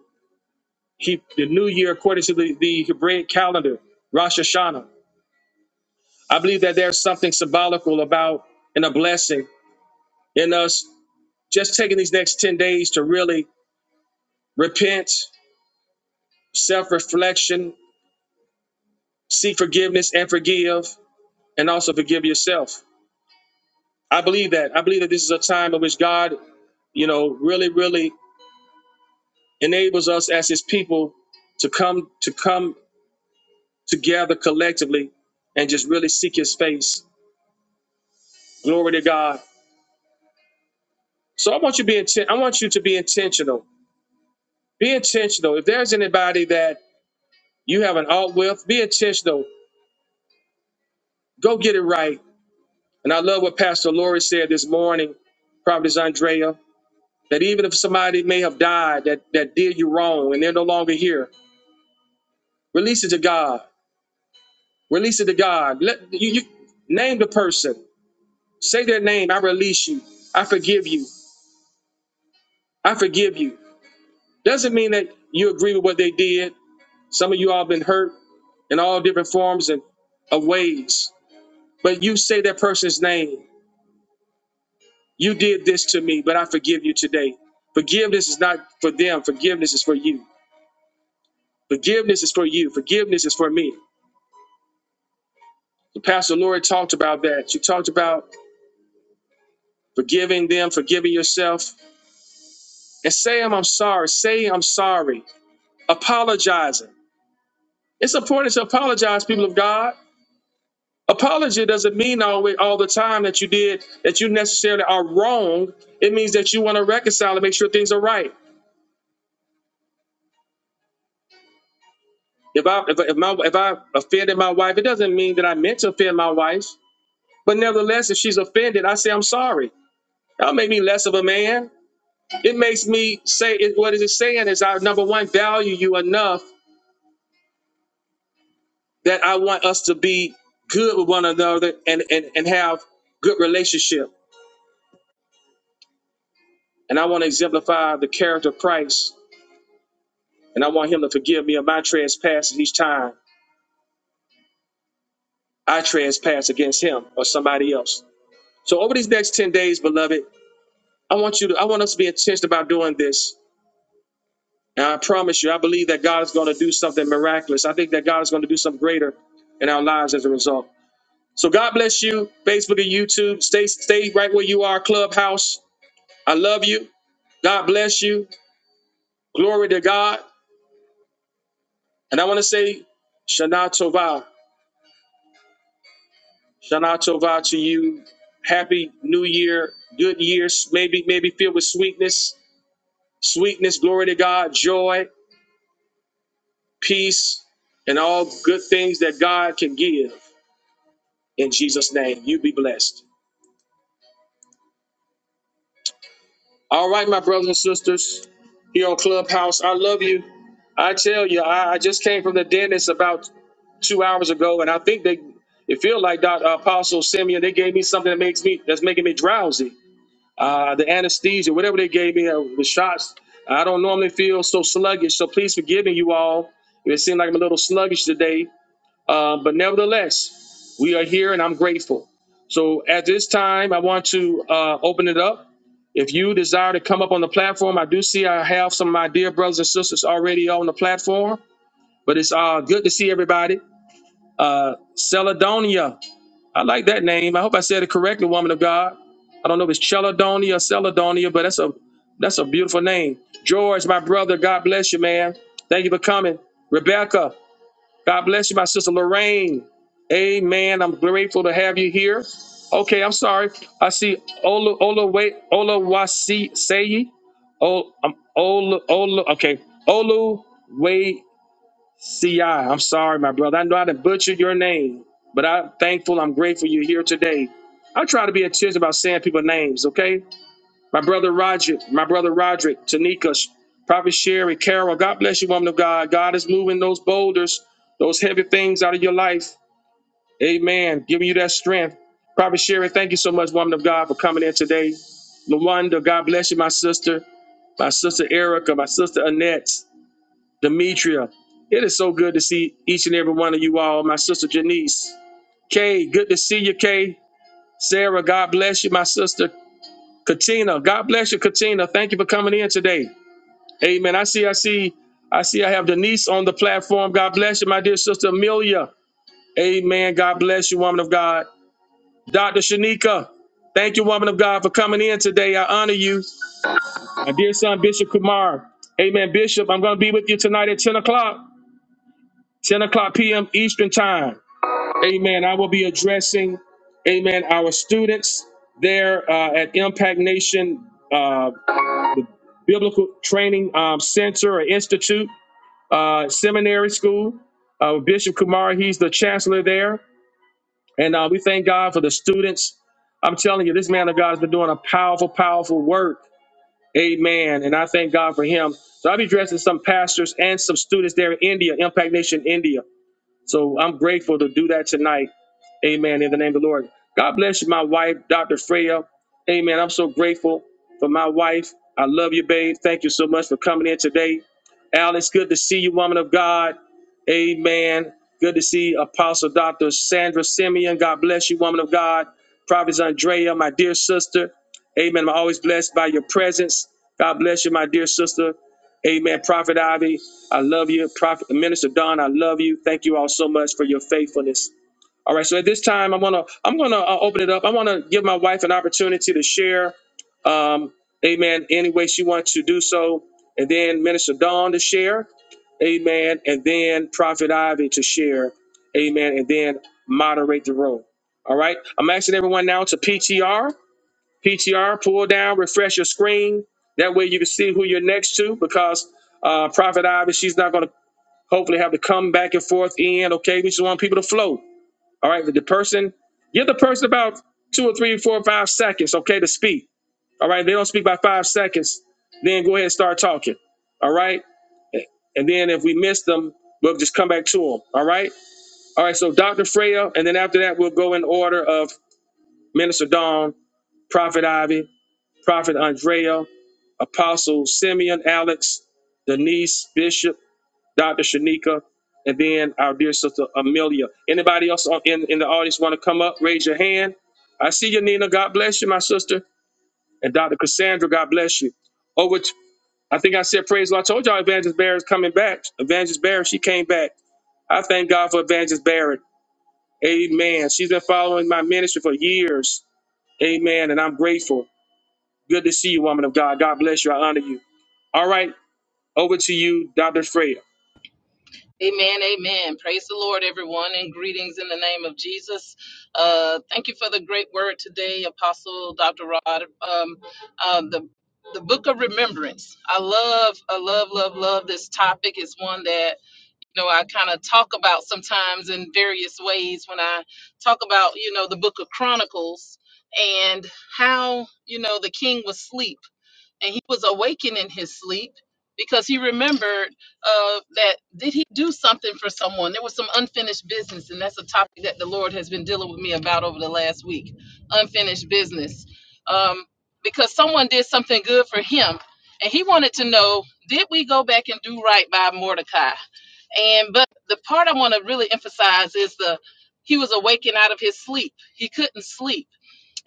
A: keep the new year according to the, the Hebraic calendar Rosh Hashanah I believe that there's something symbolical about and a blessing in us just taking these next 10 days to really repent self-reflection seek forgiveness and forgive and also forgive yourself I believe that I believe that this is a time in which God you know really really enables us as his people to come to come to gather collectively and just really seek his face. Glory to God. So I want you to be inten- I want you to be intentional. Be intentional. If there's anybody that you have an alt with, be intentional. Go get it right. And I love what Pastor Lori said this morning, Prophetess Andrea, that even if somebody may have died that, that did you wrong and they're no longer here, release it to God. Release it to God. Let you, you name the person. Say their name. I release you. I forgive you. I forgive you. Doesn't mean that you agree with what they did. Some of you all been hurt in all different forms and of ways. But you say that person's name. You did this to me, but I forgive you today. Forgiveness is not for them. Forgiveness is for you. Forgiveness is for you. Forgiveness is for me. The Pastor Lori talked about that. She talked about forgiving them, forgiving yourself, and say I'm I'm sorry. Say I'm sorry. Apologizing. It's important to apologize, people of God. Apology doesn't mean always all the time that you did that you necessarily are wrong. It means that you want to reconcile and make sure things are right. If I if, if my if I offended my wife, it doesn't mean that I meant to offend my wife. But nevertheless, if she's offended, I say I'm sorry. That'll make me less of a man. It makes me say it, what is it saying is I number one value you enough that I want us to be good with one another and and, and have good relationship. And I want to exemplify the character of Christ And I want him to forgive me of my trespasses each time I trespass against him or somebody else. So over these next 10 days, beloved, I want you to I want us to be intentional about doing this. And I promise you, I believe that God is going to do something miraculous. I think that God is going to do something greater in our lives as a result. So God bless you, Facebook and YouTube. Stay stay right where you are, Clubhouse. I love you. God bless you. Glory to God. And I want to say, Shana Tova. Shana Tova to you. Happy New Year. Good years. Maybe, maybe filled with sweetness. Sweetness, glory to God, joy, peace, and all good things that God can give. In Jesus' name, you be blessed. All right, my brothers and sisters here on Clubhouse, I love you. I tell you, I, I just came from the dentist about two hours ago, and I think they, it feel like Dr. Apostle Simeon, they gave me something that makes me, that's making me drowsy. uh, the anesthesia, whatever they gave me, uh, the shots. I don't normally feel so sluggish, so please forgive me, you all. It seemed like I'm a little sluggish today, uh, but nevertheless, we are here and I'm grateful. So at this time, I want to uh, open it up. If you desire to come up on the platform, I do see I have some of my dear brothers and sisters already on the platform, but it's uh, good to see everybody. Uh, Celadonia, I like that name. I hope I said it correctly, woman of God. I don't know if it's Cheladonia or Celadonia, but that's a that's a beautiful name. George, my brother, God bless you, man. Thank you for coming. Rebecca, God bless you, my sister Lorraine. Amen. I'm grateful to have you here. Okay, I'm sorry. I see Ola Ola wait Ola Wasi Sayi. Oh, I'm Ola Ola. Okay, Olu CI, I'm sorry, my brother. I know I done butchered your name, but I'm thankful, I'm grateful you're here today. I try to be attentive about saying people's names, okay? My brother Roger, my brother Roderick, Tanika, Prophet Sherry, Carol, God bless you, woman of God. God is moving those boulders, those heavy things out of your life. Amen. Giving you that strength. Prophet Sherry, thank you so much, woman of God, for coming in today. Lawanda, God bless you, my sister, my sister Erica, my sister Annette. Demetria, it is so good to see each and every one of you all. My sister Janice, Kay, good to see you, Kay. Sarah, God bless you, my sister. Katina, God bless you, Katina. Thank you for coming in today. Amen. I see, I see, I see. I have Denise on the platform. God bless you, my dear sister Amelia. Amen. God bless you, woman of God. Dr. Shanika, thank you, woman of God, for coming in today. I honor you. My dear son, Bishop Kumar. Amen. Bishop, I'm going to be with you tonight at 10 o'clock, 10 o'clock p.m. Eastern Time. Amen. I will be addressing, amen, our students there uh, at Impact Nation uh, Biblical Training um, Center or Institute, uh, seminary school. Uh, Bishop Kumar, he's the chancellor there. And uh, we thank God for the students. I'm telling you, this man of God has been doing a powerful, powerful work. Amen. And I thank God for him. So I'll be addressing some pastors and some students there in India, Impact Nation, India. So I'm grateful to do that tonight. Amen. In the name of the Lord. God bless you, my wife, Dr. Freya. Amen. I'm so grateful for my wife. I love you, babe. Thank you so much for coming in today. Al, it's good to see you, woman of God. Amen. Good to see Apostle Dr. Sandra Simeon. God bless you, woman of God. Prophet Andrea, my dear sister. Amen. I'm always blessed by your presence. God bless you, my dear sister. Amen. Prophet Ivy, I love you. Prophet Minister Don, I love you. Thank you all so much for your faithfulness. All right. So at this time, I'm gonna I'm gonna uh, open it up. I want to give my wife an opportunity to share. Um, amen. Any way she wants to do so, and then Minister Don to share. Amen. And then Prophet Ivy to share. Amen. And then moderate the room. All right. I'm asking everyone now to PTR. PTR, pull down, refresh your screen. That way you can see who you're next to because uh, Prophet Ivy, she's not going to hopefully have to come back and forth in. Okay, we just want people to flow. All right, but the person, give the person about two or three, four, five seconds, okay, to speak. All right, if they don't speak by five seconds, then go ahead and start talking. All right, and then if we miss them, we'll just come back to them. All right, all right. So Dr. Freya, and then after that, we'll go in order of Minister Dawn, Prophet Ivy. Prophet Andrea, Apostle Simeon Alex, Denise Bishop, Dr. Shanika, and then our dear sister Amelia. Anybody else on- in, in the audience want to come up? Raise your hand. I see you, Nina. God bless you, my sister. And Dr. Cassandra, God bless you. Over to, I think I said praise the Lord. I told y'all Evangelist Barrett's coming back. Evangelist Barrett, she came back. I thank God for Evangelist Barrett. Amen. She's been following my ministry for years. Amen. And I'm grateful. Good to see you, woman of God. God bless you. I honor you. All right, over to you, Dr. Freya.
E: Amen, amen. Praise the Lord, everyone, and greetings in the name of Jesus. Uh, thank you for the great word today, Apostle Dr. Rod. Um, um, the the book of remembrance. I love, I love, love, love this topic. It's one that you know I kind of talk about sometimes in various ways when I talk about you know the book of Chronicles and how you know the king was asleep and he was awakened in his sleep because he remembered uh, that did he do something for someone there was some unfinished business and that's a topic that the lord has been dealing with me about over the last week unfinished business um, because someone did something good for him and he wanted to know did we go back and do right by mordecai and but the part i want to really emphasize is the he was awakened out of his sleep he couldn't sleep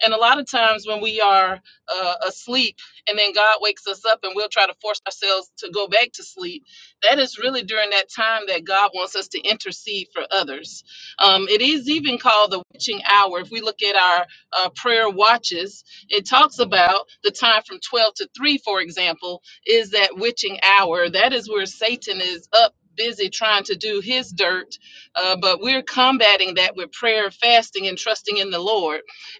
E: and a lot of times when we are uh, asleep and then God wakes us up and we'll try to force ourselves to go back to sleep, that is really during that time that God wants us to intercede for others. Um, it is even called the witching hour. If we look at our uh, prayer watches, it talks about the time from 12 to 3, for example, is that witching hour. That is where Satan is up. Busy trying to do his dirt, uh, but we're combating that with prayer, fasting, and trusting in the Lord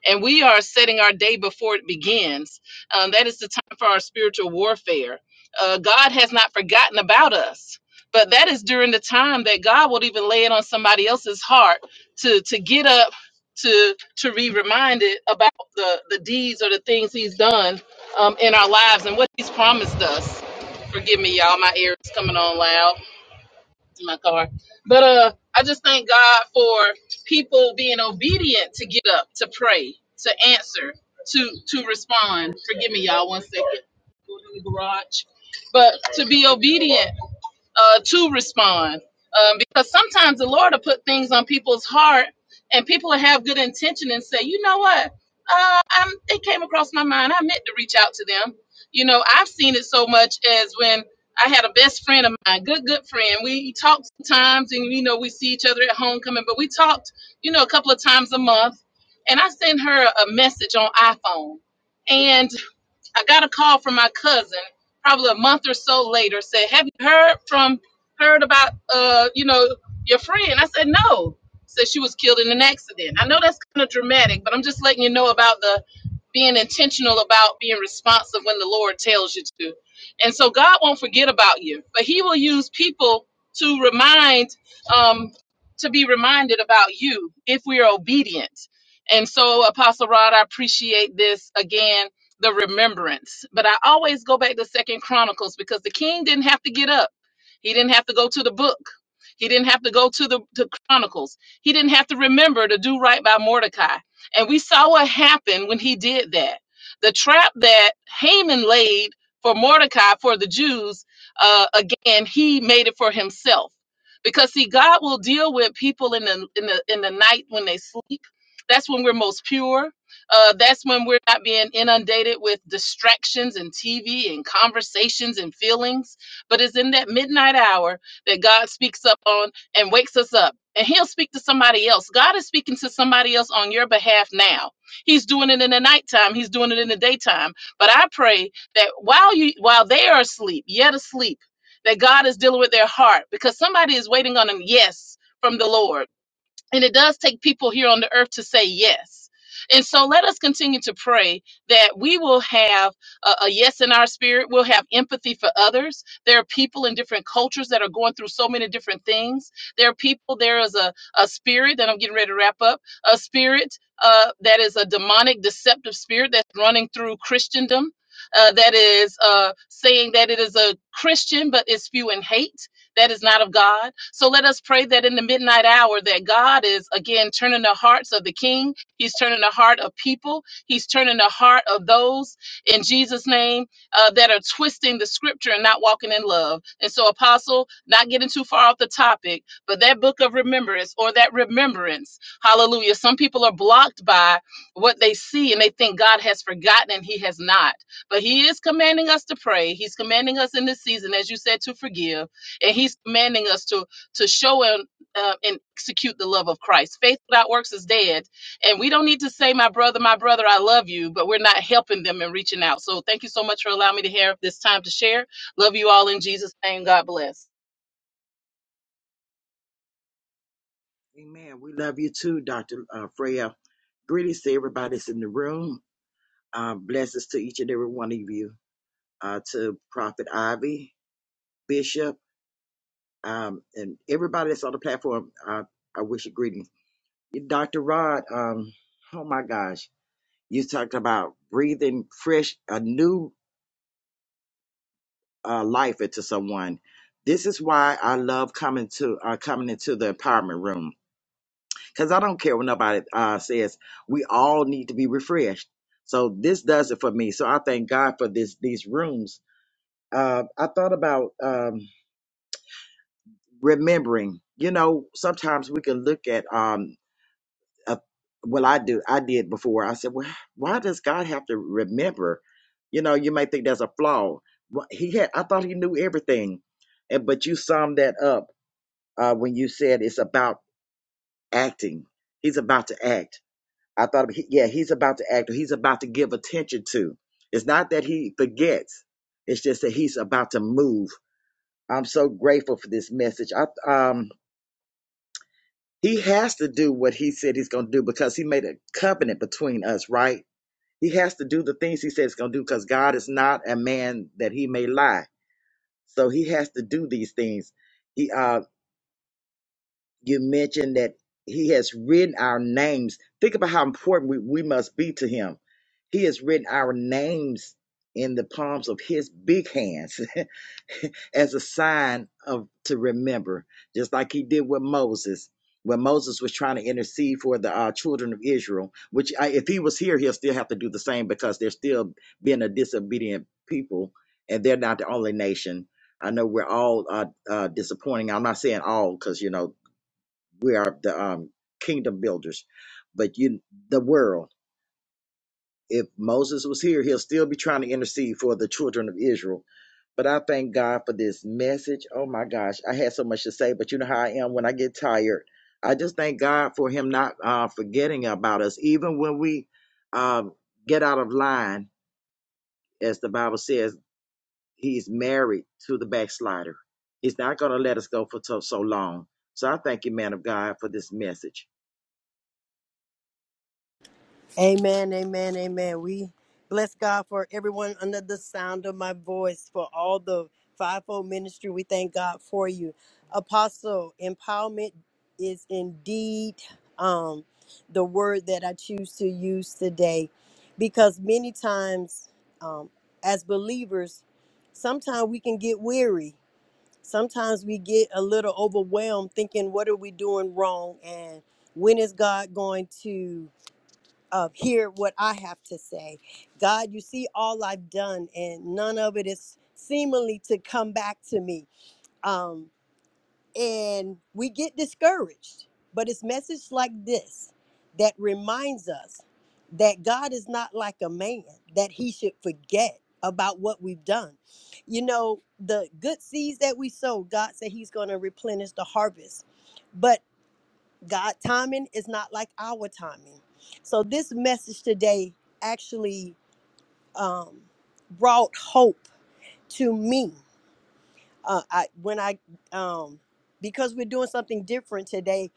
E: and we are setting our day before it begins. Um, that is the time for our spiritual warfare. Uh, God has not forgotten about us, but that is during the time that God will even lay it on somebody else's heart to to get up to to be reminded about the the deeds or the things He's done um, in our lives and what He's promised us. Forgive me, y'all. My ear is coming on loud in my car. But uh, I just thank God for people being obedient to get up, to pray, to answer, to to respond. Forgive me, y'all. One second. Go to the garage. But to be obedient uh, to respond um, because sometimes the Lord will put things on people's heart and people will have good intention and say, you know what, uh, i it came across my mind. I meant to reach out to them. You know, I've seen it so much as when I had a best friend of mine, good, good friend. We talked sometimes and, you know, we see each other at homecoming, but we talked, you know, a couple of times a month. And I sent her a message on iPhone. and. I got a call from my cousin probably a month or so later. Said, "Have you heard from heard about uh you know your friend?" I said, "No." Said she was killed in an accident. I know that's kind of dramatic, but I'm just letting you know about the being intentional about being responsive when the Lord tells you to. And so God won't forget about you, but He will use people to remind um to be reminded about you if we are obedient. And so, Apostle Rod, I appreciate this again the remembrance. But I always go back to Second Chronicles because the king didn't have to get up. He didn't have to go to the book. He didn't have to go to the to Chronicles. He didn't have to remember to do right by Mordecai. And we saw what happened when he did that. The trap that Haman laid for Mordecai for the Jews, uh, again, he made it for himself. Because see, God will deal with people in the in the in the night when they sleep. That's when we're most pure uh, that's when we're not being inundated with distractions and TV and conversations and feelings. But it's in that midnight hour that God speaks up on and wakes us up. And he'll speak to somebody else. God is speaking to somebody else on your behalf now. He's doing it in the nighttime. He's doing it in the daytime. But I pray that while you while they are asleep, yet asleep, that God is dealing with their heart because somebody is waiting on them. yes from the Lord. And it does take people here on the earth to say yes. And so let us continue to pray that we will have a, a yes in our spirit. We'll have empathy for others. There are people in different cultures that are going through so many different things. There are people, there is a, a spirit, and I'm getting ready to wrap up, a spirit uh, that is a demonic, deceptive spirit that's running through Christendom. Uh, that is uh, saying that it is a Christian, but is spewing hate that is not of God. So let us pray that in the midnight hour that God is again turning the hearts of the king. He's turning the heart of people. He's turning the heart of those in Jesus' name uh, that are twisting the scripture and not walking in love. And so, Apostle, not getting too far off the topic, but that book of remembrance or that remembrance, hallelujah. Some people are blocked by what they see and they think God has forgotten and He has not. But He is commanding us to pray. He's commanding us in this season, as you said, to forgive and he's commanding us to to show and uh, and execute the love of christ faith without works is dead and we don't need to say my brother my brother i love you but we're not helping them and reaching out so thank you so much for allowing me to have this time to share love you all in jesus name god bless
C: Amen. We love you too, Dr. Uh, Freya. Greetings to everybody that's in the room. Uh, blessings to each and every one of you, uh, to Prophet Ivy, Bishop, um, and everybody that's on the platform. Uh, I wish a greeting. Dr. Rod, um, oh my gosh, you talked about breathing fresh, a new uh, life into someone. This is why I love coming to uh, coming into the empowerment room because I don't care what nobody uh, says. We all need to be refreshed. So this does it for me. So I thank God for this these rooms. Uh, I thought about um, remembering. You know, sometimes we can look at. Um, a, well, I do. I did before. I said, "Well, why does God have to remember?" You know, you may think that's a flaw. Wh- He had. I thought he knew everything, and but you summed that up uh, when you said it's about acting. He's about to act I thought, he- yeah, he's about to act or he's about to give attention to. It's not that he forgets. It's just that he's about to move. I'm so grateful for this message. I, um, he has to do what he said he's going to do because he made a covenant between us, right? He has to do the things he said he's going to do because God is not a man that he may lie. So he has to do these things. He. um, you mentioned that he has written our names. Think about how important we, we must be to him. He has written our names in the palms of his big hands as a sign of to remember, just like he did with Moses. When Moses was trying to intercede for the uh, children of Israel, which I, if he was here, he'll still have to do the same because they're still being a disobedient people, and they're not the only nation. I know we're all uh, uh, disappointing. I'm not saying all because you know we are the um, kingdom builders. But you, the world, if Moses was here, he'll still be trying to intercede for the children of Israel. But I thank God for this message. Oh my gosh, I had so much to say, but you know how I am when I get tired. I just thank God for Him not uh, forgetting about us, even when we um, get out of line, as the Bible says. He's married to the backslider. He's not going to let us go for so, so long. So I thank you, man of God, for this message.
B: Amen, amen, amen. We bless God for everyone under the sound of my voice, for all the fivefold ministry. We thank God for you. Apostle, empowerment is indeed um, the word that I choose to use today because many times um, as believers, sometimes we can get weary sometimes we get a little overwhelmed thinking what are we doing wrong and when is god going to uh, hear what i have to say god you see all i've done and none of it is seemingly to come back to me um, and we get discouraged. But it's message like this that reminds us that God is not like a man that he should forget about what we've done. You know, the good seeds that we sow, God said he's going to replenish the harvest. But God timing is not like our timing. So this message today actually um, brought hope to me. Uh, I, when I um, because we're doing something different today,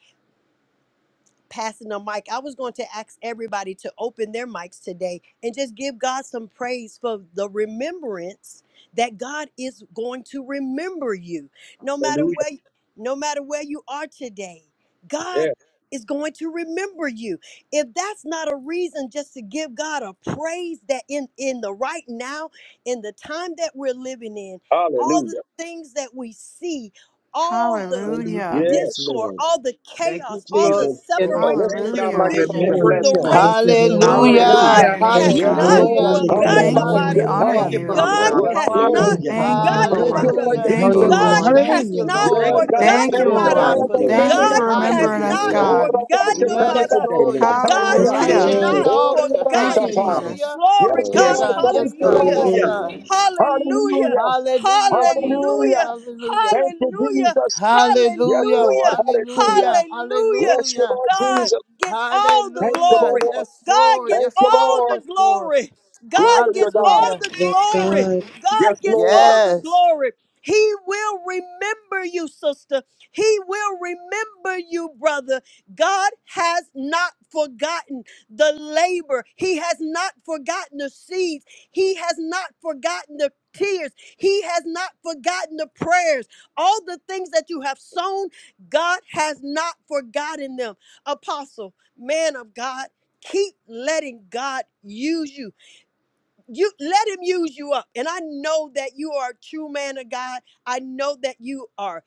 B: passing the mic, I was going to ask everybody to open their mics today and just give God some praise for the remembrance that God is going to remember you. No matter
A: Hallelujah.
B: where no matter where you are today, God
A: Yeah.
B: is going to remember you. If that's not a reason just to give God a praise that in in the right now, in the time that we're living in, all the
A: Hallelujah.
B: things that we see, all the
C: Hallelujah.
D: Hallelujah.
C: Yes,
A: Yes.
B: discord,
C: Lord.
B: all the
C: Thank you,
B: chaos, all the
C: Jesus.
F: Yes,
A: Oh, let's
B: separation,
C: Thank
B: the
A: open
C: you
A: our
C: for
D: Hallelujah.
B: division,
A: microphones and
F: Lord.
B: the
A: bless
C: remembering
A: him.
C: us.
F: Thank you,
B: racism.
F: Lord.
G: Praise
D: Glorify
B: God
A: Hallelujah.
C: Hallelujah.
G: the
H: Hallelujah.
D: your name,
B: has
F: Thank
A: Yes,
F: you,
G: Lord.
B: not
C: Thank
F: Lord.
D: God.
C: you,
A: Lord.
H: Hallelujah.
F: Glory
D: We
F: to your
C: Jesus.
B: forgotten
G: Hallelujah.
D: thank you.
B: about
D: We
F: name,
C: And
B: us.
F: Lord
D: honor
C: Thank
A: Hallelujah.
H: Hallelujah.
C: you,
F: God.
H: Yes,
D: you.
C: Father
B: God
C: God.
G: Amen.
A: Yes,
H: Lord.
B: has
A: Lord.
B: not
F: Thank
C: Hallelujah.
G: Amen.
F: you,
D: Thank you,
F: Lord.
B: forgotten
A: Thank
C: Thank
D: Lord.
A: you,
B: about
F: Thank
C: you
G: Hallelujah.
B: us.
F: you.
C: for
A: Lord
H: Hallelujah.
D: Thank you,
A: Jesus.
G: Glory
C: remembering
F: Hallelujah.
G: be
B: God
C: us,
H: Jesus,
D: Lord.
G: to
B: has
G: God.
H: thank
C: Jesus.
H: you,
F: Hallelujah.
B: not
C: Thank
A: Yeah,
F: Hallelujah.
H: Lord.
C: you for
A: God.
C: not
B: forgotten
D: Thank
H: You
D: you,
A: Thank
C: forgetting
H: have
A: you,
B: about
C: about
B: us.
H: not
A: Lord,
C: us,
G: We
D: Lord.
A: for
G: give
C: Lord.
D: Thank you
A: remembering
B: God
H: forgotten.
A: us.
D: for
G: praise.
B: has
D: remembering
C: Hallelujah. We
D: us,
B: not
C: love
G: Praise
H: Hallelujah.
C: you.
A: Oh,
G: be to
D: God.
G: your
C: We
B: forgotten
C: love
G: name,
C: you
A: rabbi
G: Lord.
B: about
H: Yes,
B: us.
C: today,
H: Lord.
C: Lord.
H: Yes,
B: God
H: Lord.
I: Yes,
C: Thank you,
H: Right
B: has
D: Hallelujah.
H: there
G: Thank you,
H: at
B: not
H: the
C: Jesus.
I: Lord.
A: Oh,
G: Jesus.
H: altar.
C: Thank
D: Thank you,
C: you,
B: forgotten.
A: rabbi
C: Father.
D: Jesus.
H: Hallelujah.
B: Glory,
A: Yes,
H: Yes,
B: God,
C: Yes,
A: Lord.
G: Hallelujah.
H: God.
A: Thank
C: Jesus.
H: Yes,
A: you,
H: God.
G: Glory
B: hallelujah.
G: be
H: Yes,
G: to
A: Lord.
C: Hallelujah.
G: your
H: God.
I: Hallelujah.
G: name, Lord.
B: Hallelujah.
A: Hallelujah.
H: Hallelujah,
G: Thank
H: Jesus.
G: you.
A: Hallelujah.
B: Hallelujah.
H: Hallelujah.
A: Thank you,
B: Hallelujah.
A: Jesus. Yes,
H: Hallelujah.
A: Lord.
B: Hallelujah.
A: Hallelujah.
H: Hallelujah.
B: Hallelujah.
A: Bless you,
H: Hallelujah.
A: Lord
B: God
A: Jesus.
B: gets all the
A: Thank you,
H: Hallelujah.
B: glory.
A: Lord.
H: Yes,
B: God
H: Lord.
B: gets
A: Thank
H: Yes,
A: you,
B: all
H: Lord.
B: the
A: Lord.
H: Yes, Lord.
B: glory. God
A: Glory to
B: gets
A: God.
B: all
H: Hallelujah.
B: the
I: Yes,
B: glory.
I: God.
B: God
A: Yes,
B: gets
A: Lord.
B: all the
H: Yes.
B: glory. He will remember you, sister. He will remember you, brother. God has not forgotten the labor. He has not forgotten the seeds. He has not forgotten the tears. He has not forgotten the prayers. All the things that you have sown, God has not forgotten them. Apostle, man of God, keep letting God use you you let him use you up and i know that you are a true man of god i know that you are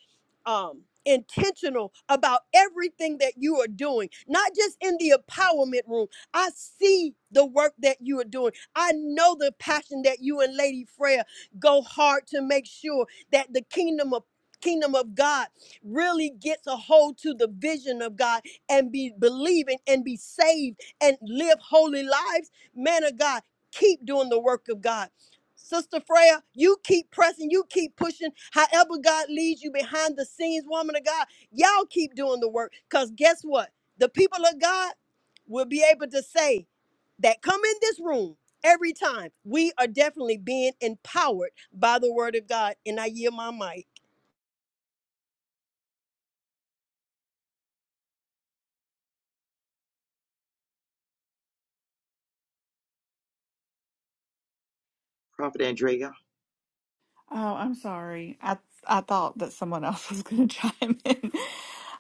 B: um intentional about everything that you are doing not just in the empowerment room i see the work that you are doing i know the passion that you and lady freya go hard to make sure that the kingdom of kingdom of god really gets a hold to the vision of god and be believing and be saved and live holy lives man of god Keep doing the work of God. Sister Freya, you keep pressing, you keep pushing. However, God leads you behind the scenes, woman of God, y'all keep doing the work. Because guess what? The people of God will be able to say that come in this room every time. We are definitely being empowered by the word of God. And I yield my mic.
C: Prophet Andrea.
D: Oh, I'm sorry. I I thought that someone else was going to chime in.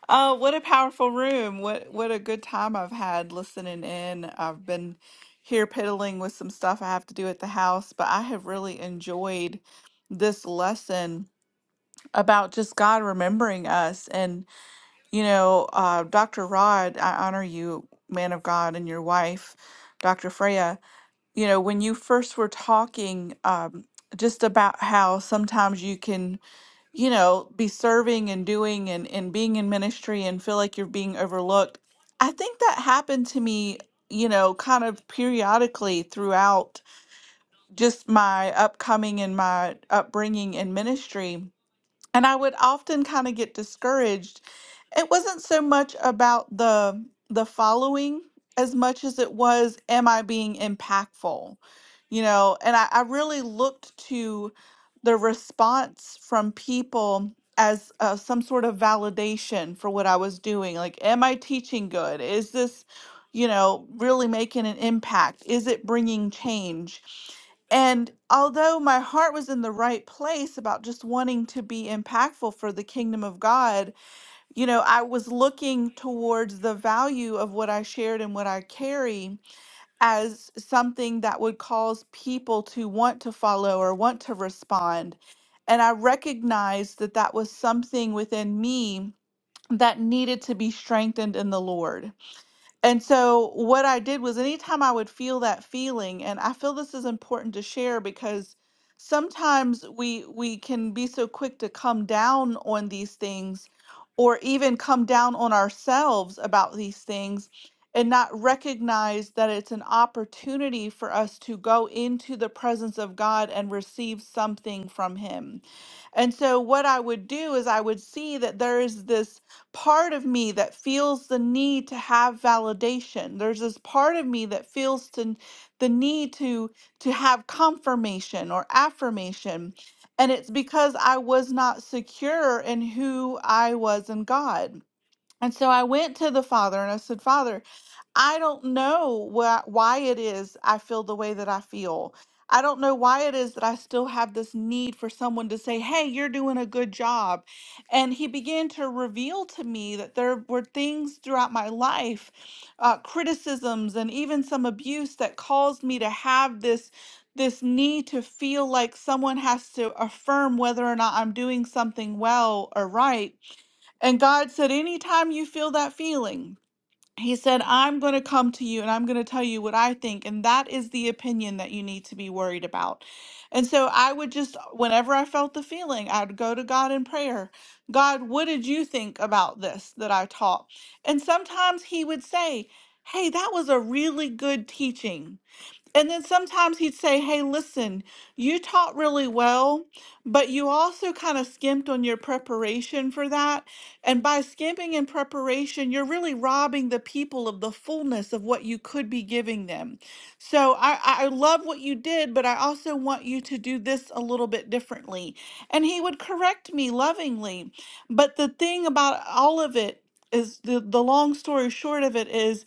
D: Oh, what a powerful room. What what a good time I've had listening in. I've been here piddling with some stuff I have to do at the house, but I have really enjoyed this lesson about just God remembering us. And, you know, uh, Dr. Rod, I honor you, man of God, and your wife, Dr. Freya. You know, when you first were talking, um, just how can you know, be serving and doing and, and being in ministry and feel like you're being overlooked. I think that happened to me, you know, kind of periodically throughout just my upcoming and my upbringing in ministry. And I would often kind of get discouraged it wasn't so much about the the following as much as it was am i being impactful you know and i, I really looked to the response from people as uh, some sort of validation for what i was doing like am i teaching good is this you know really making an impact is it bringing change and although my heart was in the right place about just wanting to be impactful for the kingdom of God you know, I was looking towards the value of what I shared and what I carry as something that would cause people to want to follow or want to respond. And I recognized that that was something within me that needed to be strengthened in the Lord. And so what I did was anytime I would feel that feeling, and I feel this is important to share because sometimes we we can be so quick to come down on these things or even come down on ourselves about these things and not recognize that it's an opportunity for us to go into the presence of God and receive something from him. And so what I would do is I would see that there is this part of me that feels the need to have validation there's this part of me that feels to the need to to have confirmation or affirmation and it's because i was not secure in who i was in god and so i went to the father and i said father I don't know why, why it is I feel the way that I feel. I don't know why it is that I still have this need for someone to say, Hey, you're doing a good job. And he began to reveal to me that there were things throughout my life, uh, criticisms, and even some abuse that caused me to have this. This need to feel like someone has to affirm whether or not I'm doing something well or right. And God said, Anytime you feel that feeling, he said, I'm going to come to you and I'm going to tell you what I think. And that is the opinion that you need to be worried about. And so I would just, whenever I felt the feeling, I'd go to God in prayer God, what did you think about this that I taught? And sometimes He would say, Hey, that was a really good teaching. And then sometimes he'd say, Hey, listen, you taught really well, but you also kind of skimped on your preparation for that. And by skimping in preparation, you're really robbing the people of the fullness of what you could be giving them. So I, I I love what you did, but I also want you to do this a little bit differently. And he would correct me lovingly. But the thing about all of it is the, the long story short of it is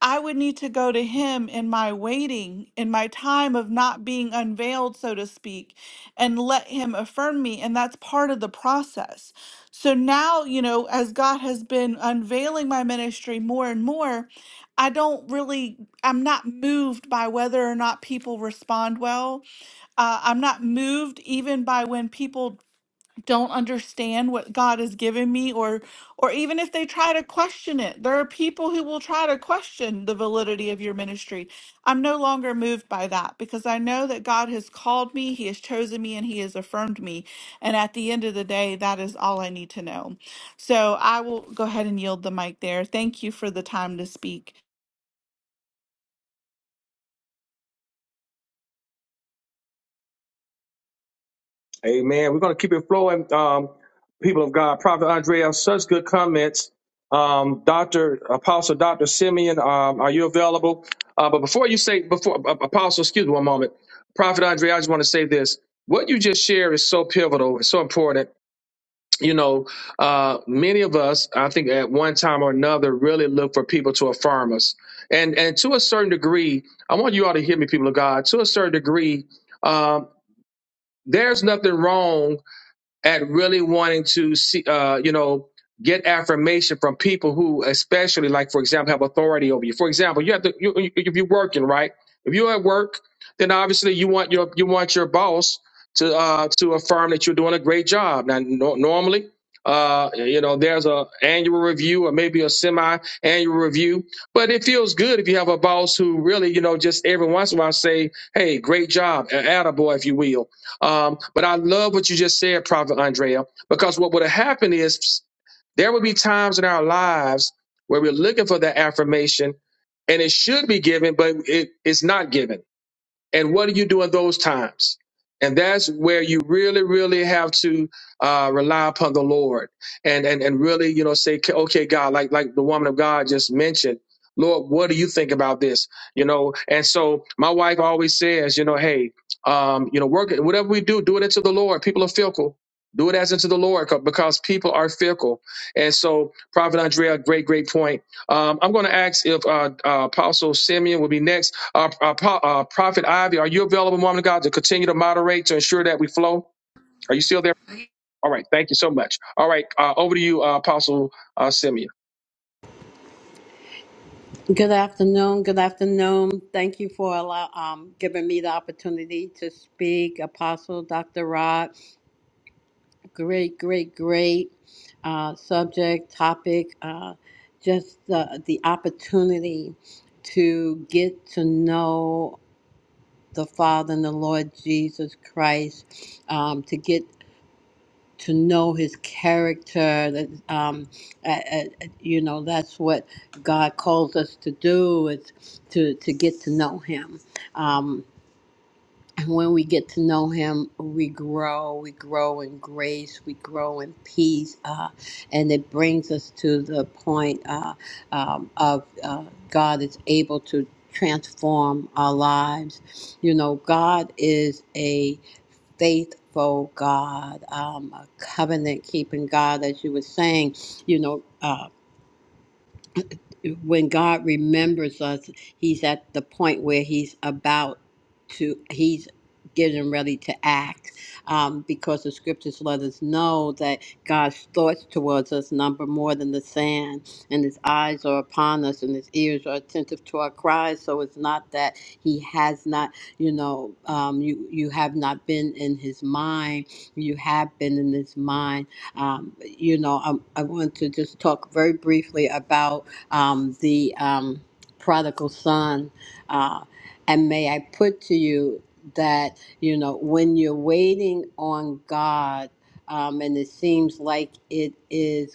D: I would need to go to him in my waiting, in my time of not being unveiled, so to speak, and let him affirm me. And that's part of the process. So now, you know, as God has been unveiling my ministry more and more, I don't really, I'm not moved by whether or not people respond well. Uh, I'm not moved even by when people don't understand what God has given me or or even if they try to question it. There are people who will try to question the validity of your ministry. I'm no longer moved by that because I know that God has called me, he has chosen me and he has affirmed me. And at the end of the day, that is all I need to know. So I will go ahead and yield the mic there. Thank you for the time to speak.
A: Amen. We're going to keep it flowing, um, people of God. Prophet Andrea, such good comments. Um, Dr. Apostle Dr. Simeon, um, are you available? Uh, but before you say, before uh, Apostle, excuse me one moment. Prophet Andrea, I just want to say this. What you just shared is so pivotal, it's so important you know, uh, many of us, I think, at one time or another, really look for people to affirm us, and and to a certain degree, I want you all to hear me, people of God. To a certain degree, um, there's nothing wrong at really wanting to see, uh, you know, get affirmation from people who, especially like, for example, have authority over you. For example, you have to, you, you- if you're working, right? If you're at work, then obviously you want your, you want your boss to, uh, to affirm that you're doing a great job. Now, no, normally, uh, you know, there's a annual review or maybe a semi-annual review, but it feels good if you have a boss who really, you know, just every once in a while say, "Hey, great job," attaboy, if you will um, but I love what you just said, Prophet Andrea, because what would have happened is there would be times in our lives where we're looking for that affirmation and it should be given, but it, it's not given. And what do you do in those times? And that's where you really, really have to uh, rely upon the Lord and, and and really, you know, say, "Okay, okay, God, like like the woman of God just mentioned, Lord, what do you think about this? You know, and so my wife always says, you know, hey, um, you know, work whatever we do, do it into the Lord. People are fickle. Do it as into the Lord co- because people are fickle. And so, Prophet Andrea, great, great point. Um, I'm going to ask if uh, uh, Apostle Simeon will be next. Uh, uh, uh, Prophet Ivy, are you available, woman of God, to continue to moderate to ensure that we flow? Are you still there? All right. Thank you so much. All right. Uh, over to you, uh, Apostle uh, Simeon.
J: Good afternoon. Good afternoon. Thank you for allow, um, giving me the opportunity to speak, Apostle Dr. Rod. Great, great, great uh, subject, topic. Uh, just the, the opportunity to get to know the Father and the Lord Jesus Christ, um, to get to know his character that um uh, uh, you know that's what god calls us to do is to to get to know him um and when we get to know him we grow we grow in grace we grow in peace uh and it brings us to the point uh um, of uh, god is able to transform our lives you know god is a faithful God, um, a covenant keeping God, as you were saying, you know. Uh, when God remembers us, He's at the point where He's about to, He's getting ready to act um, because the scriptures let us know that God's thoughts towards us number more than the sand, and His eyes are upon us, and His ears are attentive to our cries. So it's not that He has not, you know, um, you, you have not been in His mind, you have been in His mind. Um, you know, I, I want to just talk very briefly about um, the um, prodigal son. Uh, and may I put to you that, you know, when you're waiting on God, um, and it seems like it is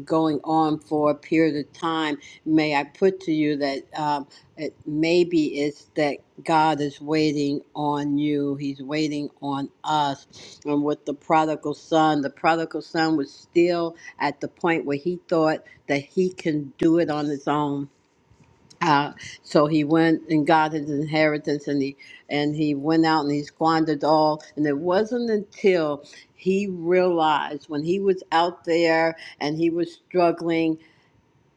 J: going on for a period of time, may I put to you that um, it, maybe it's that God is waiting on you. He's waiting on us. And with the prodigal son, the prodigal son was still at the point where he thought that he can do it on his own uh, so he went and got his inheritance, and he and he went out and he squandered all. And it wasn't until he realized when he was out there and he was struggling,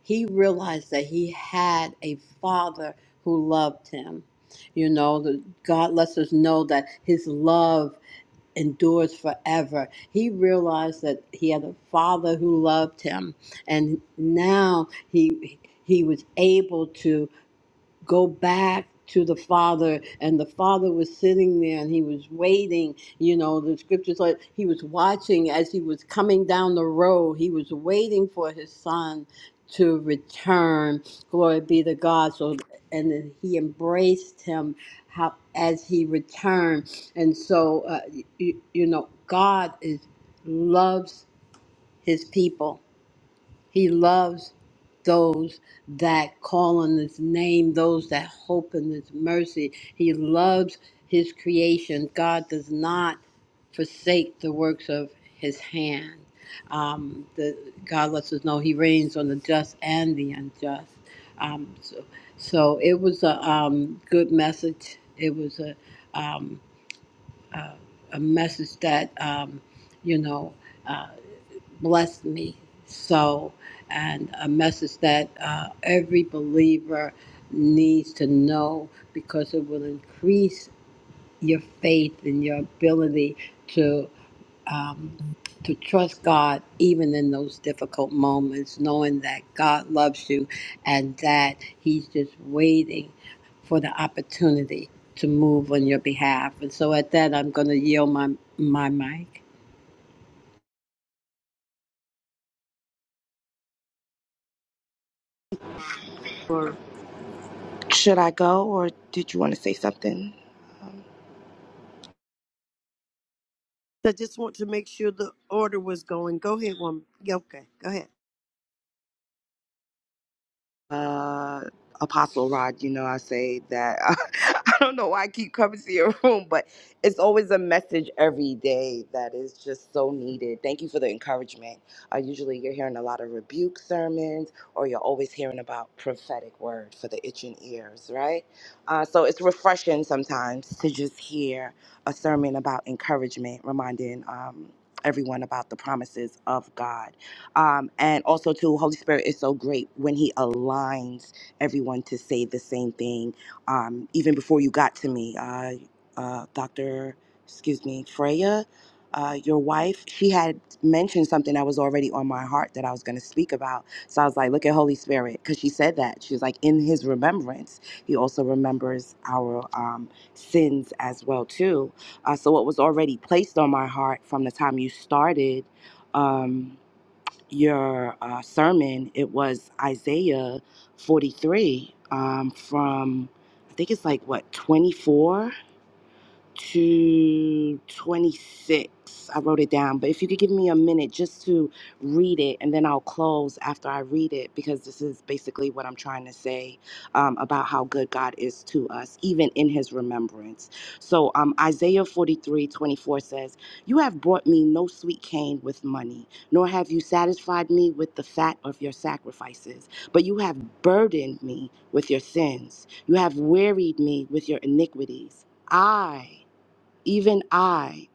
J: he realized that he had a father who loved him. You know, the, God lets us know that His love endures forever. He realized that he had a father who loved him, and now he he was able to go back to the father and the father was sitting there and he was waiting you know the scriptures like he was watching as he was coming down the road he was waiting for his son to return glory be to god so and then he embraced him how as he returned and so uh, you, you know god is loves his people he loves those that call on his name, those that hope in his mercy. He loves his creation. God does not forsake the works of his hand. Um, the, God lets us know he reigns on the just and the unjust. Um, so, so it was a um, good message. It was a, um, a, a message that, um, you know. uh, blessed me so, and a message that uh, every believer needs to know because it will increase your faith and your ability to um, to trust God even in those difficult moments, knowing that God loves you and that He's just waiting for the opportunity to move on your behalf. And so, at that, I'm going to yield my my mic.
I: Should I go or did you want to say something?
B: I just want to make sure the order was going. Go ahead, woman. Yeah, Okay, go ahead.
I: uh, Apostle Rod, you know, I say that I don't know why I keep coming to your room, but it's always a message every day that is just so needed. Thank you for the encouragement. Uh, usually you're hearing a lot of rebuke sermons, or you're always hearing about prophetic word for the itching ears, right? Uh, so it's refreshing sometimes to just hear a sermon about encouragement, reminding um, everyone about the promises of God. Um, and also, too, Holy Spirit is so great when He aligns everyone to say the same thing. Um, even before you got to me, uh, uh, Dr. Excuse me, Freya, uh, your wife, she had mentioned something that was already on my heart that I was going to speak about. So I was like, look at Holy Spirit, because she said that. She was like, in His remembrance, He also remembers our um, sins as well, too. Uh, so what was already placed on my heart from the time you started. Um, your uh, sermon, it was Isaiah 43 um, from, I think it's like what, 24? to 26. I wrote it down, but if you could give me a minute just to read it and then I'll close after I read it because this is basically what I'm trying to say um, about how good God is to us, even in his remembrance. So um, Isaiah 43 24 says, You have brought me no sweet cane with money, nor have you satisfied me with the fat of your sacrifices, but you have burdened me with your sins. You have wearied me with your iniquities. I even I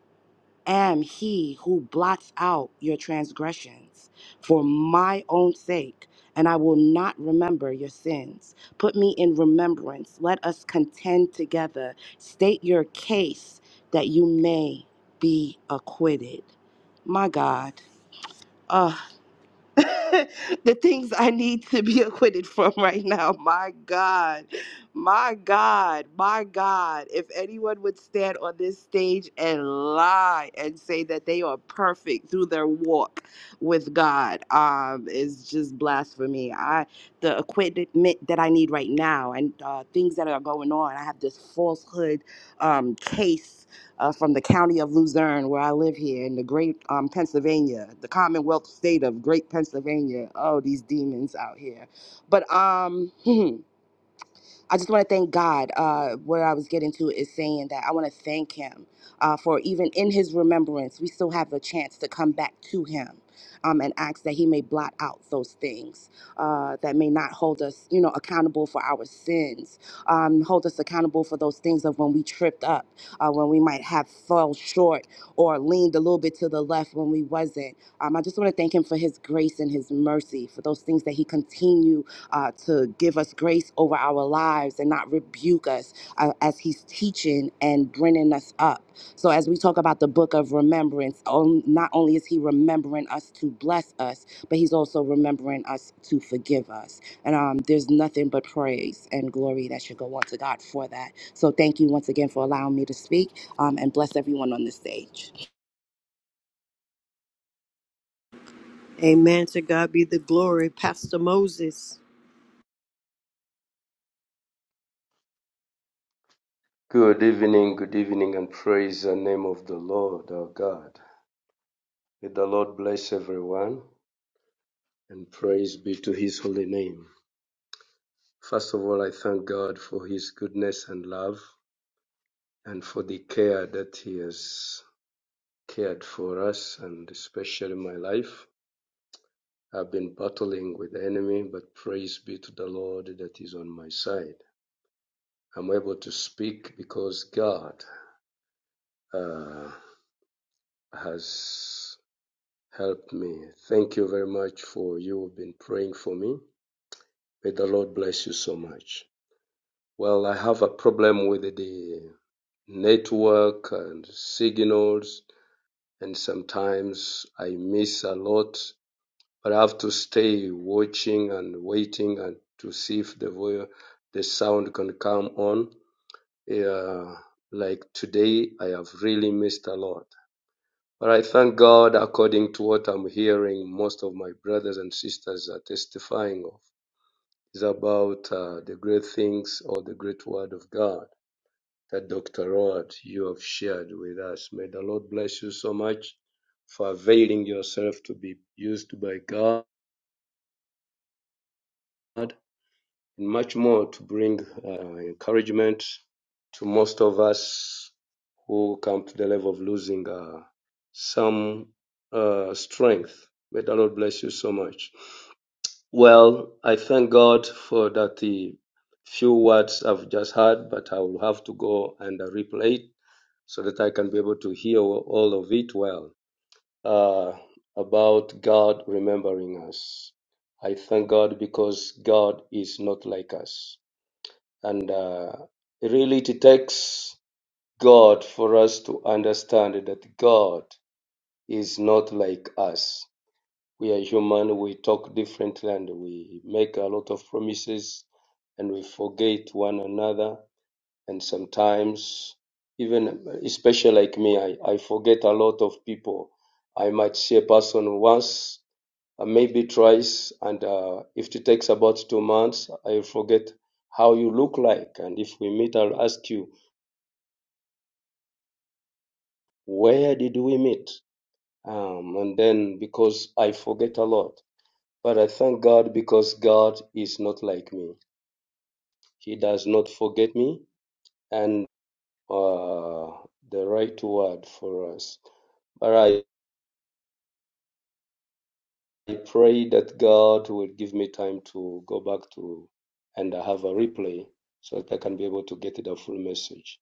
I: am he who blots out your transgressions for my own sake, and I will not remember your sins. Put me in remembrance. Let us contend together. State your case that you may be acquitted. My God. Ugh. the things I need to be acquitted from right now. My God, my God, my God. If anyone would stand on this stage and lie and say that they are perfect through their walk with God, um, is just blasphemy. I the acquitment that I need right now and uh, things that are going on. I have this falsehood um, case uh, from the county of Luzerne, where I live here in the great um, Pennsylvania, the Commonwealth state of Great Pennsylvania. Oh, these demons out here. But um, I just want to thank God. Uh, where I was getting to is saying that I want to thank Him uh, for even in His remembrance, we still have the chance to come back to Him um, and ask that He may blot out those things uh, that may not hold us, you know, accountable for our sins, um, hold us accountable for those things of when we tripped up, uh, when we might have fell short or leaned a little bit to the left when we wasn't. Um, I just want to thank Him for His grace and His mercy for those things that He continues uh, to give us grace over our lives and not rebuke us uh, as He's teaching and bringing us up. So, as we talk about the book of remembrance, on, not only is He remembering us to bless us, but He's also remembering us to forgive us. And um, there's nothing but praise and glory that should go on to God for that. So, thank you once again for allowing me to speak um, and bless everyone on the stage.
B: Amen. To God be the glory. Pastor Moses.
G: Good evening, good evening, and praise the name of the Lord our God. May the Lord bless everyone and praise be to his holy name. First of all, I thank God for his goodness and love and for the care that he has cared for us and especially my life. I've been battling with the enemy, but praise be to the Lord that is on my side. I'm able to speak because God uh, has helped me. Thank you very much for you have been praying for me. May the Lord bless you so much. Well, I have a problem with the network and signals, and sometimes I miss a lot but I have to stay watching and waiting and to see if the vo the sound can come on. Yeah, like today, I have really missed a lot. But I thank God, according to what I'm hearing, most of my brothers and sisters are testifying of is about uh, the great things or the great word of God that Dr. Rod you have shared with us. May the Lord bless you so much for availing yourself to be used by God and much more to bring uh, encouragement to most of us who come to the level of losing uh, some uh, strength. May the Lord bless you so much. Well, I thank God for that the few words I've just heard, but I will have to go and uh, replay it so that I can be able to hear all of it well. Uh, about God remembering us. I thank God because God is not like us. And uh, really, it takes God for us to understand that God is not like us. We are human, we talk differently, and we make a lot of promises and we forget one another. And sometimes, even especially like me, I, I forget a lot of people. I might see a person once uh, maybe twice. And uh, if it takes about two months, I forget how you look like. And if we meet, I'll ask you, where did we meet? Um, and then because I forget a lot. But I thank God because God is not like me. He does not forget me. And uh, the right word for us. But I I pray that God will give me time to go back to and have a replay so that I can be able to get the full message.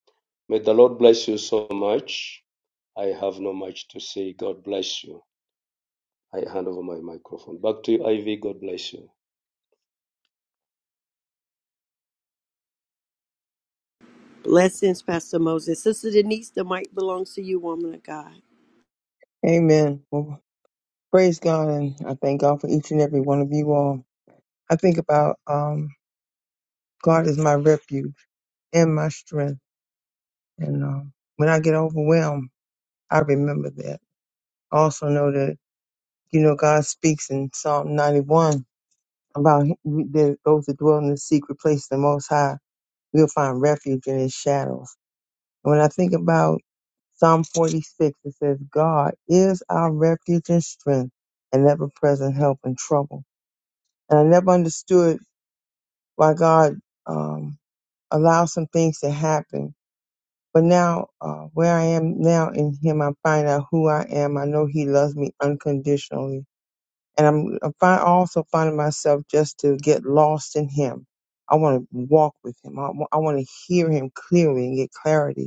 G: May the Lord bless you so much. I have not much to say. God bless you. I hand over my microphone. Back to you, Ivy. God bless you.
B: Blessings, Pastor Moses. Sister Denise, the mic belongs to you, woman of God.
F: Amen. Well, praise God, and I thank God for each and every one of you all. I think about um, God is my refuge and my strength, and um, when I get overwhelmed, I remember that. I also know that you know God speaks in Psalm 91 about he- that those that dwell in the secret place, of the Most High We'll find refuge in his shadows. And when I think about Psalm 46, it says, God is our refuge and strength and ever present help in trouble. And I never understood why God um, allows some things to happen. But now, uh, where I am now in Him, I find out who I am. I know He loves me unconditionally. And I'm, I'm find, also finding myself just to get lost in Him. I want to walk with Him. I, wa- I want to hear Him clearly and get clarity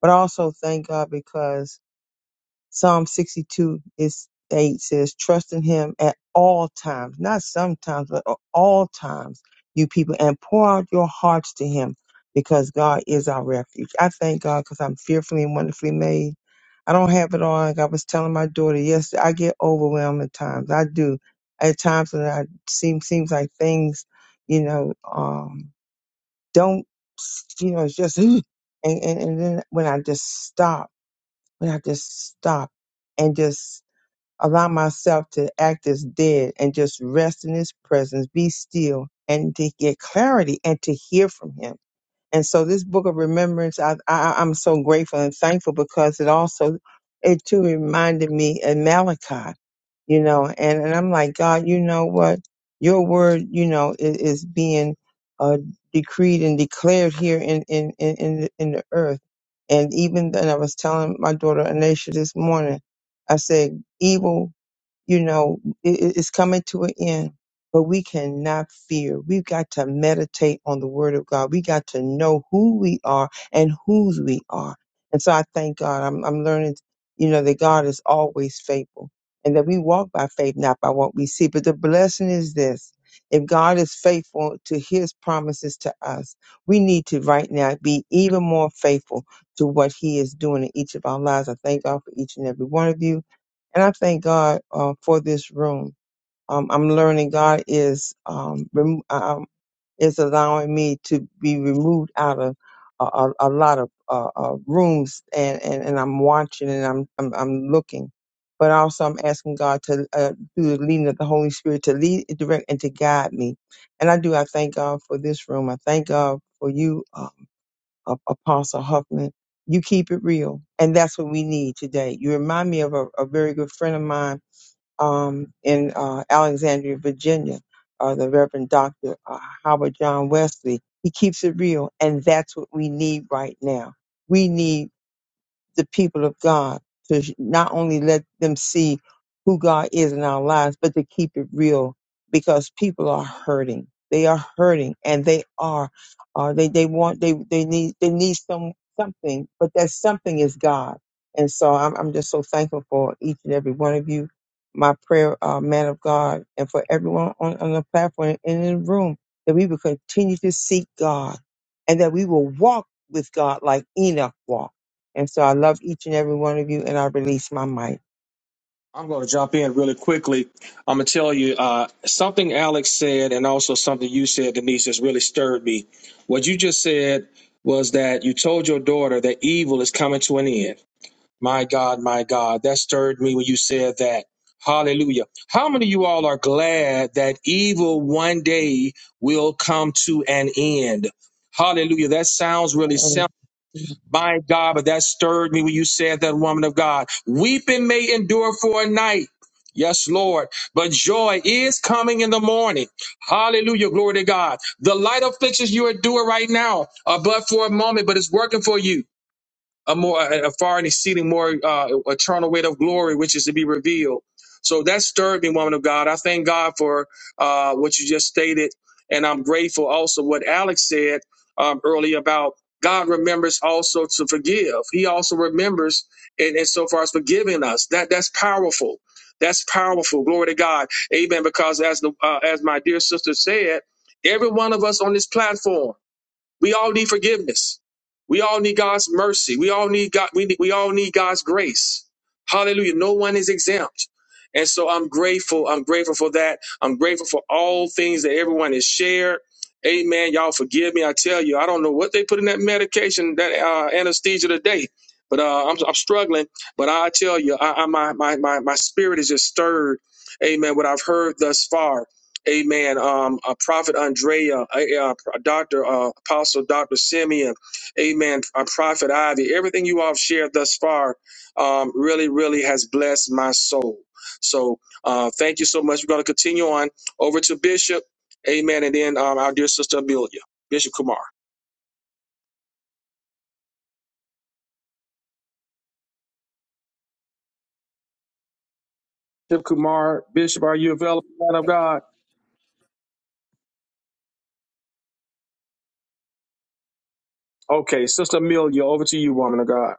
F: But I also thank God because Psalm 62 is 8 says, trust in him at all times, not sometimes, but at all times, you people, and pour out your hearts to him because God is our refuge. I thank God because I'm fearfully and wonderfully made. I don't have it all. Like I was telling my daughter yesterday, I get overwhelmed at times. I do. At times when I seem seems like things, you know, um, don't, you know, it's just, and, and, and then when I just stop when I just stop and just allow myself to act as dead and just rest in his presence, be still and to get clarity and to hear from him and so this book of remembrance, I, I I'm so grateful and thankful because it also it too reminded me of Malachi, you know, and, and I'm like, God, you know what? Your word, you know, is, is being uh, decreed and declared here in in in in the, in the earth. And even then, I was telling my daughter Anisha this morning, I said, evil you know, it, it- it's coming to an end, but we cannot fear. We've got to meditate on the word of God. We got to know who we are and whose we are. And so I thank God. I'm, I'm learning, you know, that God is always faithful and that we walk by faith, not by what we see. But the blessing is this. If God is faithful to his promises to us, we need to right now be even more faithful to what he is doing in each of our lives. I thank God for each and every one of you. And I thank God uh, for this room. Um, I'm learning God is um, rem- um, is allowing me to be removed out of a, a, a lot of uh, uh, rooms, and, and, and I'm watching and I'm, I'm I'm looking, but also I'm asking God to uh, through the leading of the Holy Spirit to lead, direct, and to guide me. And I do. I thank God for this room. I thank God for you, uh, A- Apostle Huffman you keep it real. And that's what we need today. You remind me of a, a very good friend of mine um, in uh, Alexandria, Virginia, uh, the Reverend Dr. Uh, Howard John Wesley. He keeps it real, and that's what we need right now. We need the people of God to sh- not only let them see who God is in our lives, but to keep it real because people are hurting. They are hurting and they are, uh, they, they want, they, they need, they need some, something, but that something is God. And so I'm, I'm just so thankful for each and every one of you, my prayer, uh, man of God, and for everyone on, on the platform and in the room that we will continue to seek God and that we will walk with God like Enoch walked and so I love each and every one of you, and I release my mic.
A: I'm going to jump in really quickly. I'm going to tell you uh, something Alex said, and also something you said, Denise, has really stirred me. What you just said was that you told your daughter that evil is coming to an end. My God, my God, that stirred me when you said that. Hallelujah. How many of you all are glad that evil one day will come to an end? Hallelujah. That sounds really simple. My God, but that stirred me when you said that, woman of God. Weeping may endure for a night. Yes, Lord. But joy is coming in the morning. Hallelujah. Glory to God. The light afflictions you are endure right now are but for a moment, but it's working for you a more a far and exceeding more uh, eternal weight of glory which is to be revealed so that stirred me woman of god i thank god for uh, what you just stated and i'm grateful also what alex said um, earlier about god remembers also to forgive he also remembers in, in so far as forgiving us that that's powerful that's powerful glory to god amen because as the uh, as my dear sister said every one of us on this platform we all need forgiveness. We all need God's mercy. We all need God. We, need, we all need God's grace. Hallelujah. No one is exempt. And so I'm grateful. I'm grateful for that. I'm grateful for all things that everyone has shared. Amen. Y'all forgive me. I tell you, I don't know what they put in that medication, that uh, anesthesia today, but uh, I'm, I'm struggling. But I tell you, I, I, my, my, my, my spirit is just stirred. Amen. What I've heard thus far. Amen. Um, uh, Prophet Andrea, uh, uh, Doctor uh, Apostle Doctor Simeon, Amen. Uh, Prophet Ivy, everything you all have shared thus far, um, really, really has blessed my soul. So, uh, thank you so much. We're going to continue on over to Bishop, Amen, and then um, our dear sister Amelia, Bishop Kumar. Bishop Kumar, Bishop, are you available, man of God? Okay, Sister Amelia, over to you, woman of God.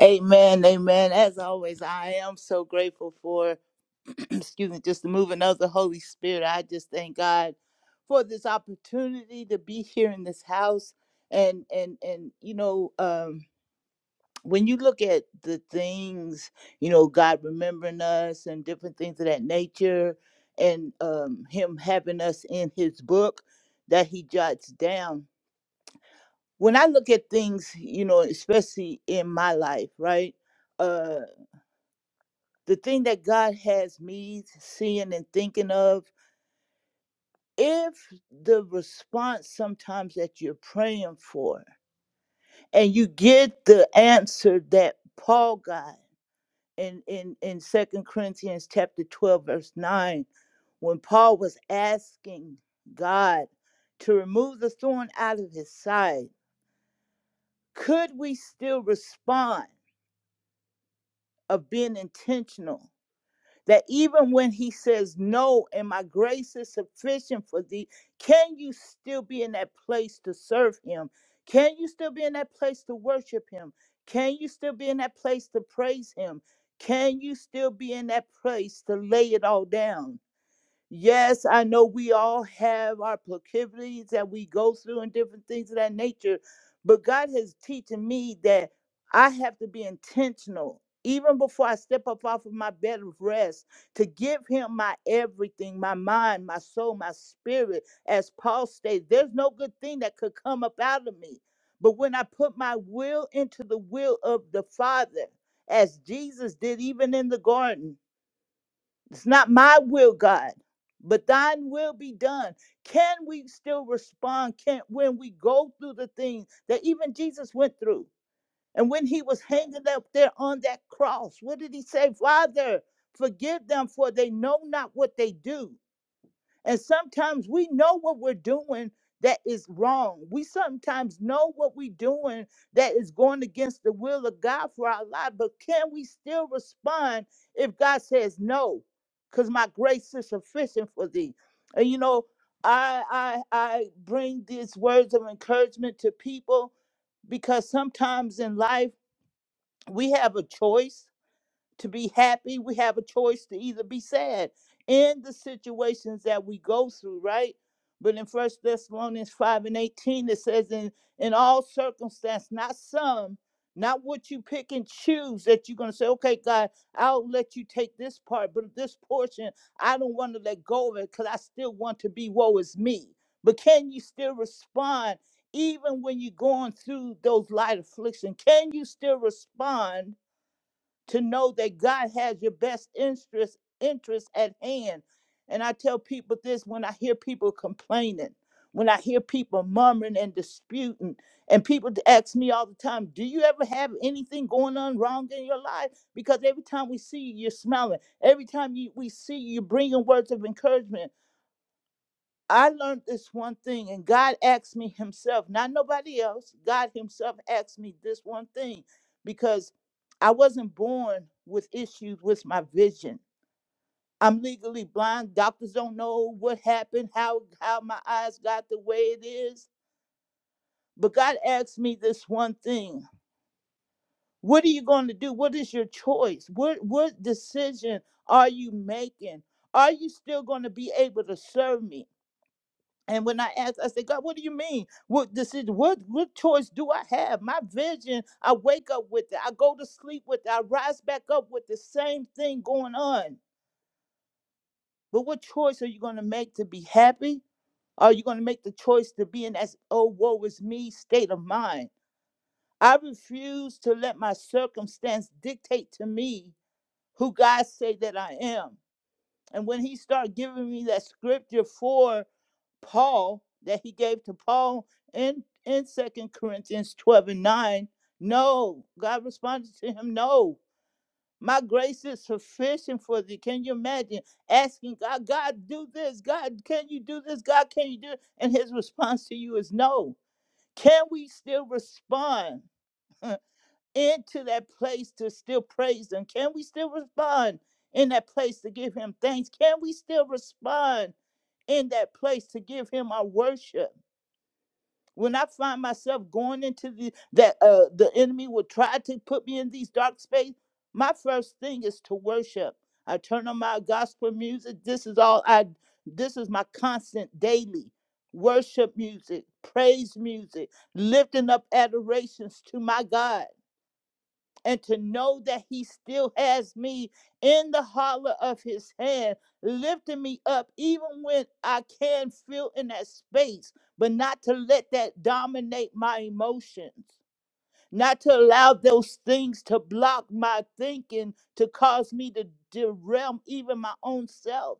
H: Amen, amen. As always, I am so grateful for, excuse me, just the moving of the Holy Spirit. I just thank God for this opportunity to be here in this house, and and and you know, um, when you look at the things, you know, God remembering us and different things of that nature, and um, Him having us in His book that He jots down. when I look at things, you know, especially in my life, right? Uh the thing that God has me seeing and thinking of, if the response sometimes that you're praying for and you get the answer that Paul got in in in 2 Corinthians chapter 12 verse 9 when Paul was asking God to remove the thorn out of his side, could we still respond of being intentional. That even when he says no, and my grace is sufficient for thee, can you still be in that place to serve him? Can you still be in that place to worship him? Can you still be in that place to praise him? Can you still be in that place to lay it all down? Yes, I know we all have our proclivities that we go through and different things of that nature, but God has teaching me that I have to be intentional even before I step up off of my bed of rest to give him my everything, my mind, my soul, my spirit. As Paul states, there's no good thing that could come up out of me. But when I put my will into the will of the Father, as Jesus did even in the garden, it's not my will, God, but thine will be done. Can we still respond? Can when we go through the things that even Jesus went through? And when he was hanging up there on that cross, what did he say? Father, forgive them, for they know not what they do. And sometimes we know what we're doing that is wrong. We sometimes know what we're doing that is going against the will of God for our life, but can we still respond if God says no? Because my grace is sufficient for thee. And you know, I I I bring these words of encouragement to people because sometimes in life we have a choice to be happy, we have a choice to either be sad in the situations that we go through, right? But in First Thessalonians 5 and 18, it says, in, in all circumstance, not some, not what you pick and choose that you're going to say, okay, God, I'll let you take this part, but this portion, I don't want to let go of it because I still want to be woe is me. But can you still respond even when you're going through those light affliction? Can you still respond to know that God has your best interest interest at hand. And I tell people this when I hear people complaining, when I hear people murmuring and disputing, and people to ask me all the time, "Do you ever have anything going on wrong in your life?" Because every time we see you, you're smiling. Every time you, we see you, you're bringing words of encouragement. I learned this one thing, and God asked me Himself, not nobody else. God Himself asked me this one thing because I wasn't born with issues with my vision. I'm legally blind. Doctors don't know what happened, how how my eyes got the way it is. But God asked me this one thing. What are you going to do? What is your choice? What what decision are you making? Are you still going to be able to serve me? And when I asked, I said, God, what do you mean? What decision? What what choice do I have? My vision, I wake up with it. I go to sleep with it. I rise back up with the same thing going on. But what choice are you going to make to be happy? Are you going to make the choice to be in that oh woe is me state of mind? I refuse to let my circumstance dictate to me who God say that I am. And when He started giving me that scripture for Paul that he gave to Paul in in Second Corinthians twelve and nine. No, God responded to him. No, my grace is sufficient for thee. Can you imagine asking God, God, do this? God, can you do this? God, can you do? It? And His response to you is no. Can we still respond into that place to still praise Him? Can we still respond in that place to give Him thanks? Can we still respond in that place to give Him our worship? when I find myself going into the that uh the enemy will try to put me in these dark space, my first thing is to worship. I turn on my gospel music. This is all I this is my constant daily worship music, praise music, lifting up adorations to my God and to know that he still has me in the hollow of his hand, lifting me up even when I can feel in that space, but not to let that dominate my emotions. Not to allow those things to block my thinking, to cause me to derail even my own self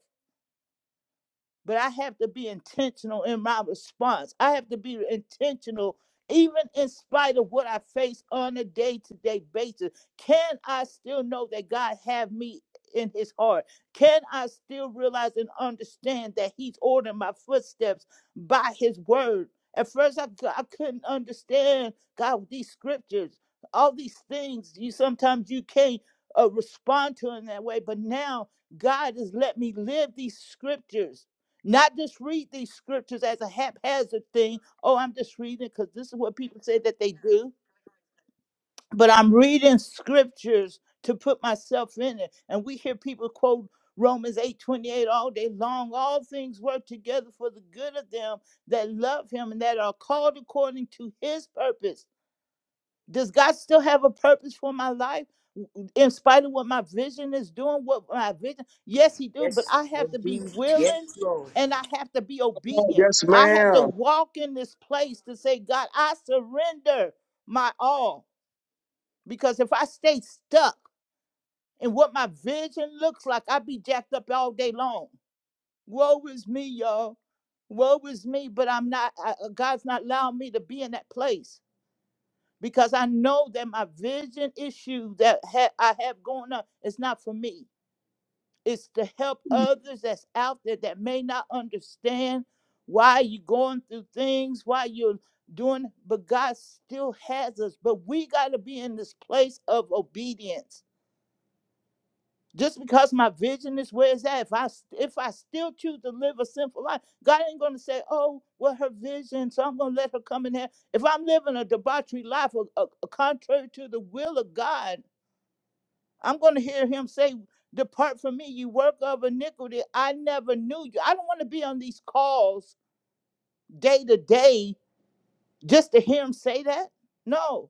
H: but I have to be intentional in my response. I have to be intentional even in spite of what I face on a day-to-day basis. Can I still know that God have me in his heart? Can I still realize and understand that he's ordering my footsteps by his word? At first I, I couldn't understand God these scriptures, all these things you sometimes you can't uh, respond to in that way, but now God has let me live these scriptures not just read these scriptures as a haphazard thing. Oh, I'm just reading because this is what people say that they do. But I'm reading scriptures to put myself in it. And we hear people quote Romans 8 28 all day long. All things work together for the good of them that love him and that are called according to his purpose. Does God still have a purpose for my life? In spite of what my vision is doing, what my vision, yes, he do, but I have to be willing and I have to be obedient.
A: Yes,
H: I have to
A: ma'am.
H: walk in this place to say, God, I surrender my all. Because if I stay stuck in what my vision looks like, I'd be jacked up all day long. Woe is me, y'all. Woe is me, but I'm not, I, uh, God's not allowing me to be in that place because I know that my vision issue that ha- I have going on is not for me. It's to help others that's out there that may not understand why you're going through things, why you're doing, but God still has us. But we got to be in this place of obedience just because my vision is where it's at, if I s- if I still choose to live a sinful life, God ain't gonna say, "Oh, well, her vision, so I'm gonna let her come in here." If I'm living a debauchery life, a, a- a contrary to the will of God, I'm gonna hear Him say, "Depart from me, you work of iniquity. I never knew you." I don't want to be on these calls day to day just to hear Him say that. No,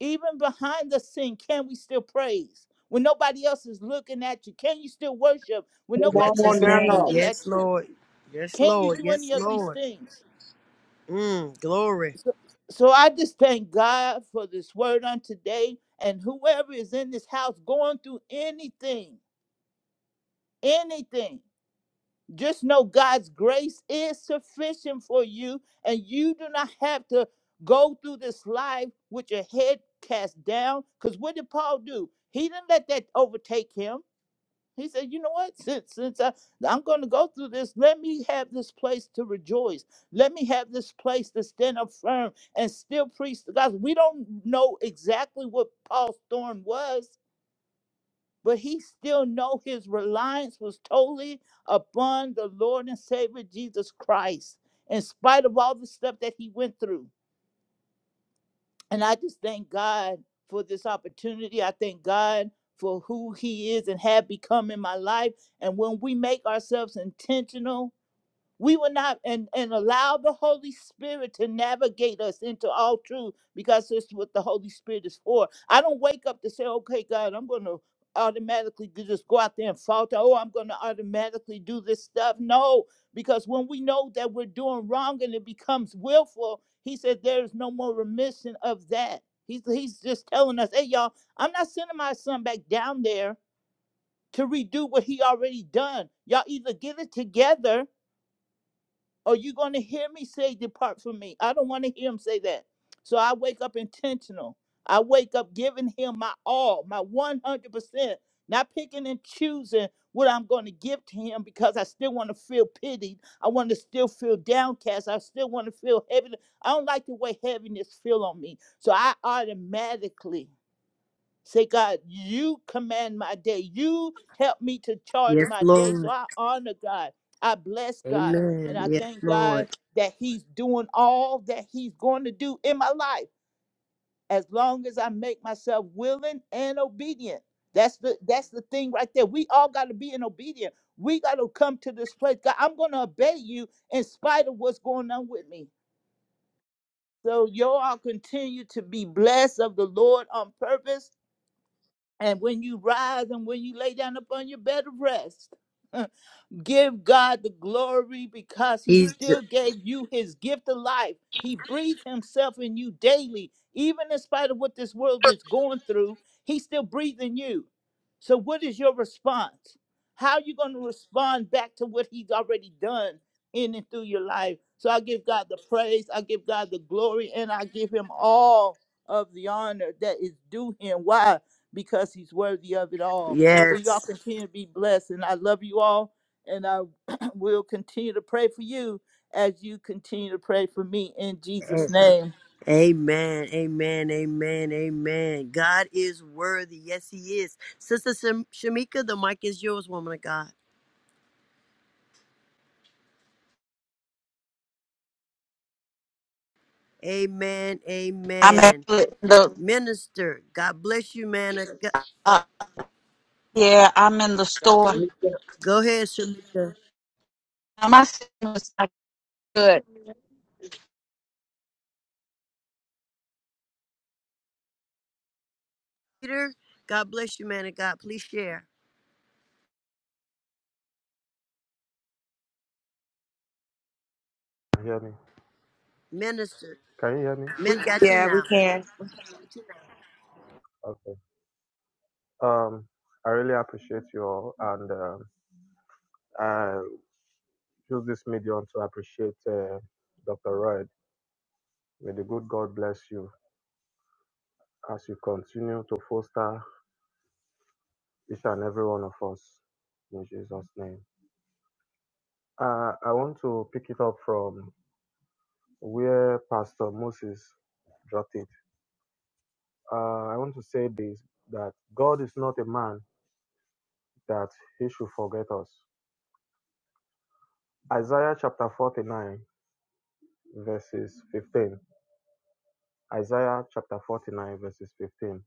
H: even behind the sin, can we still praise? When nobody else is looking at you, can you still worship when
A: Come
B: Bless
H: nobody
B: his
H: else is
B: name.
A: on
H: looking
B: Yes,
H: at you?
B: Lord. Yes,
H: Can you
B: Lord.
H: do
B: Yes,
H: any of these
B: Lord.
H: things?
B: Mm, glory.
H: So, so I just thank God for this word on today and whoever is in this house going through anything, anything. Just know God's grace is sufficient for you, and you do not have to go through this life with your head cast down. Because what did Paul do? He didn't let that overtake him. He said, "You know what? Since since I, I'm going to go through this, let me have this place to rejoice. Let me have this place to stand up firm and still preach the gospel." We don't know exactly what Paul's storm was, but he still know his reliance was totally upon the Lord and Savior Jesus Christ, in spite of all the stuff that he went through. And I just thank God for this opportunity. I thank God for who he is and have become in my life. And when we make ourselves intentional we will not and, and allow the holy spirit to navigate us into all truth because that's what the holy spirit is for i don't wake up to say okay god i'm going to automatically g- just go out there and falter oh i'm going to automatically do this stuff no because when we know that we're doing wrong and it becomes willful he said there is no more remission of that he's, he's just telling us hey y'all i'm not sending my son back down there to redo what he already done y'all either get it together or you going to hear me say, Depart from me. I don't want to hear him say that. So I wake up intentional. I wake up giving him my all, my 100%, not picking and choosing what I'm going to give to him because I still want to feel pitied. I want to still feel downcast. I still want to feel heavy. I don't like the way heaviness feel on me. So I automatically Say, God, you command my day. You help me to charge
B: Yes,
H: my day. So
B: Lord.
H: I honor God. I bless God. And
B: Amen.
H: I
B: Yes,
H: thank God
B: Lord.
H: that He's doing all that He's going to do in my life as long as I make myself willing and obedient. That's the that's the thing right there. We all got to be in obedient. We got to come to this place. God, I'm going to obey you in spite of what's going on with me. So y'all continue to be blessed of the Lord on purpose and when you rise and when you lay down upon your bed of rest, Give God the glory because He
B: He's ju-
H: still gave you His gift of life. He breathed Himself in you daily, even in spite of what this world is going through. He's still breathing you. So, what is your response? How are you going to respond back to what He's already done in and through your life? So, I give God the praise, I give God the glory, and I give Him all of the honor that is due Him. Why? Because He's worthy of it all. So,
B: yes.
H: y'all continue to be blessed, and I love you all and I will continue to pray for you as you continue to pray for me in Jesus'
B: A-
H: name.
B: Amen. Amen. Amen. Amen. God is worthy. Yes, he is. Sister Shem- Shamika, the mic is yours, woman of God. Amen.
K: I'm
B: Amen.
K: actually in the
B: Minister, God bless you, man. of God.
K: uh, yeah, I'm in the
A: now.
K: store.
B: Go ahead, Shamika.
K: My signal's not good.
B: Peter, God bless you, man of God. Please share.
L: hear me?
B: Minister,
L: Can you hear me?
B: we got you
L: Minister.
I: Yeah, we
B: now.
I: can.
L: Okay. Um, I really appreciate you all, and um I use this medium to appreciate uh, Dr. Royd. May the good God bless you as you continue to foster each and every one of us in Jesus' name. Uh, I want to pick it up from where Pastor Moses dropped it. Uh, I want to say this that God is not a man that he should forget us. Isaiah chapter 49 verses 15. Isaiah chapter 49, verses 15.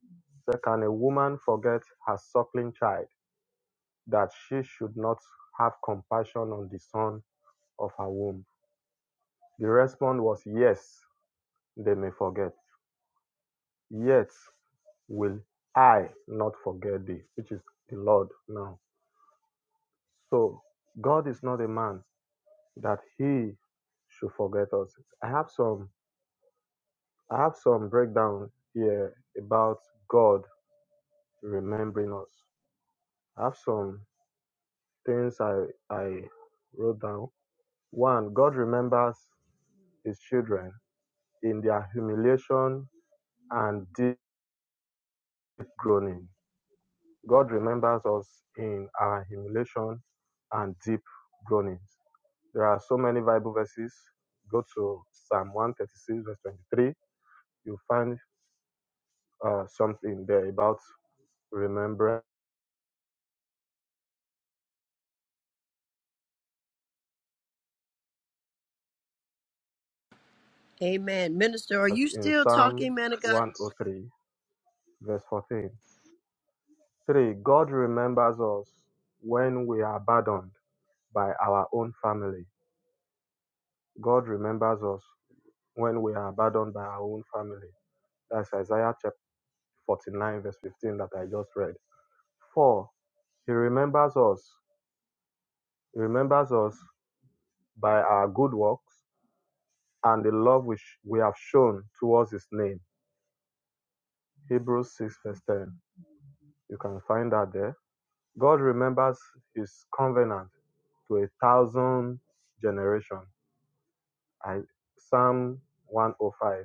L: Say, can a woman forget her suckling child that she should not have compassion on the son of her womb? The response was, Yes, they may forget. Yet will I not forget thee, which is the Lord now. So God is not a man that he should forget us. I have some I have some breakdown here about God remembering us. I have some things I I wrote down. One, God remembers his children in their humiliation and deep groaning. God remembers us in our humiliation and deep groanings. There are so many Bible verses. Go to Psalm 136, verse 23. You'll find uh, something there about remembrance
B: Amen. Minister, are you
L: in
B: still
L: Psalm
B: talking, man of God?
L: 103, verse 14. Three, God remembers us when we are abandoned by our own family. God remembers us when we are abandoned by our own family. That's Isaiah chapter 49, verse 15 that I just read. Four, He remembers us. He remembers us by our good works and the love which we have shown towards His name. Hebrews 6, verse 10. You can find that there. God remembers His covenant to a thousand generations. I, Psalm 105,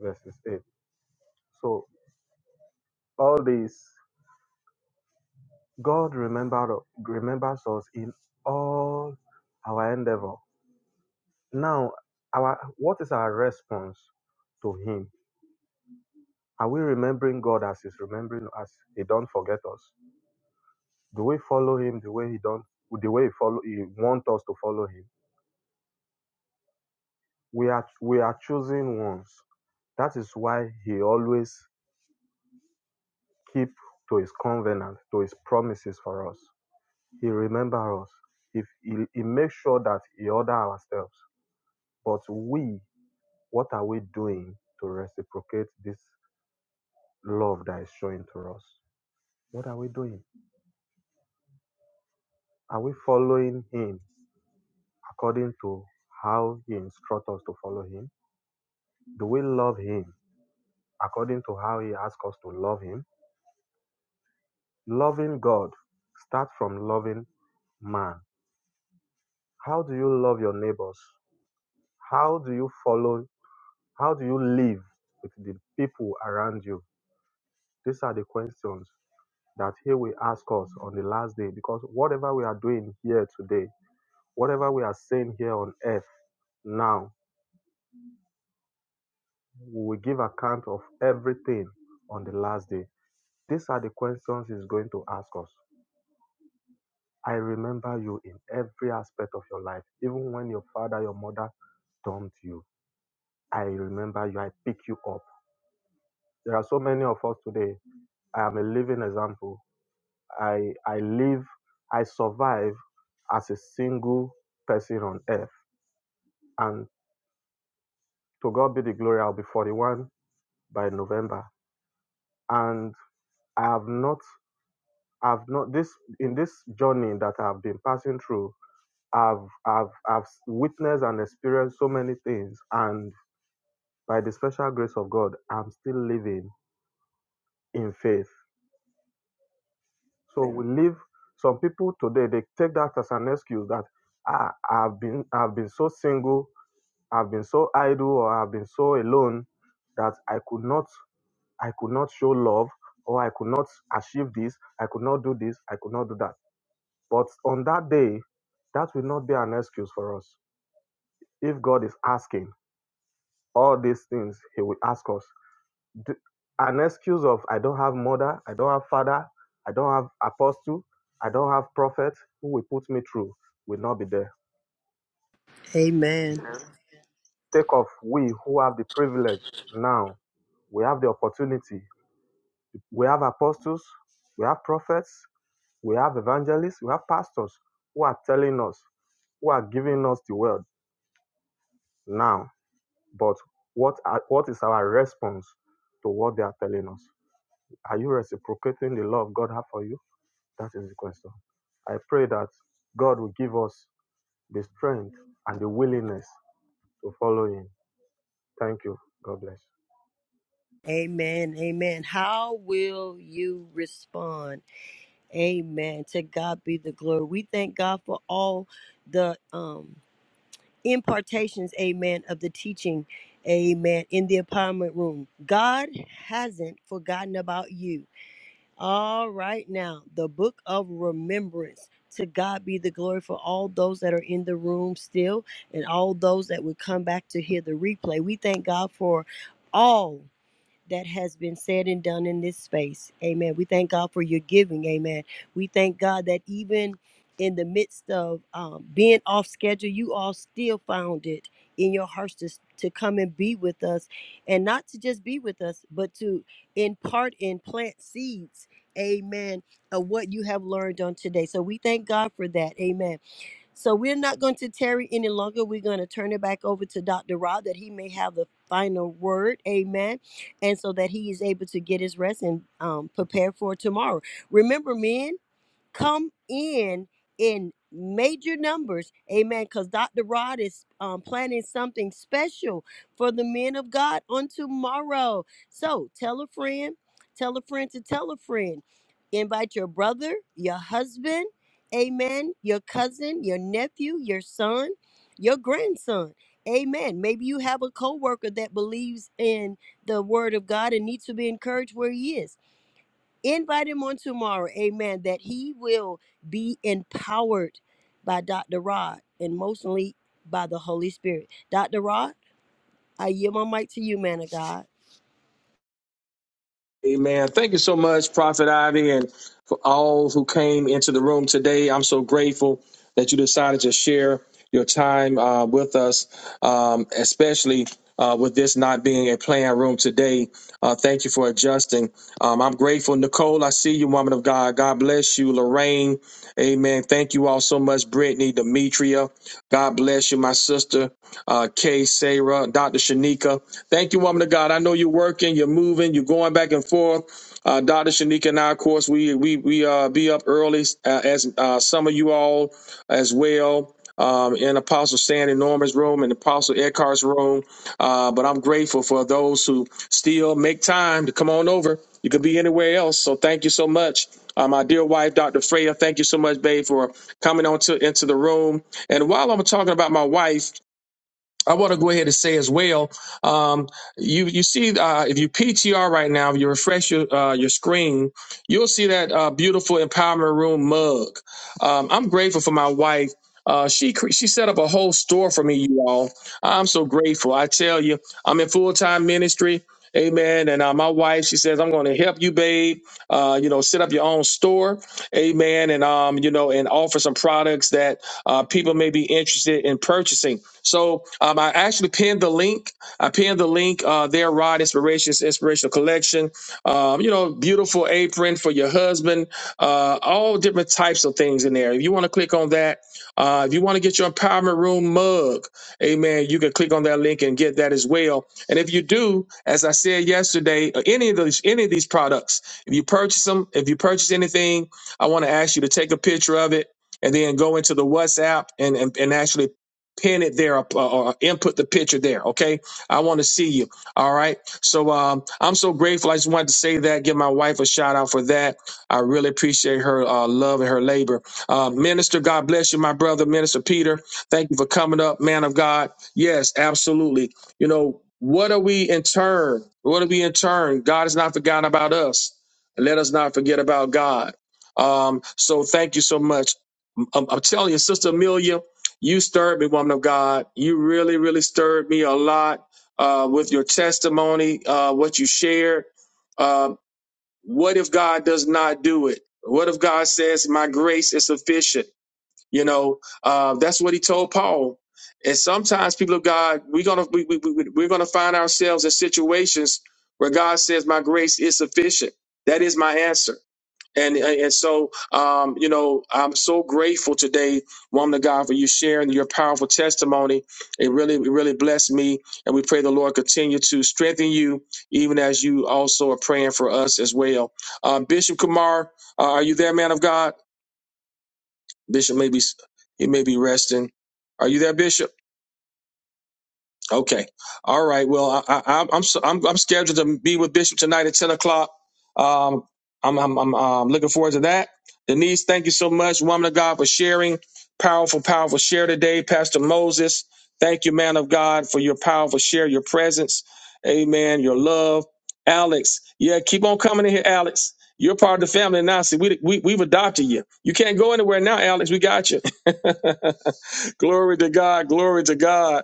L: verses 8. So all this, God remember, remembers us in all our endeavor. Now, our what is our response to Him? Are we remembering God as He's remembering us? He don't forget us. Do we follow Him the way He don't, the way He follow? He want us to follow Him. We are we are choosing ones. That is why He always keep to His covenant, to His promises for us. He remember us. If he, he makes sure that he order our steps. But we, what are we doing to reciprocate this love that is showing to us? What are we doing? Are we following him according to how he instructs us to follow him? Do we love him according to how he asks us to love him? Loving God starts from loving man. How do you love your neighbors? How do you follow? How do you live with the people around you? These are the questions that He will ask us on the last day because whatever we are doing here today, whatever we are saying here on earth now, we will give account of everything on the last day. These are the questions He's going to ask us. I remember you in every aspect of your life, even when your father, your mother dumped you. I remember you, I pick you up. There are so many of us today. I am a living example. I I live I survive as a single person on earth. And to God be the glory, I'll be 41 by November. And I have not I've not this in this journey that I've been passing through, I've I've I've witnessed and experienced so many things. And by the special grace of God, I'm still living in faith. So we live some people today they take that as an excuse that ah, I've been I've been so single I've been so idle or I've been so alone that I could not I could not show love or I could not achieve this, I could not do this, I could not do that. But on that day, that will not be an excuse for us. If God is asking all these things, He will ask us. D- An excuse of I don't have mother, I don't have father, I don't have apostle, I don't have prophet who will put me through will not be there.
B: Amen.
L: Take off we who have the privilege now. We have the opportunity We have apostles, we have prophets, we have evangelists, we have pastors who are telling us, who are giving us the word now. But what are, what is our response to what they are telling us? Are you reciprocating the love God has for you? That is the question. I pray that God will give us the strength and the willingness to follow Him. Thank you. God bless.
B: Amen. Amen. How will you respond? Amen. To God be the glory. We thank God for all the um impartations, amen, of the teaching, amen, in the empowerment room. God hasn't forgotten about you. All right, now the book of remembrance. To God be the glory for all those that are in the room still and all those that would come back to hear the replay. We thank God for all that has been said and done in this space. Amen. We thank God for your giving. Amen. We thank God that even in the midst of um, being off schedule, you all still found it in your hearts to, to come and be with us and not to just be with us, but to impart and plant seeds. Amen. Of what you have learned on today. So we thank God for that. Amen so we're not going to tarry any longer. We're going to turn it back over to Dr. Rod that he may have the final word. Amen. And so that he is able to get his rest and um, prepare for tomorrow. Remember, men come in in major numbers amen because dr rod is um, planning something special for the men of god on tomorrow so tell a friend tell a friend to tell a friend invite your brother your husband amen your cousin your nephew your son your grandson amen maybe you have a coworker that believes in the word of god and needs to be encouraged where he is invite him on tomorrow amen that he will be empowered by dr rod and mostly by the holy spirit dr rod i yield my mic to you man of god
A: Amen. Thank you so much, Prophet Ivy, and for all who came into the room today. I'm so grateful that you decided to share your time uh, with us, um, especially uh, with this not being a planned room today. Uh, thank you for adjusting. Um, I'm grateful. Nicole, I see you, woman of God. God bless you. Lorraine, amen. Thank you all so much. Brittany, Demetria, God bless you, my sister. Uh, Kay, Sarah, Dr. Shanika. Thank you, woman of God. I know you're working, you're moving, you're going back and forth. Uh, Dr. Shanika and I, of course, we we we uh, be up early uh, as uh, some of you all as well. Um, in Apostle Stan and Norman's room and Apostle Eckhart's room. Uh, but I'm grateful for those who still make time to come on over. You could be anywhere else. So thank you so much. Uh, my dear wife, Dr. Freya, thank you so much, babe, for coming on to into the room. And while I'm talking about my wife, I want to go ahead and say as well. Um, you you see, uh, if you PTR right now, if you refresh your uh, your screen, you'll see that uh, beautiful empowerment room mug. Um, I'm grateful for my wife. Uh, she cre- she set up a whole store for me, you all. I'm so grateful. I tell you, I'm in full time ministry. Amen. And uh, my wife, she says, I'm going to help you, babe. Uh, you know, set up your own store. Amen. And, um, you know, and offer some products that uh, people may be interested in purchasing. So um, I actually pinned the link. I pinned the link uh, there, Rod Inspirations, Inspirational Collection. Um, you know, beautiful apron for your husband, uh, all different types of things in there. If you want to click on that, uh, if you want to get your Empowerment Room mug, amen, you can click on that link and get that as well. And if you do, as I said yesterday, uh, any of those, any of these products, if you purchase them, if you purchase anything, I want to ask you to take a picture of it and then go into the WhatsApp and, and, and actually pin it there or, or input the picture there. Okay. I want to see you. All right. So um, I'm so grateful. I just wanted to say that, give my wife a shout out for that. I really appreciate her uh, love and her labor. Uh, Minister, God bless you, my brother, Minister Peter. Thank you for coming up, man of God. Yes, absolutely. You know, what are we in turn? What are we in turn? God has not forgotten about us. Let us not forget about God. Um, so thank you so much. I'm, I'm telling you, Sister Amelia, you stirred me, woman of God. You really, really stirred me a lot uh, with your testimony, uh, what you shared. Uh, what if God does not do it? What if God says, My grace is sufficient? You know, uh, that's what he told Paul. And sometimes, people of God, we're gonna we, we, we, we're gonna find ourselves in situations where God says, "My grace is sufficient." That is my answer. And, and so, um, you know, I'm so grateful today, woman of God, for you sharing your powerful testimony. It really, it really blessed me. And we pray the Lord continue to strengthen you, even as you also are praying for us as well. Uh, Bishop Kumar, uh, are you there, man of God? Bishop may be, he may be resting. Are you there, Bishop? Okay. All right. Well, I, I, I'm I'm so- I'm I'm scheduled to be with Bishop tonight at ten o'clock. Um, I'm I'm I'm um, looking forward to that. Denise, thank you so much, woman of God, for sharing powerful, powerful share today. Pastor Moses, thank you, man of God, for your powerful share, your presence, Amen, your love. Alex, yeah, keep on coming in here, Alex. You're part of the family now. See, we, we we've adopted you. You can't go anywhere now, Alex. We got you. glory to God. Glory to God.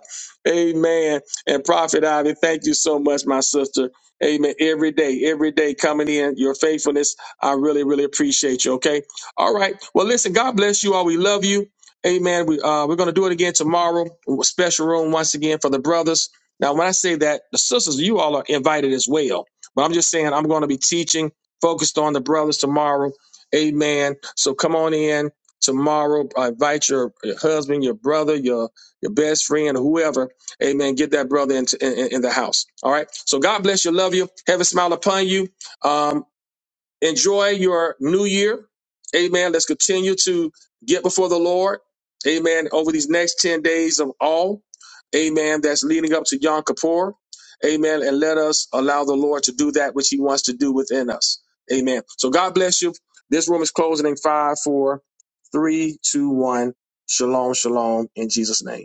A: Amen. And Prophet Ivy, thank you so much, my sister. Amen. Every day, every day coming in, your faithfulness, I really, really appreciate you. Okay. All right. Well, listen, God bless you all. We love you. Amen. We, uh, we're going to do it again tomorrow. Special room once again for the brothers. Now, when I say that, the sisters, you all are invited as well. But I'm just saying, I'm going to be teaching focused on the brothers tomorrow. Amen. So come on in tomorrow. I invite your, your husband, your brother, your, your best friend, whoever Amen. Get that brother in, in, in the house. All right. So God bless you. Love you. Have a smile upon you. Um, enjoy your new year. Amen. Let's continue to get before the Lord. Amen. Over these next 10 days of all. Amen. That's leading up to Yom Kippur. Amen. And let us allow the Lord to do that which he wants to do within us. Amen. So God bless you. This room is closing in five, four, three, two, one. Shalom, shalom in Jesus' name.